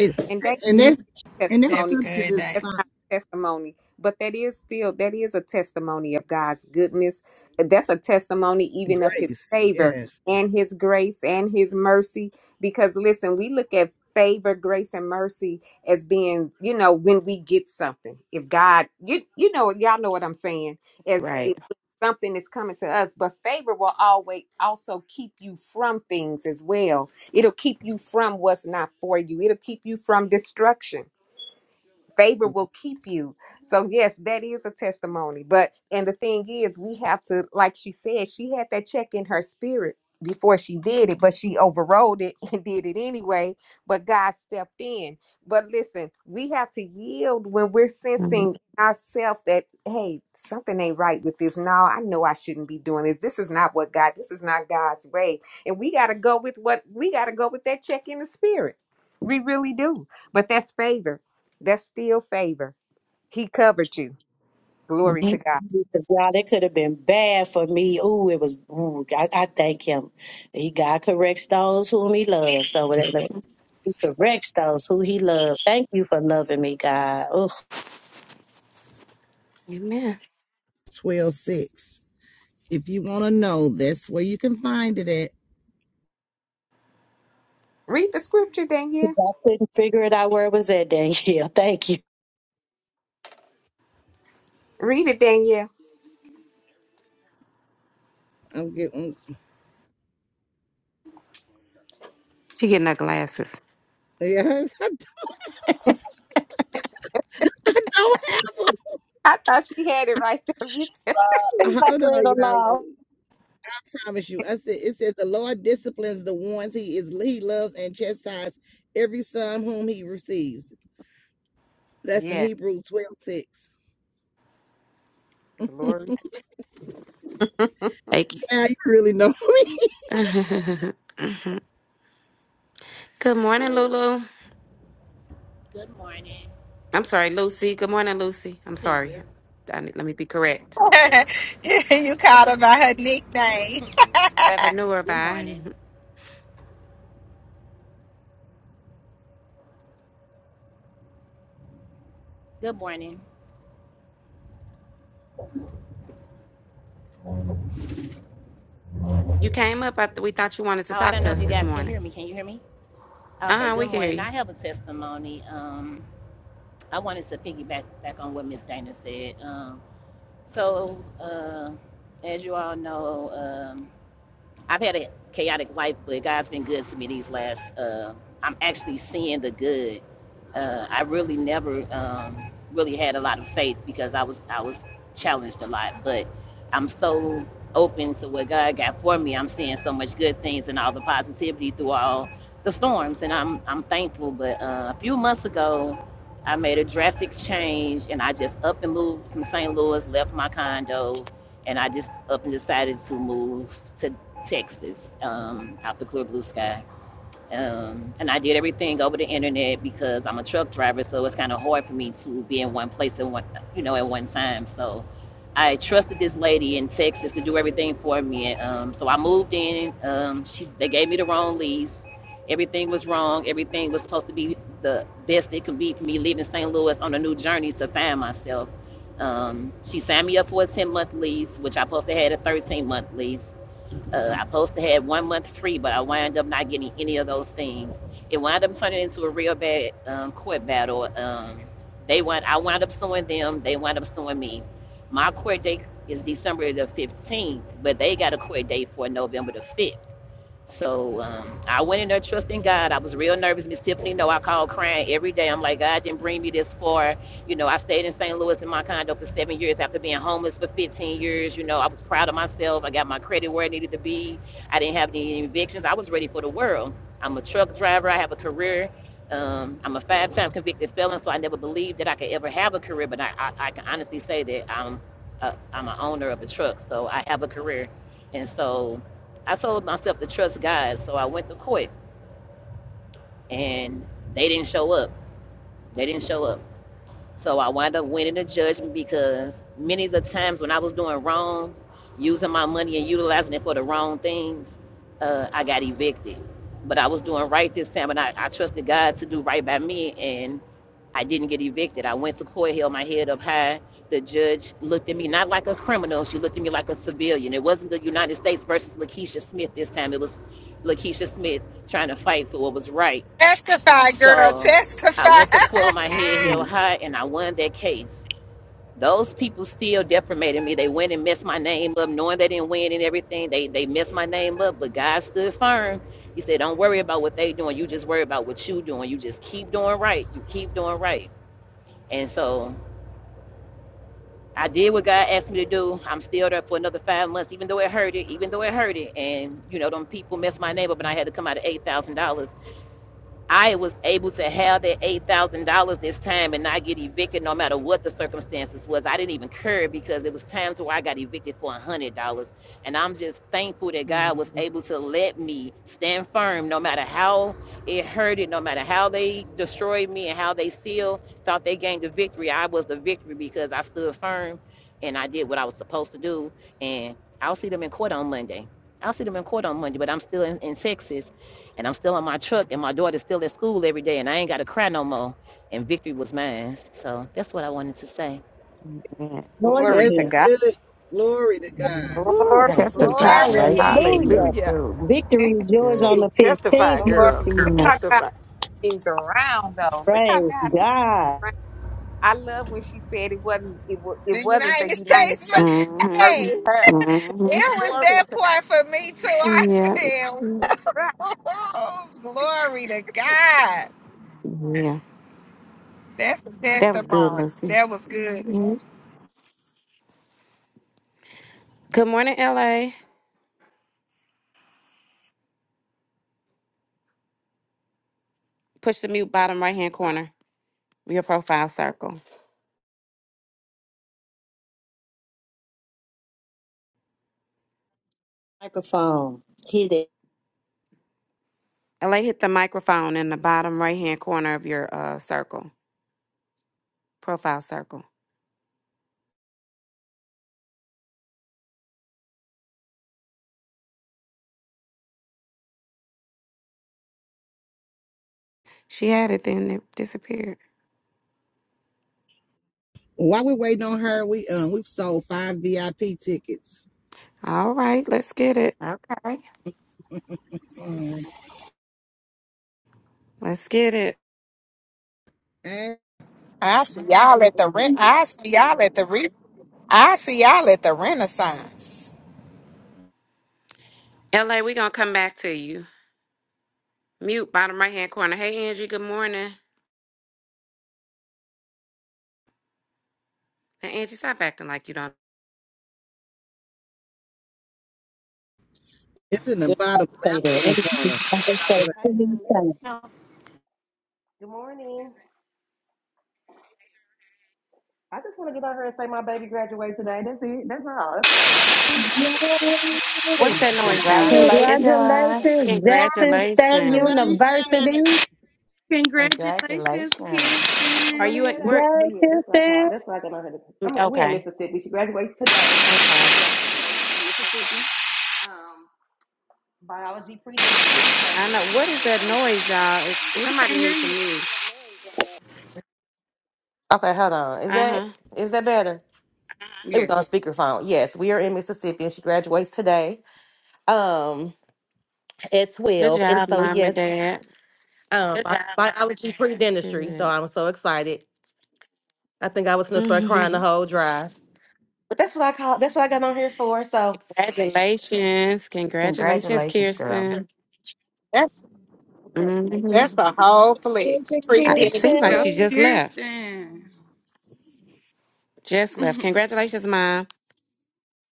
And, And that and that Mhm. that is and a that testimony That's scripture good, Dana. is that's from not a testimony but that is still that is a testimony of god's goodness that's a testimony even of his grace. favor Yes. and his grace and his mercy because listen we look at favor grace and mercy as being you know when we get something if god you you know y'all know what i'm saying as if right. something is coming to us but favor will always also keep you from things as well it'll keep you from what's not for you it'll keep you from destruction favor will keep you so yes that is a testimony but and the thing is we have to like she said she had that check in her spirit before she did it but she overrode it and did it anyway but god stepped in but listen we have to yield when we're sensing ourselves that hey something ain't right with this no i know i shouldn't be doing this this is not what god this is not god's way and we got to go with what we got to go with that check in the spirit we really do but that's favor that's still favor. He covered you. Glory to God. Because y'all, that could have been bad for me. Ooh, it was. Ooh, I, I thank him. He God corrects those whom He loves. So whatever He corrects those who He loves. Thank you for loving me, God. Oh, Amen. Twelve six. If you want to know, that's where you can find it at. Read the scripture, Danielle. I couldn't figure it out where it was at, Danielle. Thank you. Read it, Danielle. I'm getting She getting her glasses. yes, I, I don't have I thought she had it right there with her. Leave them. my Hold friend on, y'all. alone. I promise you. I said it says the Lord disciplines the ones he is he loves and chastises every son whom he receives. That's in Yeah. Hebrews twelve six. Glory to Thank you. Yeah, you really know me. Good morning, Lulu. Good morning. I'm sorry, Lucy. Good morning, Lucy. I'm to sorry. you I need, let me be correct. good. you called her by her nickname. Ever knew her Good by? morning. Good morning. You came up. I th- we thought you wanted to Oh, I talk don't to know if us you this guys can morning. hear me. Can you hear me? Uh Okay. huh. Good We can hear morning. I have a testimony. Um, I wanted to piggyback back on what Miss Dana said. Um, so uh, as you all know, um, I've had a chaotic life, but God's been good to me these last. Uh, I'm actually seeing the good. Uh, I really never um, really had a lot of faith because I was I was challenged a lot, but I'm so open to what God got for me. I'm seeing so much good things and all the positivity through all the storms, and I'm I'm thankful. But uh, a few months ago, I made a drastic change, and I just up and moved from St. Louis, left my condo, and I just up and decided to move to. Texas, um, out the clear blue sky. Um, and I did everything over the internet because I'm a truck driver, so it's kind of hard for me to be in one place at one, you know, at one time. So I trusted this lady in Texas to do everything for me. And, um, so I moved in. Um, she's, they gave me the wrong lease. Everything was wrong. Everything was supposed to be the best it could be for me leaving St. Louis on a new journey to find myself. Um, she signed me up for a 10 month lease, which I supposed to had a 13 month lease uh, I supposed to have one month free, but I wound up not getting any of those things. It wound up turning into a real bad um, court battle. Um, they wound, I wound up suing them. They wound up suing me. My court date is December the 15th, but they got a court date for November the 5th. So um, I went in there trusting God. I was real nervous. Miss Tiffany, no, I called crying every day. I'm like, God didn't bring me this far. You know, I stayed in St. Louis in my condo for seven years after being homeless for 15 years. You know, I was proud of myself. I got my credit where it needed to be. I didn't have any evictions. I was ready for the world. I'm a truck driver. I have a career. Um, I'm a five-time convicted felon, so I never believed that I could ever have a career. But I, I, I can honestly say that I'm, a, I'm an owner of a truck, so I have a career. And so I told myself to trust God, so I went to court, and they didn't show up. They didn't show up. So I wound up winning the judgment because many of the times when I was doing wrong, using my money and utilizing it for the wrong things, uh, I got evicted. But I was doing right this time, and I, I trusted God to do right by me, and I didn't get evicted. I went to court, held my head up high. The judge looked at me not like a criminal, she looked at me like a civilian. It wasn't the United States versus Lakeisha Smith this time, it was Lakeisha Smith trying to fight for what was right Testify, girl. so I went Testify. to court with my head held you. high and I won that case. Those people still defamated me. They went and messed my name up, knowing they didn't win and everything. They they messed my name up, but God stood firm. He said, Don't worry about what they doing. You just worry about what you doing. You just keep doing right. You keep doing right. And so I did what God asked me to do. I'm still there for another five months, even though it hurt it, even though it hurt it. And you know, them people messed my name up and I had to come out of eight thousand dollars I was able to have that eight thousand dollars this time and not get evicted, no matter what the circumstances was. I didn't even care because it was times where I got evicted for one hundred dollars, and I'm just thankful that God was Mhm. able to let me stand firm, no matter how it hurted, no matter how they destroyed me and how they still thought they gained the victory. I was the victory because I stood firm, and I did what I was supposed to do. And I'll see them in court on Monday. I'll see them in court on Monday, but I'm still in, in Texas and I'm still on my truck, and my daughter's still at school every day, and I ain't got to cry no more. And victory was mine. So that's what I wanted to say. Yes. Lord, glory That's to again. God. good. Glory to God. Mhm. Glory. Ooh, Right. testify. Congratulations to you Hallelujah. Hallelujah. too. Victory is That's yours good. on Ooh, the fifteenth, testify, Glory. girl. Lucy. Look how Yes. God Testify. things around though. Look how Praise God turned God. around. I love when she said it wasn't it, wa- it the wasn't the United United States. States Mm-hmm. versus Hey, it her. Mm-hmm. was Glory that to point for me too. I Yeah. said, Christ. "Whoa, glory to God." Yeah. That's a That was good, testimony. Lucy. That was good. Mhm. Good morning, LA. Push the mute bottom right hand corner, of your profile circle. Microphone. He did LA hit the microphone in the bottom right hand corner of your uh circle, profile circle. She had it, then it disappeared. While we're waiting on her, we um we've sold five VIP tickets. All right, let's get it. Okay. Um, Let's get it. and I see y'all at the re- I see y'all at the re- I see y'all at the Renaissance. LA, we gonna come back to you. Mute bottom right hand corner. Hey Angie, good morning. Now Angie, stop acting like you don't. it's in the just bottom say that. left It hand was- corner. I should say Hi, too many y'all. times. Good morning. I just want to get out here and say my baby graduated today. That's it. That's all. That's Yay! What's all. that noise, y'all? Oh, Congratulations. It's Congratulations. Congratulations, Glory, Jackson State Congratulations. congratulations! University. Congratulations, Congratulations. I'm Are gonna you at head Kirsten. work? out, but Yay, yeah, that's what I call. Kirsten. That's what I got on here. to- I'm in, we in Okay. Mississippi. She graduates today. Okay. Um, biology pre. I know. What is that noise, y'all? It- We can't Somebody hear need to you. mute. Okay, hold on. Is that Uh-huh. is that better? It was Yeah. on speakerphone. Yes, we are in Mississippi, and she graduates today. Um, at Good twelve, and job, so mom yes, and dad. um, bi- biology pre dentistry. So Good. I'm so excited. I think I was gonna start crying the whole drive. But that's what I call. That's what I got on here for. So, Congratulations. Congratulations, Congratulations, girl. Kirsten. That's Mm-hmm. that's Congratulations. a whole flex. Baby Pre It Dennis seems like Street. Go, she Kirsten. just left. Kirsten. Just left. Congratulations, mom.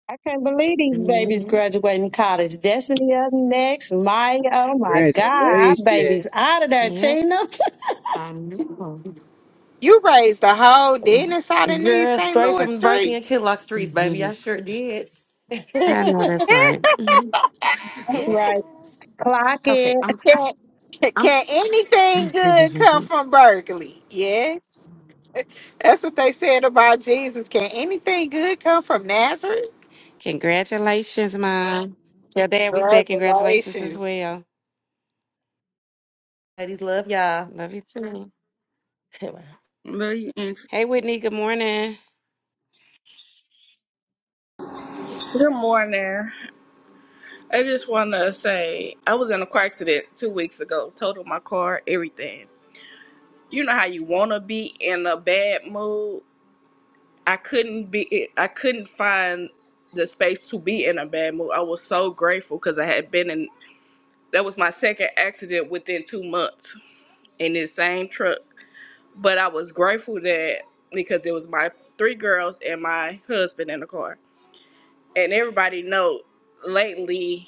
I can't believe these babies Mm-hmm. graduating college. Destiny up next. Maya, oh my God, our Congratulations! baby's out of there, Yep. Tina. I know. You raised the whole Dennis out in these girl, St. straight Louis from Berkeley and streets. Kinlock streets, baby. I Mhm. sure did. I know that's right. Mhm. Yes. right. Clock Okay, it. I'm can, I'm can anything good come from Berkeley? Yes. That's what they said about Jesus. Can anything good come from Nazareth? Congratulations, mom. Your dad, we said congratulations as Congratulations. well. Ladies, love y'all. Love you too. Love you, and Hey, Whitney. Good morning. Good morning. I just want to say I was in a car accident two weeks ago. Totaled my car, everything. You know how you want to be in a bad mood. I couldn't be. I couldn't find the space to be in a bad mood. I was so grateful because I had been in. That was my second accident within two months in this same truck. But I was grateful that because it was my three girls and my husband in the car and everybody know lately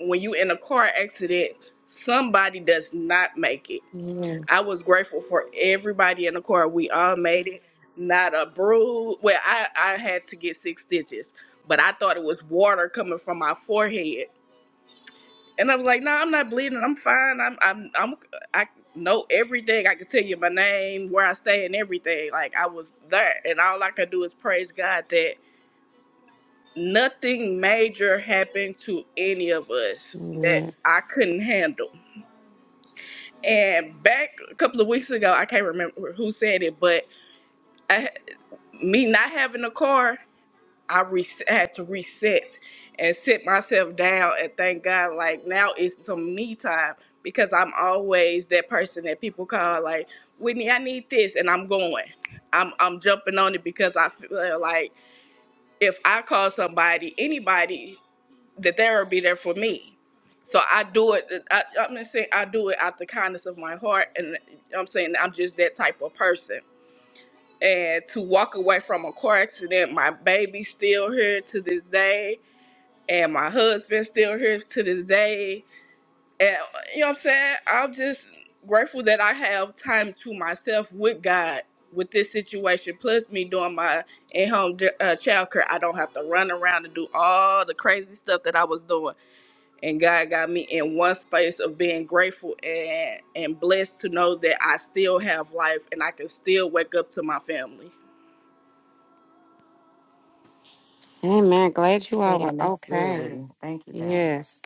when you in a car accident somebody does not make it Yeah. i was grateful for everybody in the car we all made it not a bruise well i i had to get six stitches but i thought it was water coming from my forehead and i was like no i'm not bleeding i'm fine i'm i'm i'm i know everything i can tell you my name where i stay and everything like i was there and all i could do is praise god that nothing major happened to any of us that Yeah. I couldn't handle. And back a couple of weeks ago, I can't remember who said it, but I, me not having a car, I re- had to reset and sit myself down and thank God, like, now it's some me time because I'm always that person that people call, like, Whitney, I need this, and I'm going. I'm, I'm jumping on it because I feel like if I call somebody, anybody, That they'll be there for me. So I do it. I, I'm not saying I do it out the kindness of my heart, and I'm saying I'm just that type of person. And to walk away from a car accident, my baby's still here to this day, and my husband's still here to this day. And you know what I'm saying? I'm just grateful that I have time to myself with God with this situation. Plus, me doing my in-home uh, child care, I don't have to run around and do all the crazy stuff that I was doing and God got me in one space of being grateful and and blessed to know that I still have life and I can still wake up to my family. Amen. Glad you all were Man, that's good with okay. Thank you, God. Yes.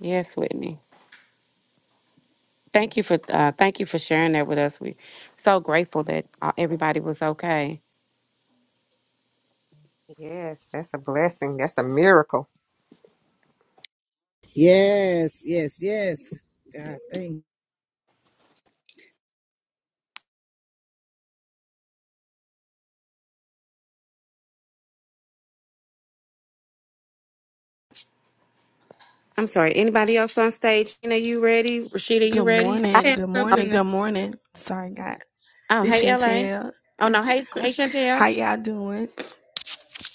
Yes, Whitney. Thank you for uh, thank you for sharing that with us. We so grateful that uh, everybody was okay. Yes, that's a blessing. That's a miracle. Yes, yes, yes. God, thank. you. I'm sorry. Anybody else on stage? Gina, you ready? Rashida, you Good ready? I- I morning. have Good morning. something to, Good morning. Sorry, God. Oh, This hey, La. Chantel. Oh no. Hey, hey, Chantel. How y'all doing?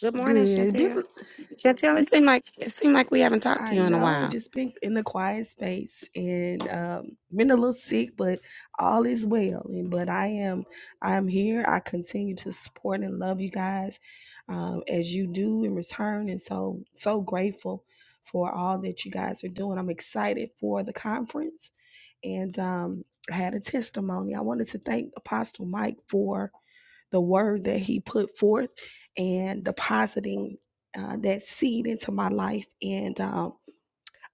Good morning, Good. Chantel. Been Chantel, it seemed like it seemed like we haven't talked to I you in a know, while. just been in a quiet space and um, been a little sick, but all is well. And but I am, I am here. I continue to support and love you guys um, as you do in return, and so so grateful for all that you guys are doing. I'm excited for the conference, and um, I had a testimony. I wanted to thank Apostle Mike for the word that he put forth and depositing uh, that seed into my life and. Um,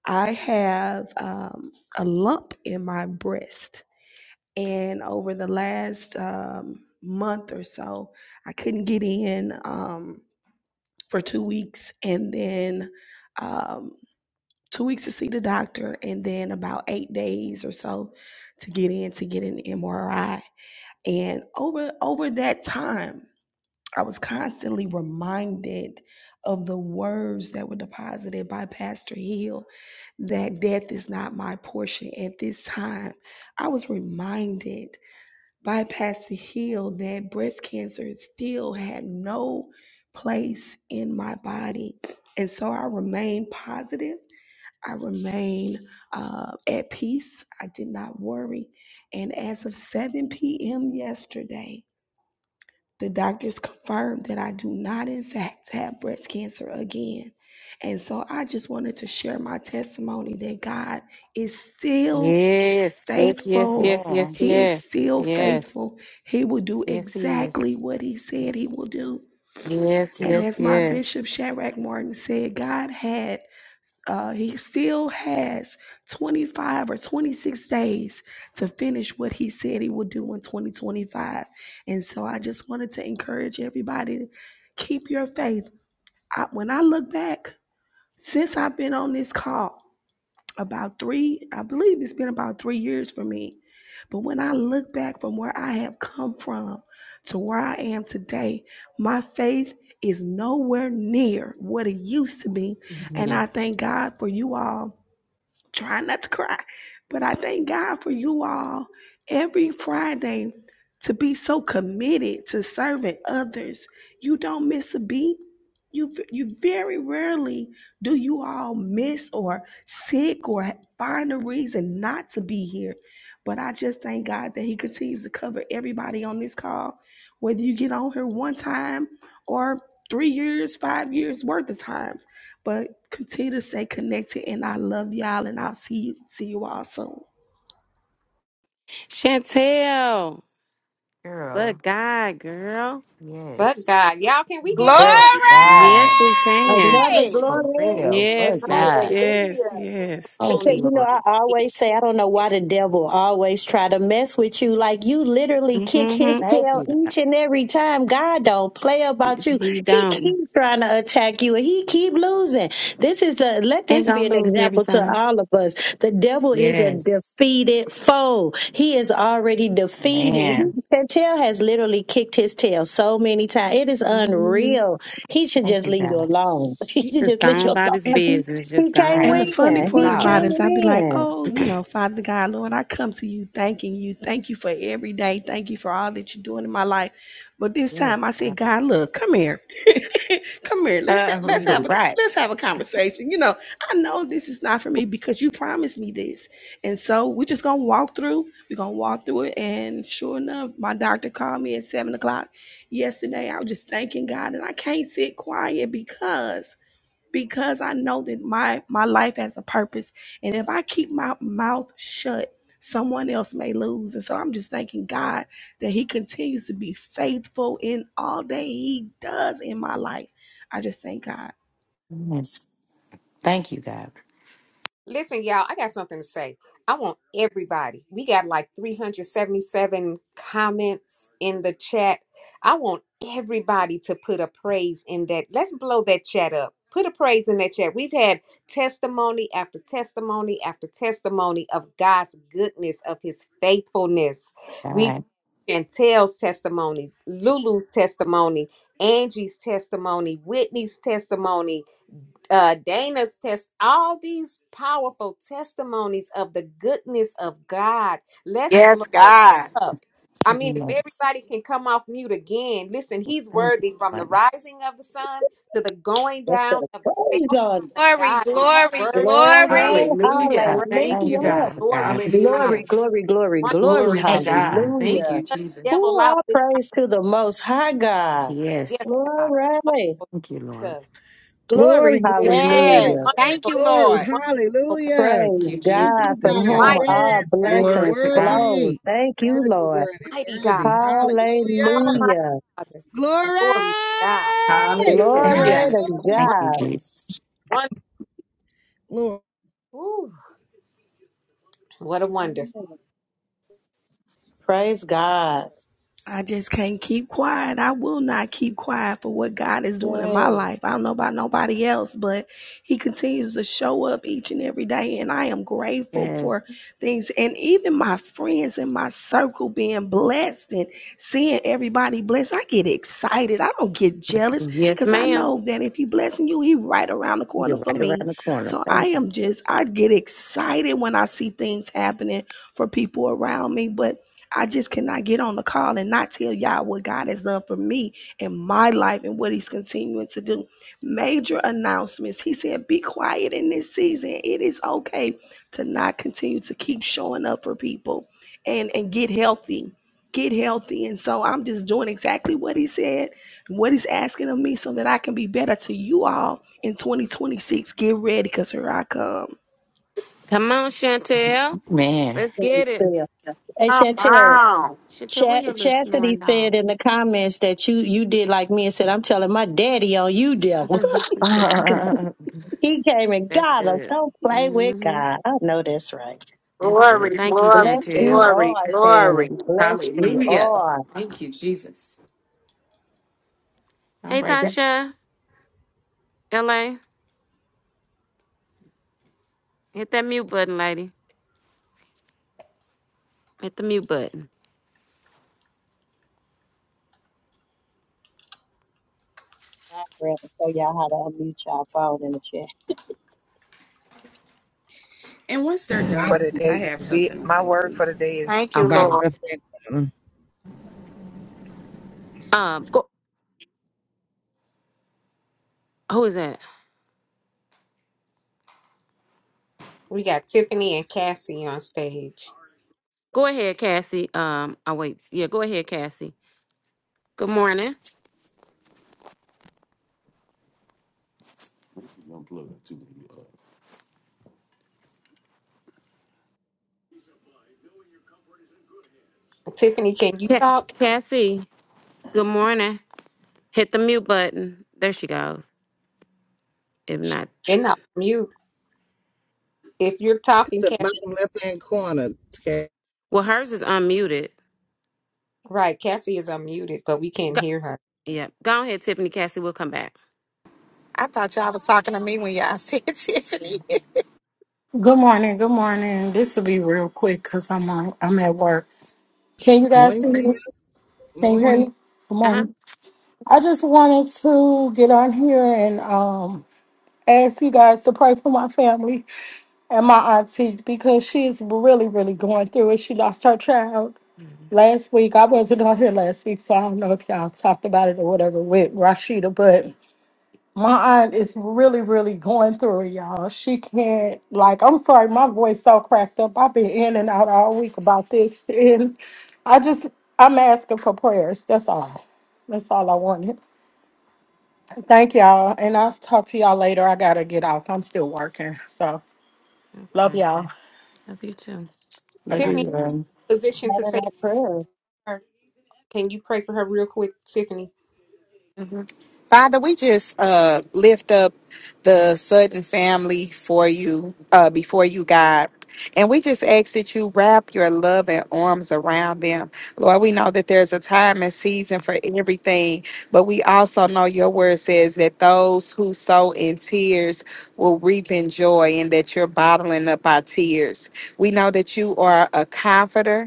I have um, a lump in my breast. And over the last um, month or so, I couldn't get in um, for two weeks. And then um, two weeks to see the doctor. And then about eight days or so to get in to get an MRI. And over over that time, I was constantly reminded of the words that were deposited by Pastor Hill that death is not my portion at this time. I was reminded by Pastor Hill that breast cancer still had no place in my body. And so I remained positive. I remained uh, at peace. I did not worry. And as of 7 p.m. yesterday, the doctors confirmed that I do not, in fact, have breast cancer again. And so I just wanted to share my testimony that God is still Yes. Yes. Yes. faithful. Yes. Amen. Yes. He is Yes. still Yes. faithful. He will do Yes, he is. exactly what He said He will do. Yes, And yes, as my Bishop yes. Shadrach Martin said, God had uh, he still has 25 or 26 days to finish what he said he would do in 2025. And so I just wanted to encourage everybody to keep your faith. I, when I look back, since I've been on this call, about three, I believe it's been about three years for me. But when I look back from where I have come from to where I am today, my faith is nowhere near what it used to be. And I Yes. thank God for you all trying not to cry. But I thank God for you all every Friday to be so committed to serving others. You don't miss a beat. You, you very rarely do you all miss or sick or find a reason not to be here. But I just thank God that He continues to cover everybody on this call, whether you get on here one time or three years, five years worth of times. But continue to stay connected, and I love y'all, and I'll see you, see you all soon. Chantel, Girl. but God, girl. But God, Yes. y'all, can we give God But a Yes, God. she can. Another For glory. real. But Yes, yes, God. yes, Hallelujah. yes. Thank Chantel, testimony? you, you know, Lord. I always say, I don't know why the devil always try to mess with you. Like you literally kick his Mm-hmm. Thank tail you, God. each and every time. God don't play about you. You He don't. keeps trying to attack you and he keep losing. This is a, let Ain't this be an gonna lose every example to time. all of us. The devil is a Yes. defeated foe. He is already defeated. He, Man, Chantel has literally kicked his tail so many times. It is Mm-hmm. unreal. He should thank just you, leave you God. alone. He should Just just leave gone you about his And alone. business. He Just gone can't Right. And about the win. his funny You part He business. you about know? it can't lost. is I'd be like, win. oh, you know, Father God, Lord, I come to you thanking you. Thank you for every day. Thank you for all that you're doing in my life. But this time Yes, I God. said, God, look, come here. come here. Let's Uh, ha- let's have a right. let's have a conversation. You know, I know this is not for me because you promised me this. And so we're just gonna walk through. We're gonna walk through it. And sure enough, my doctor called me at seven o'clock yesterday. I was just thanking God and I can't sit quiet because because I know that my my life has a purpose, and if I keep my mouth shut, someone else may lose. And so I'm just thanking God that He continues to be faithful in all that He does in my life. I just thank God. Yes. Thank you, God. Listen, y'all, I got something to say. I want everybody. We got like 377 comments in the chat. I want everybody to put a praise in that. Let's blow that chat up. Put a praise in that chat. We've had testimony after testimony after testimony of God's goodness, of his faithfulness. We've God. Yes. Chantel's testimony, Lulu's testimony, Angie's testimony, Whitney's testimony, uh, Dana's test, all these powerful testimonies of the goodness of God. Let's blow Yes, it God. up. I Thank mean, you, if Lord. everybody can come off mute again, listen, he's worthy from the rising of the sun to the going Let's put down a of the same. praise on Glory, God is glory, it. worthy Glory. glory. to be Hallelujah. God. praised. Thank you, Thank you, Hallelujah. Lord God. Glory God. to God. Glory, Hallelujah. glory, glory, One, glory. Glory to Thank you. God. Jesus. we Thank Hallelujah. you, let the Ooh, devil Jesus. out all with our praise to the most high God. yes, Yes. God. Glory. Wonderful Thank you, Lord. Jesus. Glory. Glory, glory, glory, Hallelujah. Yes. Thank you, Wonderful, glory, Lord. glory. wonderful God. Hallelujah! Thank Praise you, Thank God you, Jesus. from God. whom Mighty, Wow. all Yes, God, you're Glory blessings to God. flow. worthy, Thank you, worthy, Lord. worthy, mighty God. worthy. Hallelujah! Yeah. Almighty Hallelujah. Father. Glory! Glory to God. Glory Yes. Hallelujah. to Hallelujah! Thank you, God. Wonderful. Jesus. Wonderful. Moon, Ooh, what a wonder. Praise God. I just can't keep quiet. I will not keep quiet for what God is doing in my Yes. life. I don't know about nobody else, but He continues to show up each and every day. And I am grateful for Yes. things and even my friends in my circle being blessed and seeing everybody blessed. I get excited. I don't get jealous Yes, because I ma'am. know that if He blessing you, He right around the corner You're for right around me. the corner. So I Thank you. am just, I get excited when I see things happening for people around me. But I just cannot get on the call and not tell y'all what God has done for me in my life and what He's continuing to do. Major announcements. He said, Be quiet in this season. It is okay to not continue to keep showing up for people and, and get healthy. Get healthy. And so I'm just doing exactly what He said, what He's asking of me, so that I can be better to you all in 2026. Get ready because here I come. Come on, Chantel. Man. Let's get it. Chantel. Hey, Come Chantel. on. Chantel, where Ch- your little Chastity snoring dog? said in the comments that you you did like me and said, "I'm telling my daddy on you, devil." Uh, he came and That's got him. good. Don't play with Mm-hmm. God. I know that's right. That's good. Glory, Thank you, glory, Bless you Chantel. all, glory, glory. Shannon. Bless you Hallelujah. all. Thank you, Jesus. All Hey, right. that- Tasha, LA, hit that mute button, lady. Hit the mute button. God grant to show y'all how to unmute y'all phone in the chat. and once they're For done, bottom, the I day is have vi- something to my say to word you. for the day is Thank you, bottom Okay. Lord. left hand corner. Um, go, who is that? We got Tiffany and Cassie on stage. Go ahead, Cassie. Um, oh wait, yeah, go ahead, Cassie. Good morning, Tiffany, can you Ca- talk? Cassie. Good morning. Hit the mute button. There she goes. If not, And not mute. If you're It's talking, the Cassie, bottom left hand corner. Okay. well, hers is unmuted. right, Cassie is unmuted, but we can't Go, hear her. yeah, go ahead, Tiffany. Cassie, we'll come back. I thought y'all was talking to me when y'all said Tiffany. Good morning. Good morning. This will be real quick because I'm on, I'm at work. Can you guys Morning, hear me? Tia. Can you hear me? Morning. Good Uh huh. morning. I just wanted to get on here and um ask you guys to pray for my family and my auntie because she's really, really going through it. She lost her child last week. I wasn't on here last week, so I don't know if y'all talked about it or whatever with Rashida, but My aunt is really, really going through it, y'all. She can't like I'm sorry, my voice so cracked up. I've been in and out all week about this. And I just I'm asking for prayers. That's all. That's all I wanted. Thank y'all. And I'll talk to y'all later. I gotta get off. I'm still working. So love Okay. y'all. Love you too, Bye love bye. you, Tiffany, Lord. position Not to in say prayer. her. Can you pray for her real quick, Tiffany? Mhm. Father, we just uh, lift up the Sutton family for you, uh, before you, God. And we just ask that you wrap your love and arms around them. Lord, we know that there's a time and season for everything, but we also know your word says that those who sow in tears will reap in joy and that you're bottling up our tears. We know that you are a comforter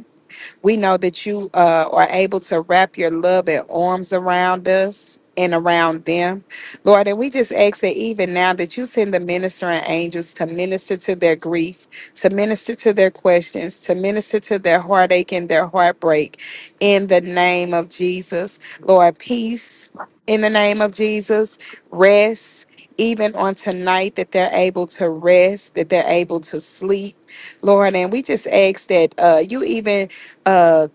we know that you uh, are able to wrap your love and arms around us and around them. Lord, and we just ask that even now that you send the ministering angels to minister to their grief, to minister to their questions, to minister to their heartache and their heartbreak in the name of Jesus. Lord, peace in the name of Jesus, rest. Even on tonight, that they're able to rest, that they're able to sleep, Lord. And we just ask that uh, you even uh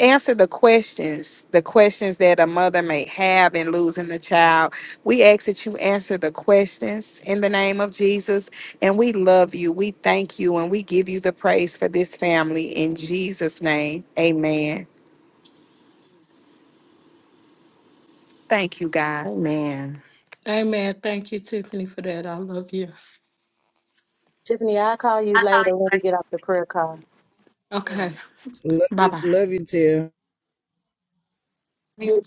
answer the questions the questions that a mother may have in losing the child we ask that you answer the questions in the name of jesus and we love you we thank you and we give you the praise for this family in jesus name amen thank you god Amen. Amen. Thank you, Tiffany, for that. I love you. Tiffany, I'll call you I'll later when we you get off the prayer call. Yeah. Okay. Love Bye you, bye. love you, Tia.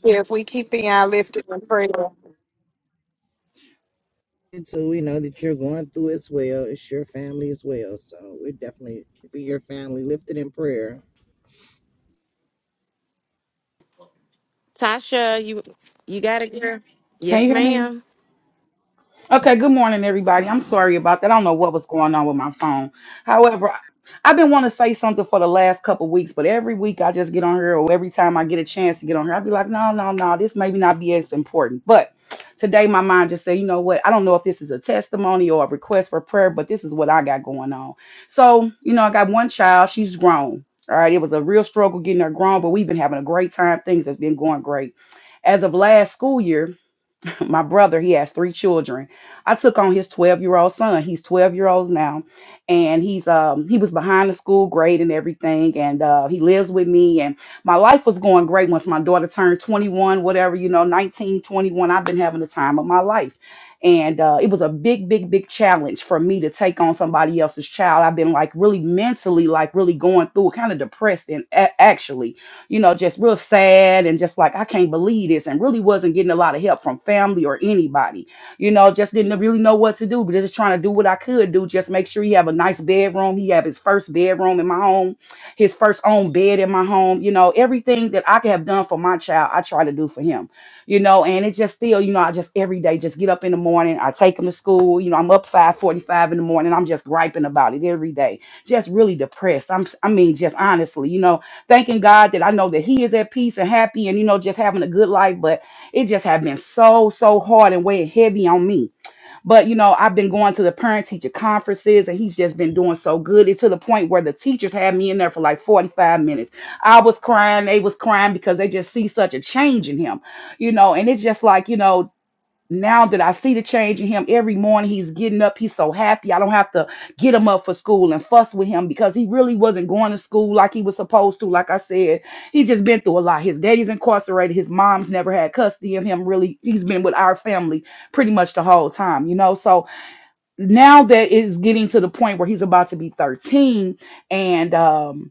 Yeah, if we keep the eye lifted in prayer And So we know that you're going through as well. It's your family as well. So we're definitely keeping your family lifted in prayer. Tasha. You you got it, girl. Can Yes, you hear me? ma'am. Okay, good morning, everybody. I'm sorry about that. I don't know what was going on with my phone. However, I- I've been wanting to say something for the last couple weeks, but every week I just get on here, or every time I get a chance to get on here, I'll be like, no, no, no, this maybe not be as important. But today my mind just said, you know what? I don't know if this is a testimony or a request for prayer, but this is what I got going on. So, you know, I got one child, she's grown. All right, it was a real struggle getting her grown, but we've been having a great time. Things have been going great. As of last school year, my brother, he has three children. I took on his 12 year old son. He's 12 years old now. And he's um he was behind the school grade and everything. And uh he lives with me. And my life was going great once my daughter turned 21, whatever, you know, nineteen twenty-one. I've been having the time of my life. And uh, it was a big, big, big challenge for me to take on somebody else's child. I've been like really mentally, like really going through kind of depressed and a- actually you know, just real sad and just like, I can't believe this, and really wasn't getting a lot of help from family or anybody. You know, just didn't really know what to do, but just trying to do what I could do. Just make sure he have a nice bedroom. He have his first bedroom in my home, his first own bed in my home. You know, everything that I could have done for my child, I try to do for him. You know, and it's just still, you know, I just every day just get up in the morning. I take him to school. You know, I'm up 5:45 in the morning. I'm just griping about it every day. Just really depressed. I'm, I mean, just honestly, you know thanking God that I know that He is at peace and happy and, you know, just having a good life. But it just had been so, so hard and weighing heavy on me. But, you know, I've been going to the parent teacher conferences and he's just been doing so good. It's to the point where the teachers had me in there for like 45 minutes. I was crying. They was crying because they just see such a change in him, you know, and it's just like, you know, now that I see the change in him every morning, he's getting up. He's so happy. I don't have to get him up for school and fuss with him because he really wasn't going to school like he was supposed to. Like I said, he's just been through a lot. His daddy's incarcerated. His mom's never had custody of him. Really, he's been with our family pretty much the whole time, you know. So now that it's getting to the point where he's about to be 13, and um,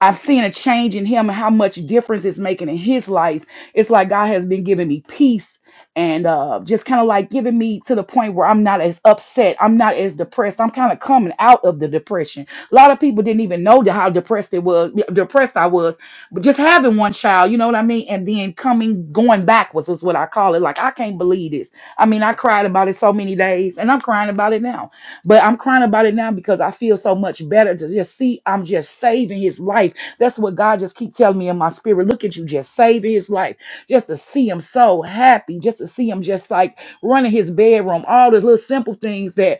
I've seen a change in him and how much difference it's making in his life. It's like God has been giving me peace and uh, just kind of like giving me to the point where I'm not as upset. I'm not as depressed. I'm kind of coming out of the depression. A lot of people didn't even know how depressed it was, yeah, depressed I was, but just having one child, you know what I mean? And then coming, going backwards is what I call it. Like, I can't believe this. I mean, I cried about it so many days and I'm crying about it now but I'm crying about it now because I feel so much better to just see I'm just saving his life. That's what God just keep telling me in my spirit. Look at you just saving his life. Just to see him so happy, just to see him just like running his bedroom, all those little simple things that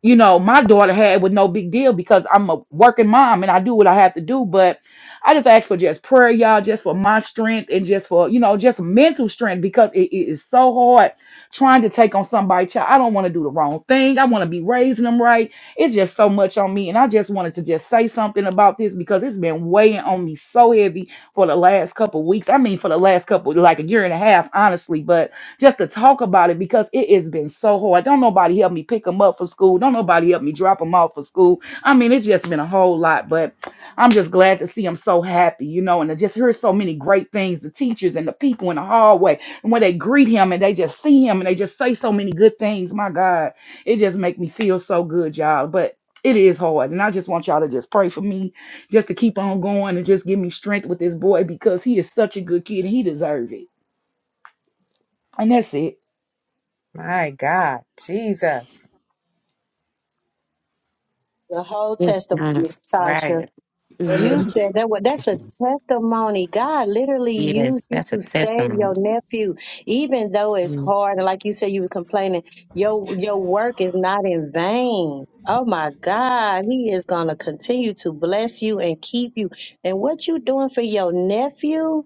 you know my daughter had with no big deal because I'm a working mom and I do what I have to do. But I just ask for just prayer, y'all, just for my strength and just for, you know, just mental strength because it it is so hard trying to take on somebody's child. I don't want to do the wrong thing. I want to be raising them right. It's just so much on me. And I just wanted to just say something about this because it's been weighing on me so heavy for the last couple of weeks. I mean, for the last couple, like a year and a half, honestly. But just to talk about it because it has been so hard. Don't nobody help me pick them up from school. Don't nobody help me drop them off for school. I mean, it's just been a whole lot. But I'm just glad to see I'm so happy, you know, and to just hear so many great things the teachers and the people in the hallway. And when they greet him and they just see him and they just say so many good things, my God, it just make me feel so good, y'all. But it is hard. And I just want y'all to just pray for me, just to keep on going and just give me strength with this boy because he is such a good kid and he deserve it. And that's it. My God, Jesus. The whole Yes, ma'am. testimony, Tasha. Right. You Yes. Wow. said that what that's a testimony. God literally used Yes, you that's a to save testimony. your nephew, even though it's hard. And like you said, you were complaining, your your work is not in vain. Oh my God, He is gonna continue to bless you and keep you. And what you doing for your nephew?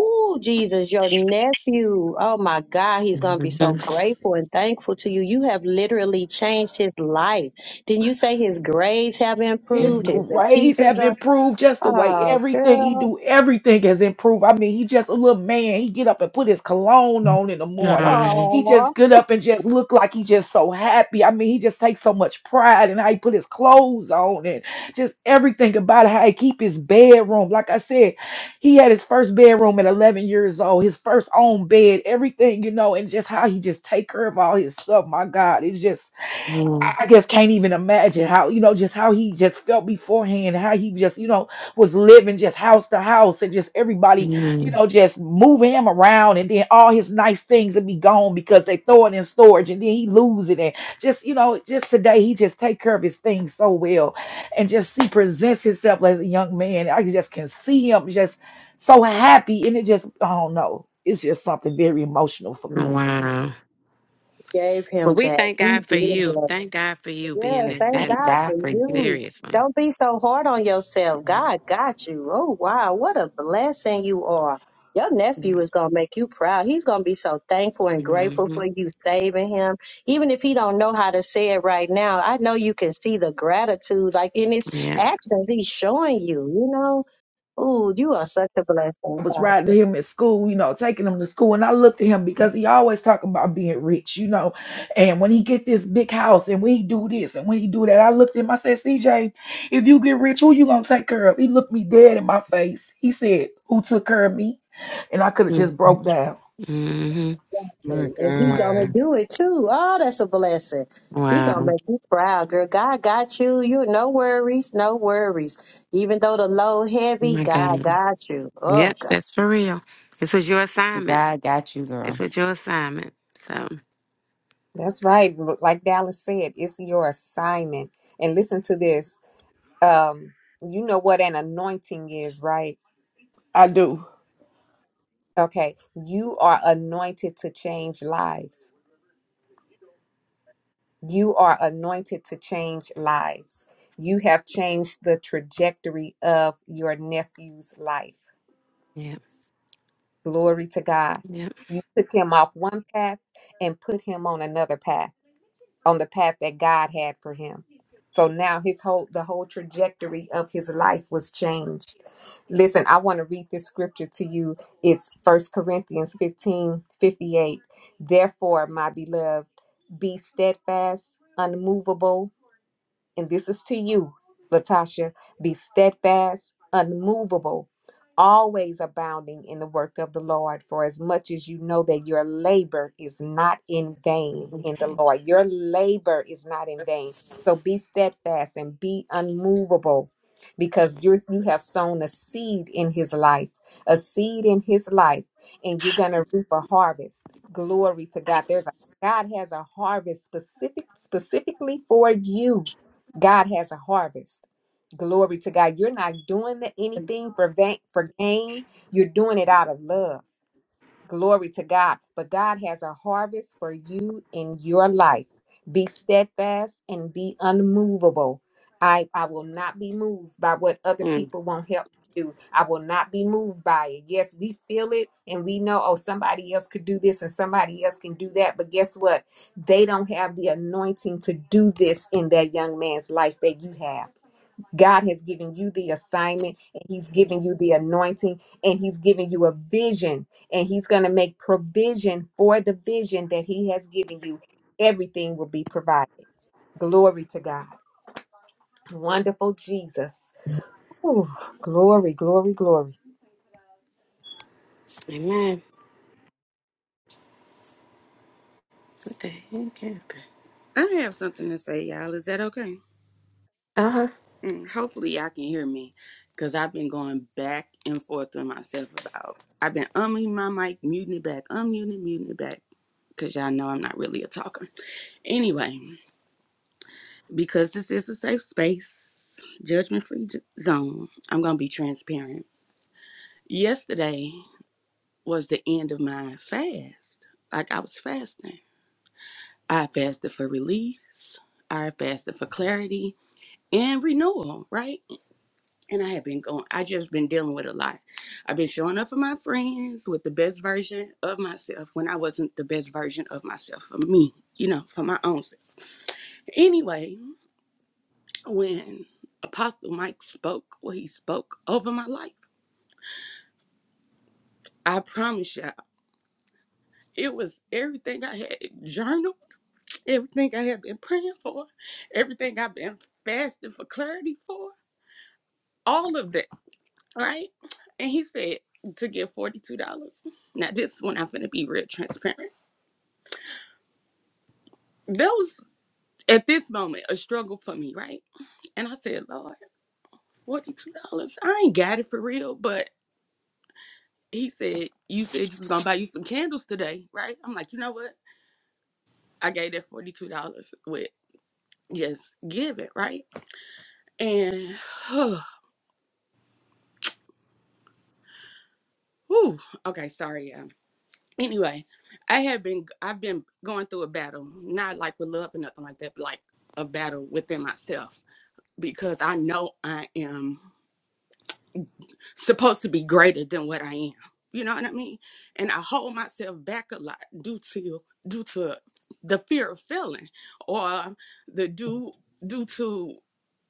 Oh Jesus, your nephew. Oh my God, he's gonna be so grateful and thankful to you. You have literally changed his life. Didn't you say his grades have His improved? His the grades teachers have are improved just the way Oh, everything he girl. do, everything has improved. I mean, he just a little man. He get up and put his cologne on in the morning. He Oh, just get up and just look like he just so happy. I mean, he just takes so much pride in how he put his clothes on and just everything about how he keep his bedroom. Like I said, he had his first bedroom at 11 years old, his first own bed, everything, you know, and just how he just take care of all his stuff. My God, it's just I I just can't even imagine how, you know, just how he just felt beforehand, how he just, you know, was living just house to house and just everybody, you know, just moving him around and then all his nice things would be gone because they throw it in storage and then he lose it. And just, you know, just today he just take care of his things so well and just he presents himself as a young man. I just can see him just so happy and it just, I don't know. It's just something very emotional for me gave him But we that. thank God You for did you. that. Thank God for you Yeah, being Yes, that thank thank vessel. God God for for Like you. you. seriously. Don't be so hard on yourself. Mhm. God got you. Oh, wow. What a blessing you are. Your Yeah. nephew is going to make you proud. He's going to be so thankful and grateful hmm for you saving him. Even if he don't know how to say it right now, I know you can see the gratitude like in his Yeah. actions he's showing you, you know. Ooh, you are such a blessing, I was Tasha. riding him at school, you know, taking him to school, and I looked at him because he always talking about being rich, you know, and when he get this big house and when he do this and when he do that, I looked at him. I said, CJ, if you get rich, who you gonna take care of? He looked me dead in my face. He said, Who took care of me? And I could have just broke down. Mm-hmm. My And he Wow. gonna God. do it too. Oh, that's a blessing. He gonna Wow. make you proud, girl. God got you. You no worries, no worries. Even though the load Oh heavy, my God God. got you. Oh Yep, God. that's for real. This was your assignment. God got you, girl. This was your assignment. So That's right. Like Dallas said, it's your assignment. And listen to this. Um, you know what an anointing is, right? I do. Okay, you are anointed to change lives. You are anointed to change lives. You have changed the trajectory of your nephew's life. yep. Glory to God. Yep. You took him off one path and put him on another path. on the path that God had for him. So now his whole the whole trajectory of his life was changed. Listen, I want to read this scripture to you. It's First Corinthians 15 58. Therefore, my beloved, be steadfast, unmovable, and this is to you, Latasha, be steadfast, unmovable, always abounding in the work of the Lord, for as much as you know that your labor is not in vain in the Lord. Your labor is not in vain. So be steadfast and be unmovable because you you have sown a seed in his life, a seed in his life, and you're going to reap a harvest. Glory to God. There's a God has a harvest specific specifically for you God has a harvest. Glory to God. You're not doing the- anything for va- for gain. You're doing it out of love. Glory to God. But God has a harvest for you in your life. Be steadfast and be unmovable. I, I will not be moved by what other Mm. people won't help me do. I will not be moved by it. Yes, we feel it and we know, oh, somebody else could do this and somebody else can do that. But guess what? They don't have the anointing to do this in that young man's life that you have. God has given you the assignment and he's given you the anointing and he's given you a vision and he's going to make provision for the vision that he has given you. Everything will be provided. Glory to God. Wonderful Jesus. Ooh, glory, glory, glory. Amen. What the heck happened? I have something to say, y'all. Is that okay? Uh-huh. Mm, hopefully, y'all can hear me because I've been going back and forth with myself about. I've been unmuting my mic, muting it back, unmuting it, muting it back because y'all know I'm not really a talker. Anyway. because this is a safe space, judgment free zone, I'm going to be transparent. Yesterday was the end of my fast. Like I was fasting. I fasted for release, I fasted for clarity and renewal, right? And I have been going, I just been dealing with a lot. I've been showing up for my friends with the best version of myself when I wasn't the best version of myself for me, you know, for my own self. Anyway, when Apostle Mike spoke, what he spoke over my life, I promise y'all, it was everything I had journaled, everything I had been praying for, everything I've been fasting for clarity for, all of that, right? And he said to give $42. Now, this one, I'm going to be real transparent. That was, at this moment, a struggle for me, right? And I said, Lord, $42, I ain't got it for real, but he said, You said you was gonna buy you some candles today, right? I'm like, you know what? I gave that forty two dollars with just give it, right? And whew, okay, sorry, yeah. Anyway, I have been I've been going through a battle, not like with love or nothing like that, but like a battle within myself because I know I am. supposed to be greater than what I am. You know what I mean? And I hold myself back a lot due to due to the fear of failing or the due due to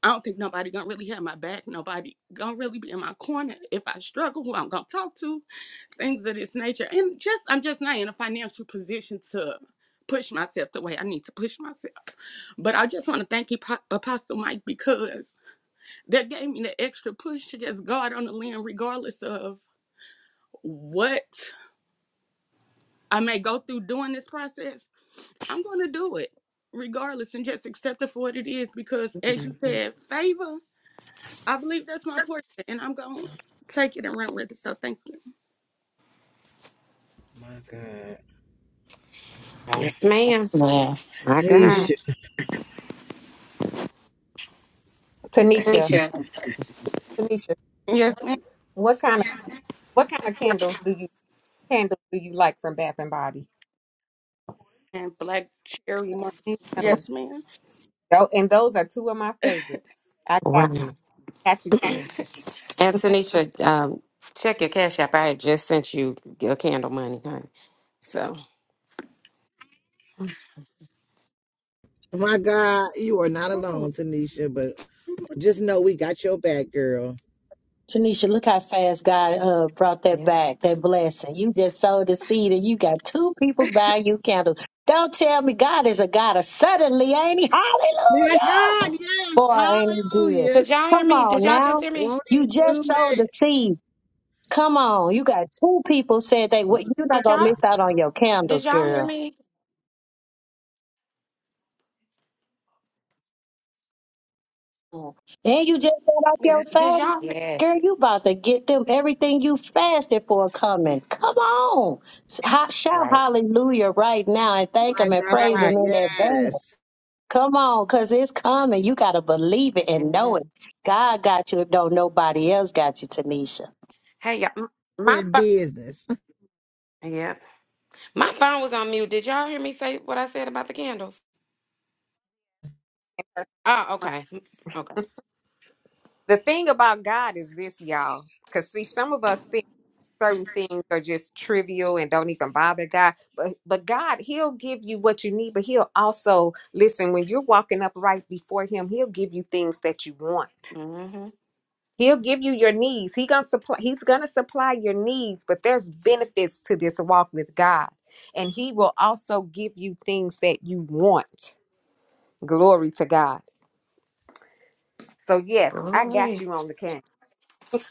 I don't think nobody gonna really have my back. Nobody gonna really be in my corner if I struggle. Who I'm gonna talk to? Things of this nature. And just I'm just not in a financial position to push myself the way I need to push myself. But I just want to thank you, Apostle Mike, because that gave me the extra push to just guard on the limb, regardless of what I may go through during this process. I'm going to do it regardless and just accept it for what it is because, as you said, favor, I believe that's my portion and I'm going to take it and run with it. So thank you. My God. Yeah. Yes, ma'am. My Nisha. God. Tanisha, Tanisha, Tanisha, Yes, what kind of what kind of candles do you candles do you like from Bath and Body? ma'am. Black cherry mark. Yes, Those. ma'am. Oh, and those are two of my favorites. I got Wow. you. Got you, Tanisha. Antonisha, um, check your cash app. I had just sent you your candle money, honey. So My God, you are not Ooh, alone, Tanisha, but just know we got your back, girl. Tanisha, look how fast God uh, brought that yeah. back, that blessing. You just sowed the seed and you got two people buying you candles. Don't tell me God is a God of suddenly, ain't he? My God, Hallelujah! yes. Boy, ain't he good. Hallelujah. Could y'all hear Come me? on Did y'all just now. hear me? Won't You it do just sowed the it? seed. Come on, you got two people said they The what you're not Did gonna time y'all is miss out on your did candles, y'all hear girl. me? Mm. And you just got off your Did fast. y'all hear Yes, Girl, you about to get them everything you fasted for coming. Come on. S- Oh ho- Shout right. hallelujah right now and thank my him and praise God, him in advance. yes. Come on, cause it's coming. You gotta believe it and know it. Amen. God got you if don't nobody else got you, Tanisha. Hey y'all m- my Good pho- business. yeah. My phone was on mute. Did y'all hear me say what I said about the candles? Oh, okay. Okay. The thing about God is this, y'all. Because see, some of us think certain things are just trivial and don't even bother God. But but God, He'll give you what you need, but He'll also listen when you're walking up right before Him. He'll give you things that you want. Mm-hmm. He'll give you your needs. He gonna supply. He's gonna supply your needs, but there's benefits to this walk with God, and He will also give you things that you want. Glory to God. So yes, I got Glory. you on the can.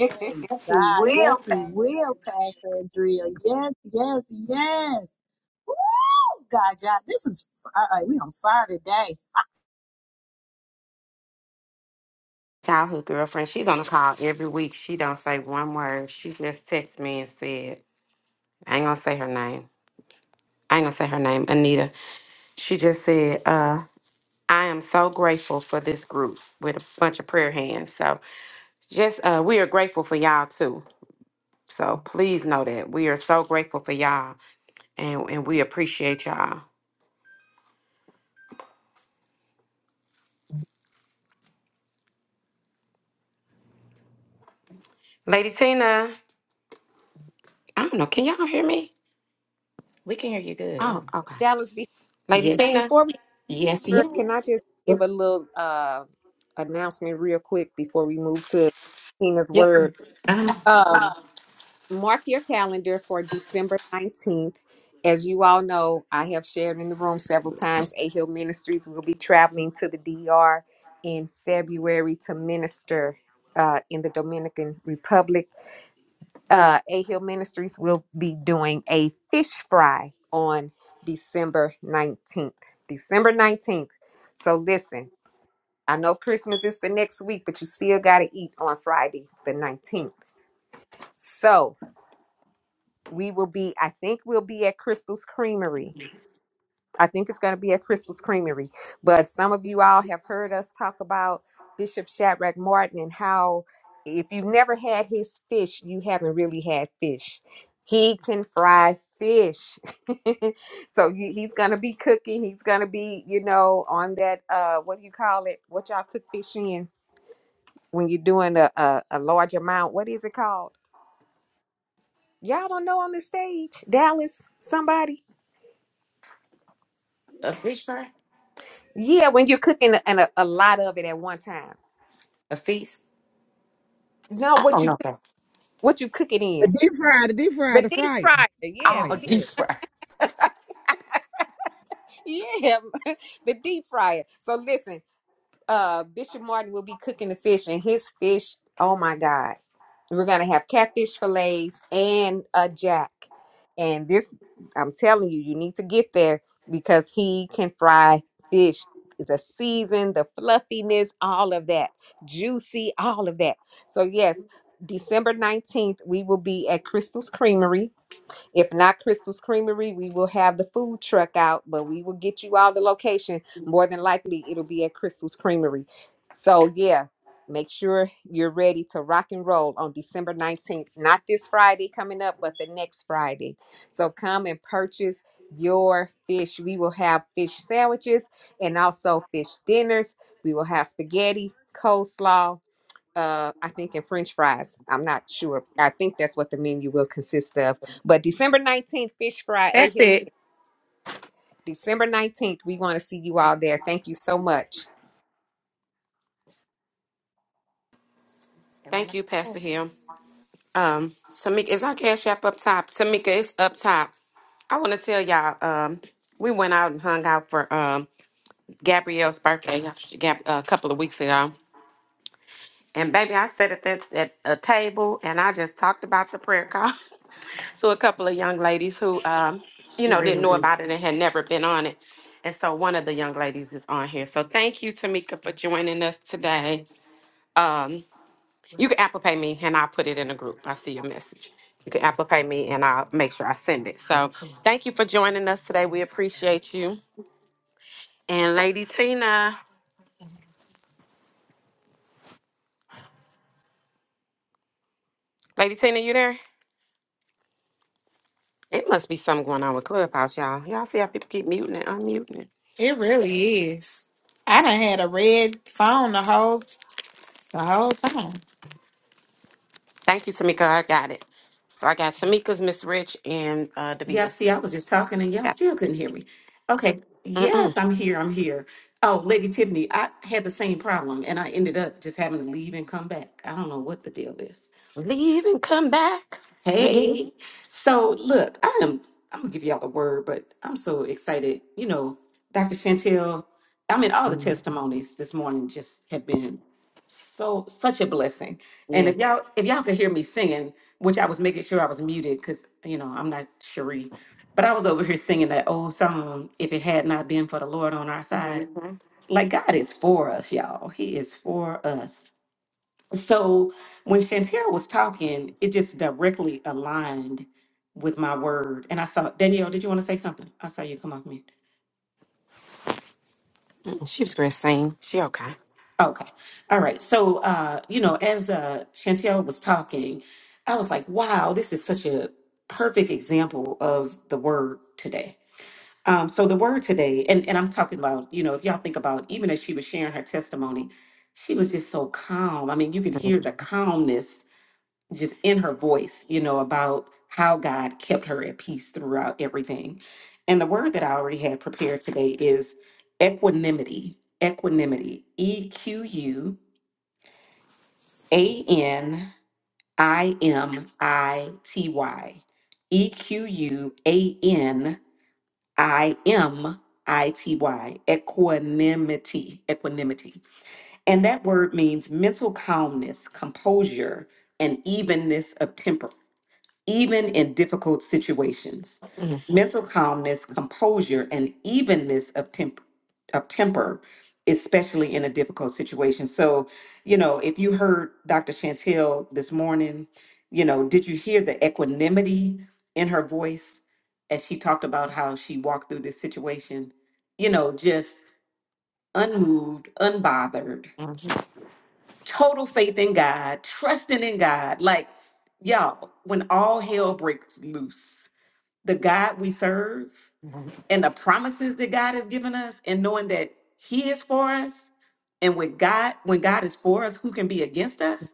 Praise God. Yes, will. he will, Pastor Andrea. Yes, yes, yes. God, God, this is all right. We on fire today, childhood girlfriend. She's on the call every week. She don't say one word. She just texts me and said, I ain't gonna say her name. I ain't gonna say her name, Anita. She just said, uh, I am so grateful for this group with a bunch of prayer hands. So just uh we are grateful for y'all too. So please know that. We are so grateful for y'all and, and we appreciate y'all. Lady Tina, I don't know, can y'all hear me? We can hear you good. Oh, okay. Dallas, be- Lady Yes. Tina. before we Yes, can I just yes. give a little uh announcement real quick before we move to Tina's Yes, word. ma'am. Uh-huh. Um, mark your calendar for December 19th. As you all know, I have shared in the room several times, A Hill Ministries will be traveling to the DR in February to minister uh, in the Dominican Republic. Uh, A Hill Ministries will be doing a fish fry on December 19th. December 19th. So listen, I know Christmas is the next week, but you still got to eat on Friday the 19th. So, we will be i think we'll be at crystal's creamery i think it's going to be at crystal's creamery but some of you all have heard us talk about bishop shadrach martin and how if you've never had his fish you haven't really had fish he can fry fish so you- he's going to be cooking he's going to be you know on that uh what do you call it what y'all cook fish in when you're doing a, a, a large amount what is it called y'all don't know on the stage dallas somebody A fish fry? Yeah, when you're cooking and a, a lot of it at one time. A feast? No, I what don't you know. That. what you cook it The in. deep fryer, the deep The fryer, the deep fryer. fryer. Oh Yeah, the Oh, yeah, deep yeah. deep fry. yeah, the deep fryer. So listen, uh Bishop Martin will be cooking the fish and his fish, oh my God. we're gonna have catfish fillets and a jack. And this, I'm telling you, you need to get there because he can fry fish. The season, the fluffiness, all of that, juicy, all of that. So yes, December nineteenth, we will be at Crystal's Creamery if not Crystal's Creamery, we will have the food truck out, but we will get you all the location. More than likely, it'll be at Crystal's Creamery. So, yeah, make sure you're ready to rock and roll on December 19th. Not this Friday coming up, but the next Friday. So, come and purchase your fish. We will have fish sandwiches and also fish dinners. We will have spaghetti, coleslaw uh, I think, and French fries. I'm not sure. I think that's what the menu will consist of. But December 19th, Fish Fry A that's Hill. December 19th, we want to see you all there. Thank you so much. Am I Thank you, not- Pastor Hill. Um, Tamika, is our cash app up top? Tamika, it's up top. I want to tell y'all, um, we went out and hung out for um Gabrielle's birthday uh, Gab- uh, a couple of weeks ago. And baby, I sat at that at a table and I just talked about the prayer call to a couple of young ladies who um, you It know, didn't really know is. about it and had never been on it. And so one of the young ladies is on here. So thank you, Tamika, for joining us today. Um, You can Apple Pay me and I'll put it in a group. I see your message. You can Apple Pay me and I'll make sure I send it. So thank you for joining us today. We appreciate you. And Lady Tina, Lady Tina, you there? It must be something going on with Clubhouse, y'all. Y'all see how people keep muting and unmuting it. it really is i done had a red phone the whole the whole time Thank you, Tamika. I got it. So I got Tamika's, Miss Rich, and uh, Yep, Davita's. see, I was just talking and y'all Yeah. still couldn't hear me. Okay, yes, Mm-mm. I'm here, I'm here. Oh, Lady Tiffany, I had the same problem and I ended up just having to leave and come back. I don't know what the deal is. Leave and come back again. Hey, so look, I am, I'm gonna give y'all the word, but I'm so excited. You know, Dr. Chantel, I mean, all the Mm-hmm. testimonies this morning just have been so such a blessing. And if Yes. y'all if y'all could hear me singing, which I was making sure I was muted because you know I'm not Cherie, but I was over here singing that old song, If It Had Not Been for the Lord on Our Side. hmm Like God is for us, y'all. He is for us. So when Shantira was talking, it just directly aligned with my word. And I saw Danielle, did you want to say something? I saw you come off mute. She was great to She okay. Okay. All right. So uh, you know, as uh Chantel was talking, I was like, wow, this is such a perfect example of the word today. Um, so the word today, and, and I'm talking about, you know, if y'all think about even as she was sharing her testimony, she was just so calm. I mean, you could hear the calmness just in her voice, you know, about how God kept her at peace throughout everything. And the word that I already had prepared today is equanimity. Equanimity. E Q U A N I M I T Y. E Q U A N I M I T Y. Equanimity. Equanimity. And that word means mental calmness, composure, and evenness of temper even in difficult situations. Mhm. Mental calmness, composure, and evenness of temp- of temper, especially in a difficult situation. So, you know, if you heard Dr. Chantel this morning, you know, did you hear the equanimity in her voice as she talked about how she walked through this situation? You know, just unmoved, unbothered, total faith in God, trusting in God. Like, y'all, when all hell breaks loose the God we serve and the promises that God has given us and knowing that he is for us and with God when God is for us who can be against us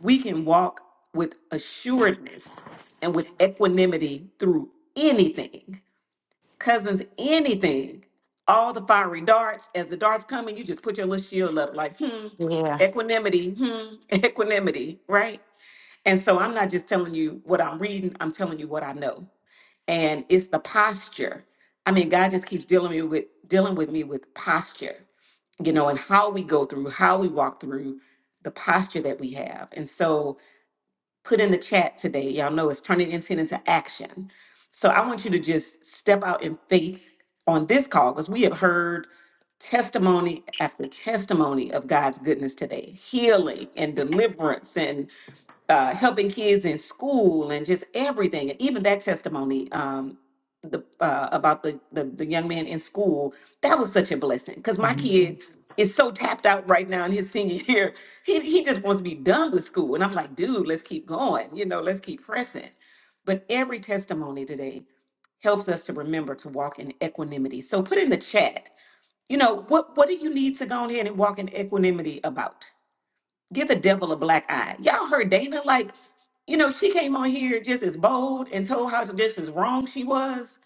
we can walk with assuredness and with equanimity through anything cousins anything all the fiery darts as the darts come in you just put your little shield up like hmm Mhm. equanimity hmm equanimity right and so I'm not just telling you what I'm reading, I'm telling you what I know and it's the posture. I mean, God just keeps dealing me with dealing with me with posture, you know, and how we go through, how we walk through the posture that we have. And so put in the chat today, y'all know it's turning intent into action. So I want you to just step out in faith on this call because we have heard testimony after testimony of God's goodness today, healing and deliverance and uh, helping kids in school and just everything. And even that testimony um, the, uh, about the, the the young man in school that was such a blessing because my Oh, kid is so tapped out right now in his senior year. He he just wants to be done with school, and I'm like, dude, let's keep going. You know, let's keep pressing. But every testimony today helps us to remember to walk in equanimity. So put in the chat, you know, what what do you need to go ahead and walk in equanimity about? Give the devil a black eye. Y'all heard Dana like, you know, she came on here just as bold and told how just as wrong she was,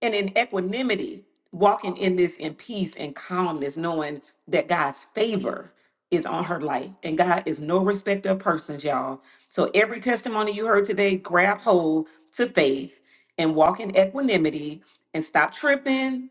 and in equanimity, walking in this in peace and calmness, knowing that God's favor is on her life, and God is no respecter of persons, y'all. So every testimony you heard today, grab hold to faith and walk in equanimity and stop tripping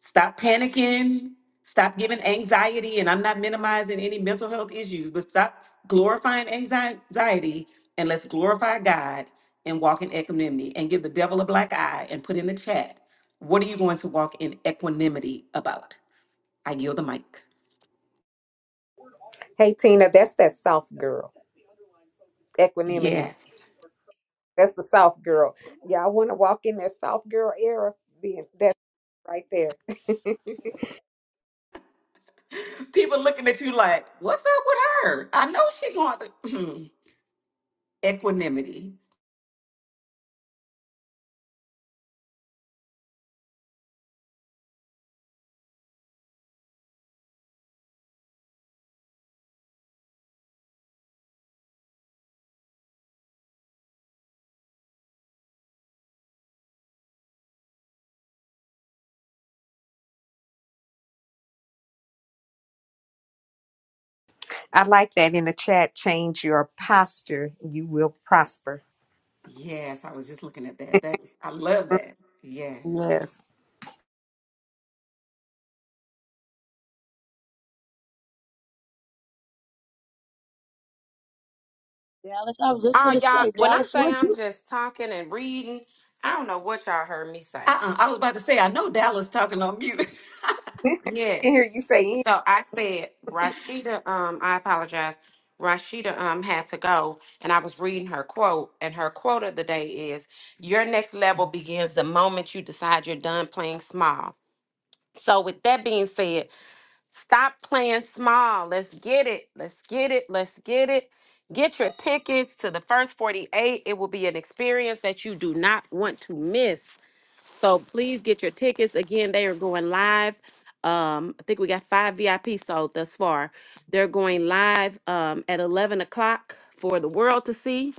Stop panicking. Stop giving anxiety. And I'm not minimizing any mental health issues, but stop glorifying anxi- anxiety and let's glorify God and walk in equanimity and give the devil a black eye and put in the chat. What are you going to walk in equanimity about? I yield the mic. Hey, Tina, that's that soft girl. Equanimity. Yes. That's the soft girl. Y'all want to walk in that soft girl era? Then that's right there. People looking at you like, what's up with her? I know she going through equanimity. I like that in the chat. Change your posture. You will prosper. Yes, I was just looking at that. That I love that. Yes. Yes. Dallas. I was just going to y'all, say, when I Dallas, say weren't I'm you? just talking and reading, I don't know what y'all heard me say. Uh-uh. I was about to say, I know Dallas talking on mute. can hear Yes. you say. So I said Rashida, um, I apologize. Rashida um had to go and I was reading her quote, and her quote of the day is your next level begins the moment you decide you're done playing small. So with that being said, Stop playing small. Let's get it. Let's get it. Let's get it. Get your tickets to the first 48. It will be an experience that you do not want to miss. So please get your tickets. Again, they are going live. Um, I think we got five VIP sold thus far. They're going live um, at 11 o'clock for the world to see.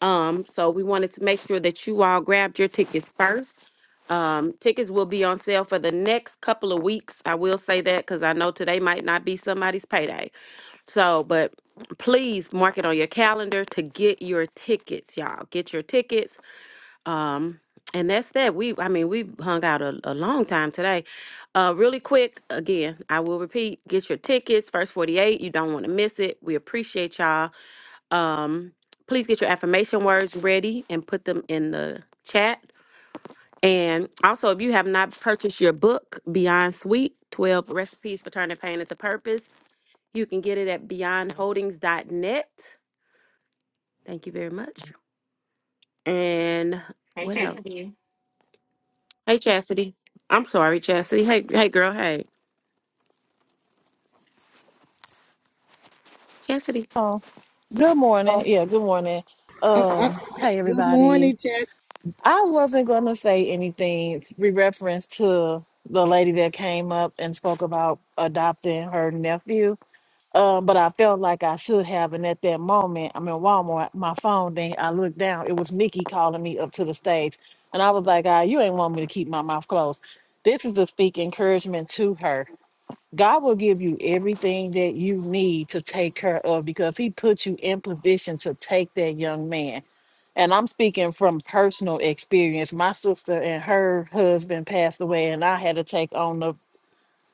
Um, so we wanted to make sure that you all grabbed your tickets first. Um, tickets will be on sale for the next couple of weeks. I will say that because I know today might not be somebody's payday. So, but please mark it on your calendar to get your tickets, y'all. Get your tickets. Um, and that's that. We, I mean, we've hung out a, a long time today. Uh, really quick, again, I will repeat get your tickets, first 48. You don't want to miss it. We appreciate y'all. Um, please get your affirmation words ready and put them in the chat. And also, if you have not purchased your book, Beyond Sweet 12 Recipes for Turning Pain into Purpose, you can get it at beyondholdings.net. Thank you very much. And Hey, what else? Chesapeake. Hey, Chastity. I'm sorry, Chastity. Hey, hey, girl. Hey, Chastity. Oh, good morning. Yeah, good morning. Uh, uh, Um, hey good everybody. morning, Chess. I wasn't gonna say anything in reference to the lady that came up and spoke about adopting her nephew. Um, but I felt like I should have, and at that moment, I'm in Walmart. My phone ding. I looked down. It was Nikki calling me up to the stage, and I was like, "Ah, you ain't want me to keep my mouth closed." This is to speak encouragement to her God will give you everything that you need to take care of because He put you in position to take that young man. And I'm speaking from personal experience. My sister and her husband passed away, and I had to take on the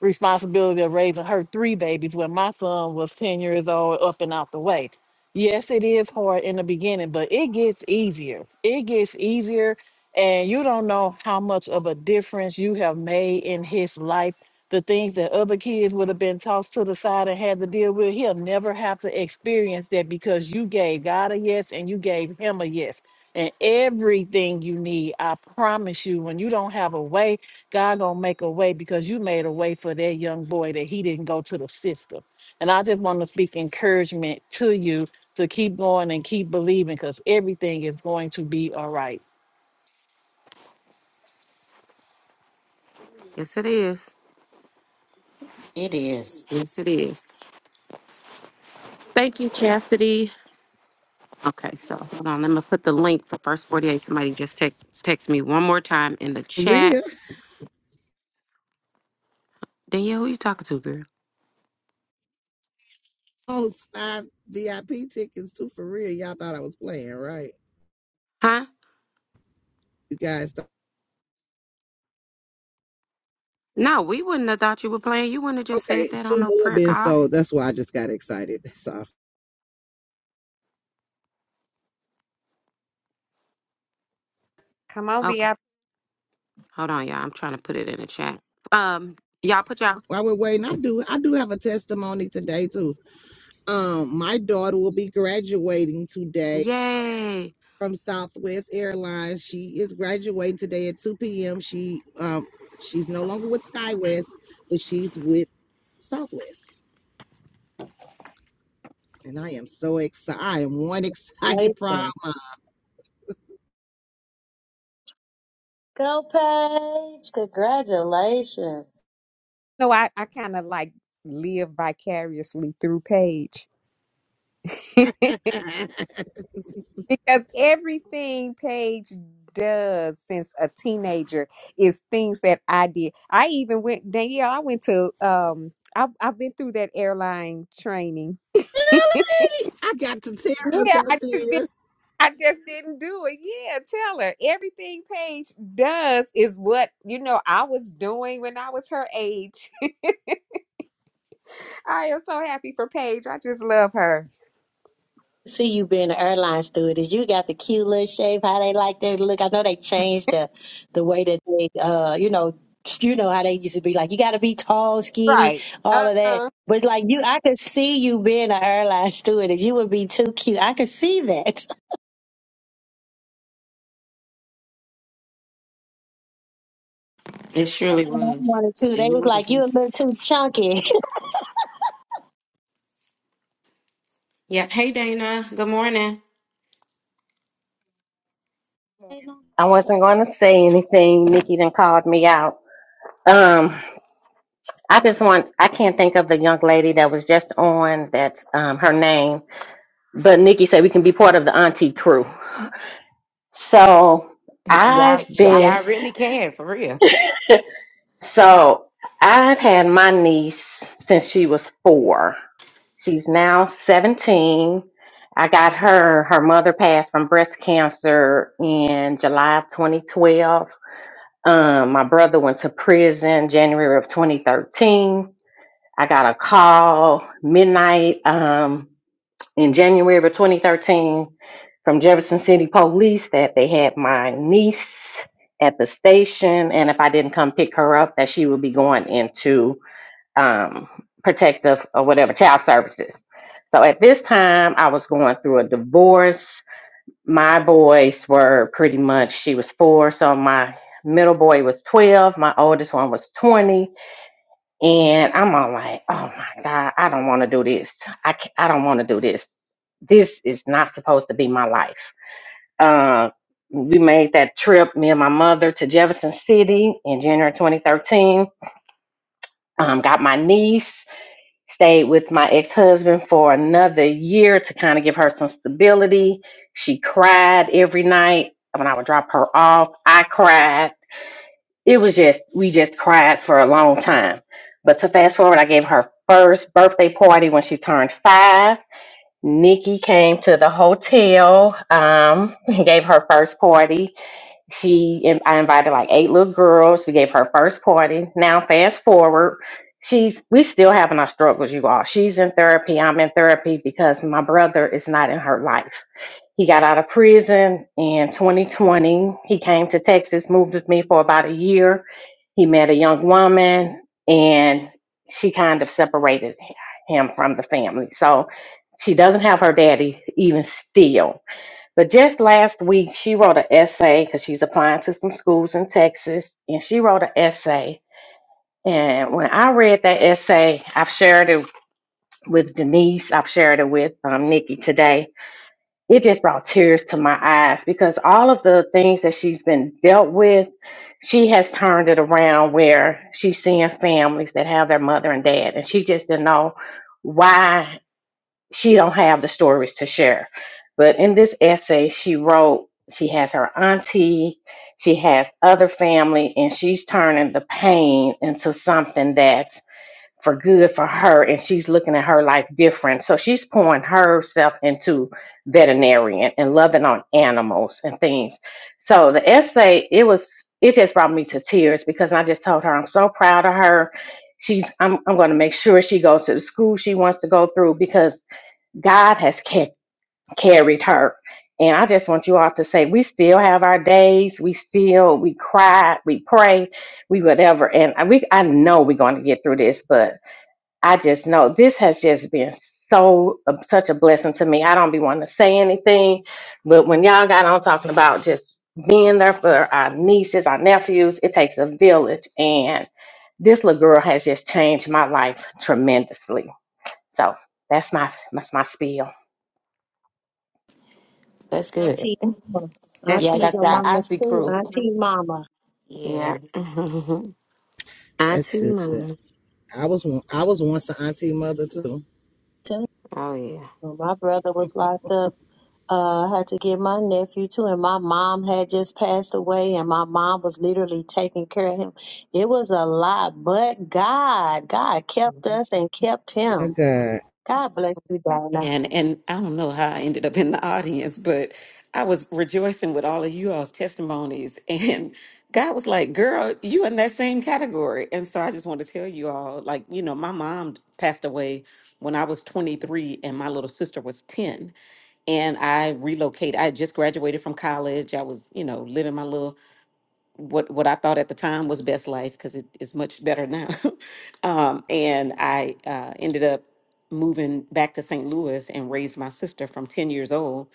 responsibility of raising her three babies when my son was 10 years old up and out the way. Yes, it is hard in the beginning, but it gets easier. It gets easier. And you don't know how much of a difference you have made in his life. The things that other kids would have been tossed to the side and had to deal with, he'll never have to experience that because you gave God a yes and you gave him a yes. And everything you need, I promise you, when you don't have a way, God gonna make a way because you made a way for that young boy that he didn't go to the system. And I just want to speak encouragement to you to keep going and keep believing because everything is going to be all right. Yes, it is. It is. Yes, it is. Thank you, Chastity. Okay, so hold on. Let me put the link for First 48. Somebody just text, text me one more time in the For chat. real. Danielle, who you talking to, girl? Those five VIP tickets too for real. Y'all thought I was playing, right? Huh? You guys thought No, we wouldn't have thought you were playing. You wouldn't have just okay, said that on two no more prayer been call. sold. That's why I just got excited. So Come on, Okay, VIP. hold on, y'all. I'm trying to put it in the chat. Um, y'all put y'all. while we're waiting, I do I do have a testimony today too. Um, my daughter will be graduating today Yay! from Southwest Airlines. She is graduating today at 2 p.m. She um she's no longer with SkyWest, but she's with Southwest. And I am so excited. I am one excited proud Congratulations. mom. Go, Paige. Congratulations. No, I, I kind of like live vicariously through Paige because everything Paige does since a teenager is things that I did. I even went, Danielle, I went to, um, I, I've been through that airline training. Really? I got to tear her, Yeah, I Pastor. just did. Mia. I just didn't do it. Yeah, tell her everything Paige does is what you know I was doing when I was her age. I am so happy for Paige. I just love her. See you being an airline stewardess. You got the cute little shape. How they like their look. I know they changed the the way that they, uh, you know, you know how they used to be like. You got to be tall, skinny, Right. all of that. Uh-huh. But like you, I could see you being an airline stewardess. You would be too cute. I could see that. It surely I was. wanted to. They And you was would have like, you been. a little too chunky. Yeah. Hey, Dana. Good morning. I wasn't going to say anything. Nikki then called me out. Um, I just want, I can't think of the young lady that was just on that, um, her name, but Nikki said we can be part of the auntie crew. So Hey, Y'all, I've been, y'all really can, for real. so I've had my niece since she was four. She's now 17. I got her, her mother passed from breast cancer in July of 2012 Um, my brother went to prison January of 2013. I got a call midnight um, in January of 2013 from Jefferson City Police that they had my niece at the station, and if I didn't come pick her up, that she would be going into um, protective or whatever child services. So at this time, I was going through a divorce my boys were pretty much she was four so my middle boy was 12 my oldest one was 20 and i'm all like oh my god i don't want to do this i ca- i don't want to do this this is not supposed to be my life uh we made that trip me and my mother to jefferson city in january 2013 um got my niece Stayed with my ex husband for another year to kind of give her some stability. She cried every night when I would drop her off. I cried. It was just, we just cried for a long time. But to fast forward, I gave her first birthday party when she turned five. Nikki came to the hotel, um, gave her first party she, I invited like eight little girls. We gave her first party. Now, fast forward, she's we still having our struggles, you all. She's in therapy. I'm in therapy because my brother is not in her life. He got out of prison in 2020. He came to Texas, moved with me for about a year. He met a young woman, and she kind of separated him from the family. So she doesn't have her daddy even still but just last week, she wrote an essay because she's applying to some schools in Texas, and she wrote an essay. And when I read that essay, I've shared it with Denise, I've shared it with um, Nikki today. It just brought tears to my eyes because all of the things that she's been dealt with, she has turned it around where she's seeing families that have their mother and dad, and she just didn't know why she don't have the stories to share but in this essay she wrote she has her auntie she has other family and she's turning the pain into something that's for good for her and she's looking at her life different so she's pouring herself into veterinarian and loving on animals and things so the essay it was it just brought me to tears because i just told her i'm so proud of her she's i'm, I'm going to make sure she goes to the school she wants to go through because God has ca- carried her. And I just want you all to say, we still have our days. We still, we cry, we pray, we whatever. And I- we, I know we're going to get through this, but I just know this has just been so, uh, such a blessing to me. I don't be wanting to say anything, but when y'all got on talking about just being there for our nieces, our nephews, it takes a village. And this little girl has just changed my life tremendously. So that's my, that's my spiel. That's good. Auntie, mama. That's Yeah, I aunties got and that good. mamas auntie too. crew. Auntie, mama. Yeah, Yeah. That's Auntie good. Mama. I was one- I was once an auntie mother too. Too. Oh, yeah. When my brother was locked up. Uh, I had to get my nephew too, and my mom had just passed away, and my mom was literally taking care of him. It was a lot, but God, God kept us and kept Oh him. God, God bless you, Donna. And and I don't know how I ended up in the audience, but I was rejoicing with all of you all's testimonies. And God was like, Girl, you in that same category. And so I just want to tell you all, like, you know, my mom passed away when I was 23 and my little sister was 10. And I relocated. I had just graduated from college. I was, you know, living my little what what I thought at the time was best life because it is much better now. um, and I uh, ended up moving back to St. Louis and raised my sister from 10 years old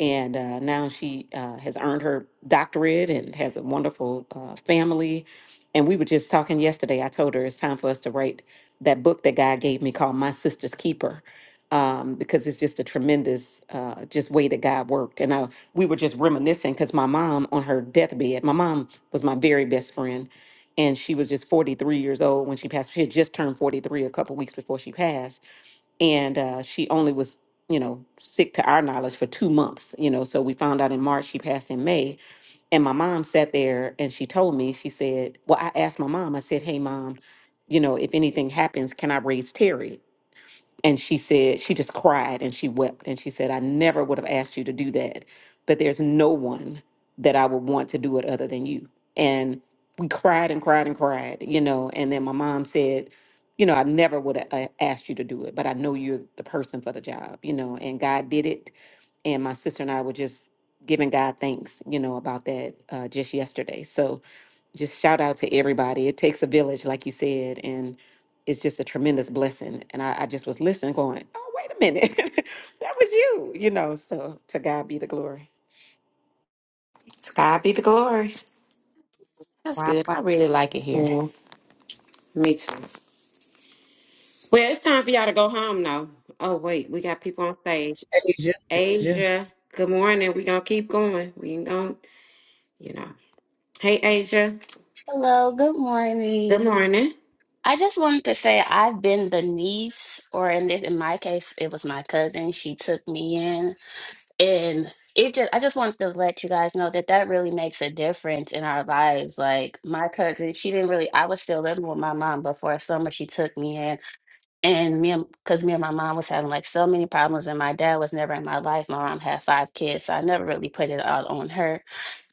and uh, now she uh, has earned her doctorate and has a wonderful uh, family. And we were just talking yesterday. I told her it's time for us to write that book that God gave me called My Sister's Keeper, um, because it's just a tremendous, uh, just way that God worked. And I, we were just reminiscing because my mom on her deathbed, my mom was my very best friend, and she was just 43 years old when she passed. She had just turned 43 a couple weeks before she passed and uh, she only was you know sick to our knowledge for two months you know so we found out in march she passed in may and my mom sat there and she told me she said well i asked my mom i said hey mom you know if anything happens can i raise terry and she said, she just cried and she wept. And she said, I never would have asked you to do that, but there's no one that I would want to do it other than you. And we cried and cried and cried, you know. And then my mom said, You know, I never would have uh, asked you to do it, but I know you're the person for the job, you know. And God did it. And my sister and I were just giving God thanks, you know, about that uh, just yesterday. So, just shout out to everybody. It takes a village, like you said, and it's just a tremendous blessing. And I, I just was listening, going, "Oh, wait a minute, that was you," you know. So to God be the glory. To God be the glory. that's Wow. good. wow. I really like it here. Yeah, me too. Well, it's time for y'all to go home now. Oh, wait, we got people on stage. Asia, Asia, Asia, good morning. we going to keep going. We ain't going, to you know. Hey, Asia, Hello, good good morning. morning. I just wanted to say I've been the niece, or in this, in my case, it was my cousin. She took me in, and it just I just wanted to let you guys know that that really makes a difference in our lives. Like my cousin, she didn't really. I was still living with my mom, but for a summer, she took me in, and me and because me and my mom was having like so many problems, and my dad was never in my life. My mom had five kids, so I never really put it out on her.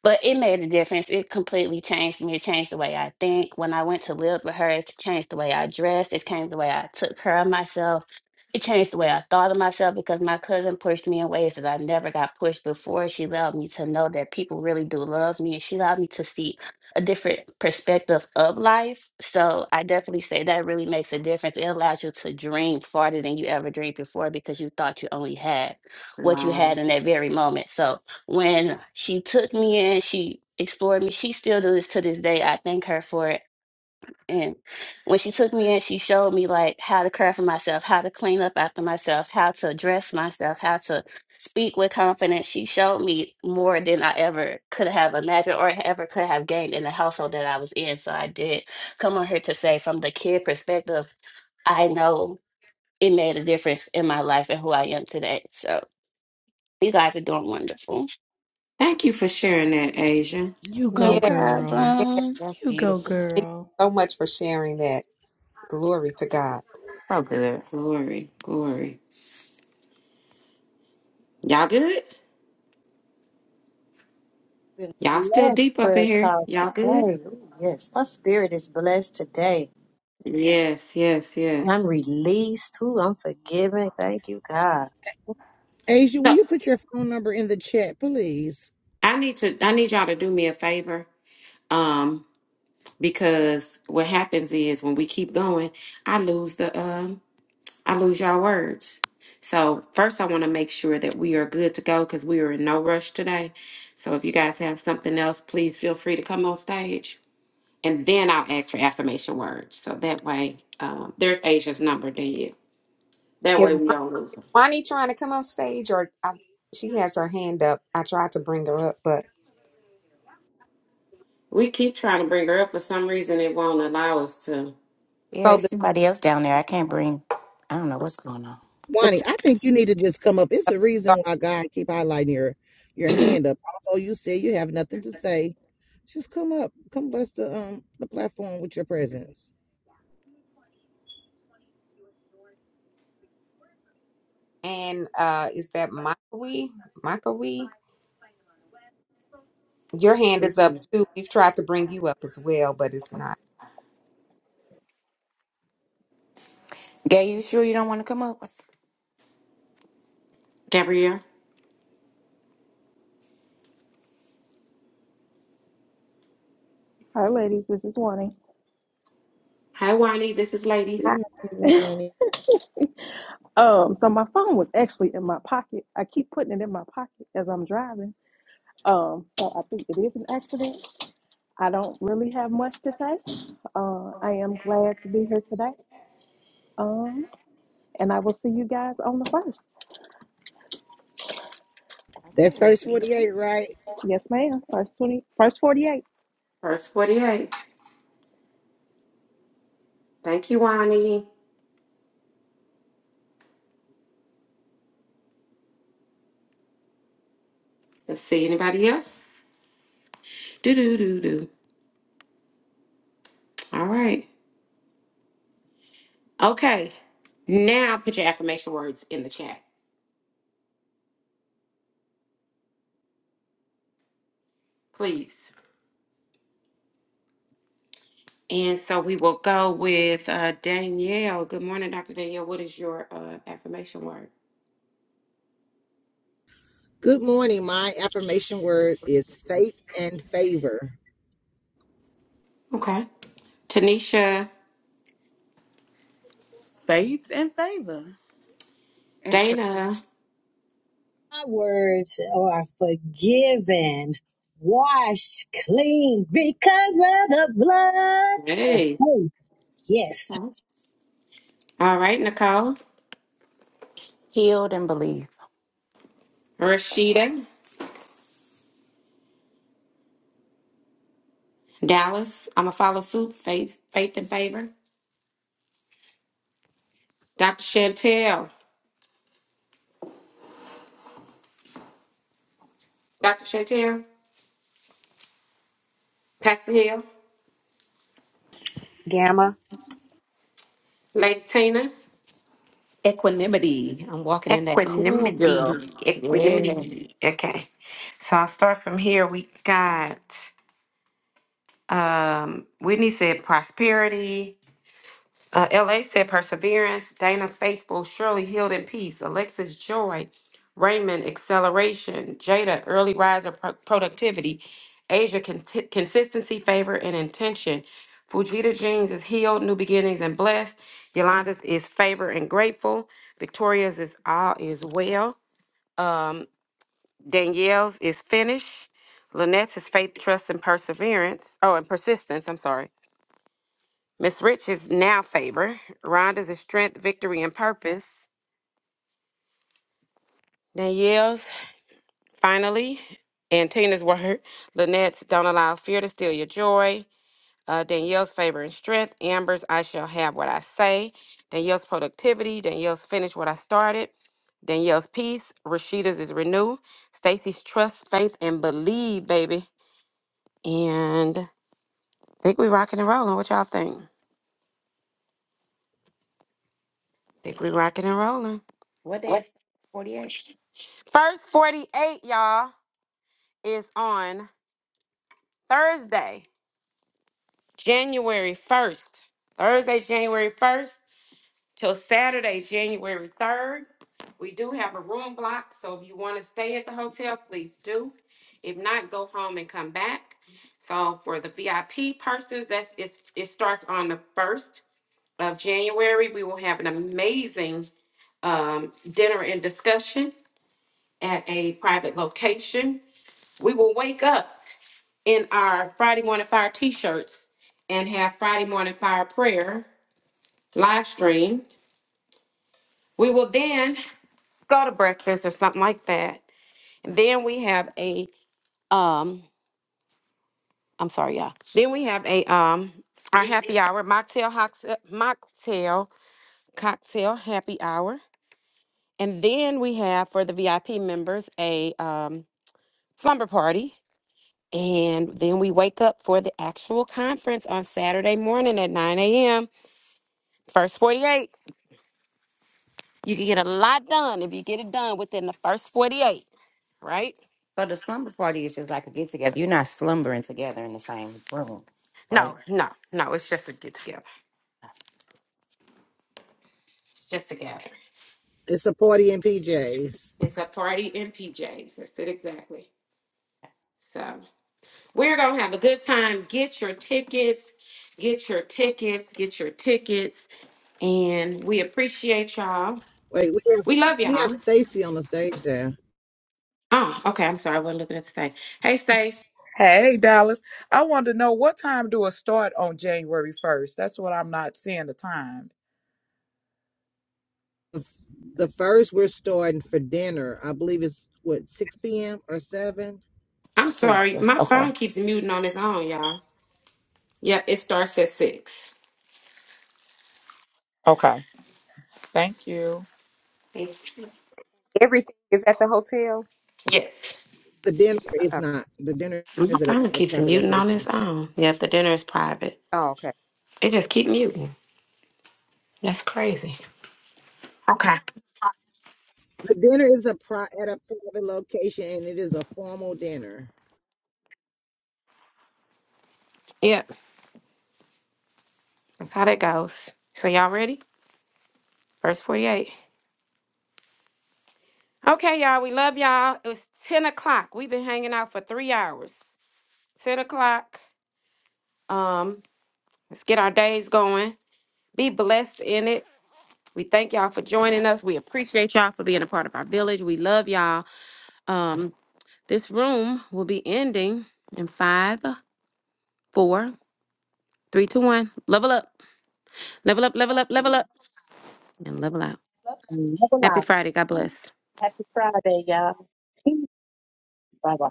But it made a difference. It completely changed me. It changed the way I think. When I went to live with her, it changed the way I dressed. It changed the way I took care of myself. It changed the way I thought of myself because my cousin pushed me in ways that I never got pushed before. She allowed me to know that people really do love me. and She allowed me to see a different perspective of life. So I definitely say that really makes a difference. It allows you to dream farther than you ever dreamed before because you thought you only had what you Wow. had in that very moment. So when she took me in, she explored me. She still does this to this day. I thank her for it. And when she took me in, she showed me like how to care for myself, how to clean up after myself, how to dress myself, how to speak with confidence. She showed me more than I ever could have imagined or ever could have gained in the household that I was in. So I did come on here to say from the kid perspective, I know it made a difference in my life and who I am today. So you guys are doing wonderful. Thank you for sharing that, Asia. You Yeah. go, No girl. Yeah, problem. That's You go, beautiful. thank girl. you so much for sharing that. Glory to God. So good. Glory, glory. Y'all good? Been Y'all still blessed, deep up in prayer here? call Y'all good? today. Ooh, Yes, my spirit is blessed today. Yes, yes, yes. I'm released too. I'm forgiven. Thank you, God. Asia, will So you put your phone number in the chat, please? I need to I need y'all to do me a favor. Um, because what happens is when we keep going, I lose the um I lose y'all words. So first I want to make sure that we are good to go because we are in no rush today. So if you guys have something else, please feel free to come on stage. And then I'll ask for affirmation words. So that way, um, there's Asia's number, then you. That way Is we don't lose her. Bonnie trying to come on stage, or I, she has her hand up? I tried to bring her up, but We keep trying to bring her up. For some reason, it won't allow us to. Yeah, so the it's somebody else down there. I can't bring, I don't know what's going on. the Wani, I think you need to just come up. It's the reason two why God keep highlighting your your are, hand up. Although you say you have nothing to say, just come up. Come bless the um the platform with your presence. and uh, is that Makawee? Makawee, your hand is up Listen. too. We've tried to bring you up as well, but it's not. Gay, you sure you don't want to come up? Gabrielle. Hi, ladies. This is Wani. Hi, Wani. This is Ladies. Good morning, Wani. um, so my phone was actually in my pocket. I keep putting it in my pocket as I'm driving. Um, so I think it is an accident. I don't really have much to say. Uh, I am glad to be here today. Um, and I will see you guys on the first. Okay, That's we'll verse see. you. forty then. eight, right? Yes, ma'am. First twenty, first forty-eight. First 48. Thank you, Wani. Let's see. Anybody else? Do, do, do, do. All right. Okay, now put your affirmation words in the chat, please. And so we will go with uh, Danielle. Good morning, Dr. Danielle. What is your uh, affirmation word? Good morning. My affirmation word is faith and favor. Okay. Tanisha, faith and favor. and Dana. My words are forgiven, washed clean because of the blood. And Hey. faith. yes. All right, Nicole, Healed and believe. Rashida, Dallas. I'm going to follow suit. Faith, faith and favor. Dr. Chantel, Dr. Chantel, Pastor Hill, Gamma, Lady Tina. Equanimity. I'm walking in that cool Equanimity. girl. Yeah. Equanimity. Okay. So I'll start from here. We got um Whitney said prosperity. Uh, LA said perseverance. Dana faithful. Shirley healed in peace. Alexis joy. Raymond acceleration. Jada early riser pro- productivity. Asia conti- consistency favor and intention. Fujita Jeans is healed, new beginnings and blessed. Yolanda's is favor and grateful. Victoria's is all is well. Um, Danielle's is finish. Lynette's is faith, trust, and perseverance. Oh, and persistence. I'm sorry. Miss Rich is now favor. Rhonda's is strength, victory, and purpose. Danielle's finally. And Tina's word. Lynette's don't allow fear to steal your joy. Uh, Danielle's favor and strength. Amber's I shall have what I say. Danielle's productivity. Danielle's finish what I started. Danielle's peace. Rashida's is renew. Stacy's trust, faith, and believe, baby. And Think we rocking and rolling. What y'all think? Think we rocking and rolling. What day is 48? First 48, y'all, is on Thursday, January 1st. Thursday, January 1st till Saturday, January 3rd. We do have a room block, so if you want to stay at the hotel, please do. If not, go home and come back. So for the VIP persons, that's it's, it starts on the 1st of January. We will have an amazing um, dinner and discussion. at a private location. We will wake up in our Friday morning fire t-shirts and have Friday morning fire prayer live stream. We will then go to breakfast or something like that. And then we have a um I'm sorry, y'all. Then we have a um our Mixed. happy hour, mocktail hoxtail- mocktail cocktail happy hour. And then we have for the VIP members a um slumber party And then we wake up for the actual conference on Saturday morning at 9 a.m. First 48. You can get a lot done if you get it done within the first 48, right? So the slumber party is just like a get together. You're not slumbering together in the same room, right? No, no, no. It's just a get together. It's just a gathering. It's a party in PJs. It's a party in PJs. That's it exactly. So we're going to have a good time. Get your tickets. Get your tickets. Get your tickets. And we appreciate y'all. Wait, we have We love we have y'all. Stacy on the stage there. Oh, okay. I'm sorry. I wasn't looking at the stage. Hey, Stace. Hey, Dallas. I wanted to know what time do it start on January 1st? That's what I'm not seeing the time. The f- the first we're starting for dinner. I believe it's what six p.m. or seven. I'm Six. sorry, my Okay. phone keeps muting on its own, y'all. Yeah, it starts at six. Okay. Thank you. everything is at the hotel. Yes. The dinner Oh, is not. The dinner My is at a, phone at a keeps private muting on its location. own. Yeah, if the dinner is private. oh, okay. It just keep muting. That's crazy. Okay. The dinner is a pri- at a private location, and it is a formal dinner. Yep. That's how that goes. So y'all ready? Verse 48. Okay, y'all. We love y'all. It was 10 o'clock. We've been hanging out for three hours. 10 o'clock. Um, let's get our days going. Be blessed in it. We thank y'all for joining us. We appreciate y'all for being a part of our village. We love y'all. Um, this room will be ending in five, four, three, two, one. Level up, level up, level up, level up, and level out. Love and love Happy alive. Friday. God bless. Happy Friday, y'all. Bye bye.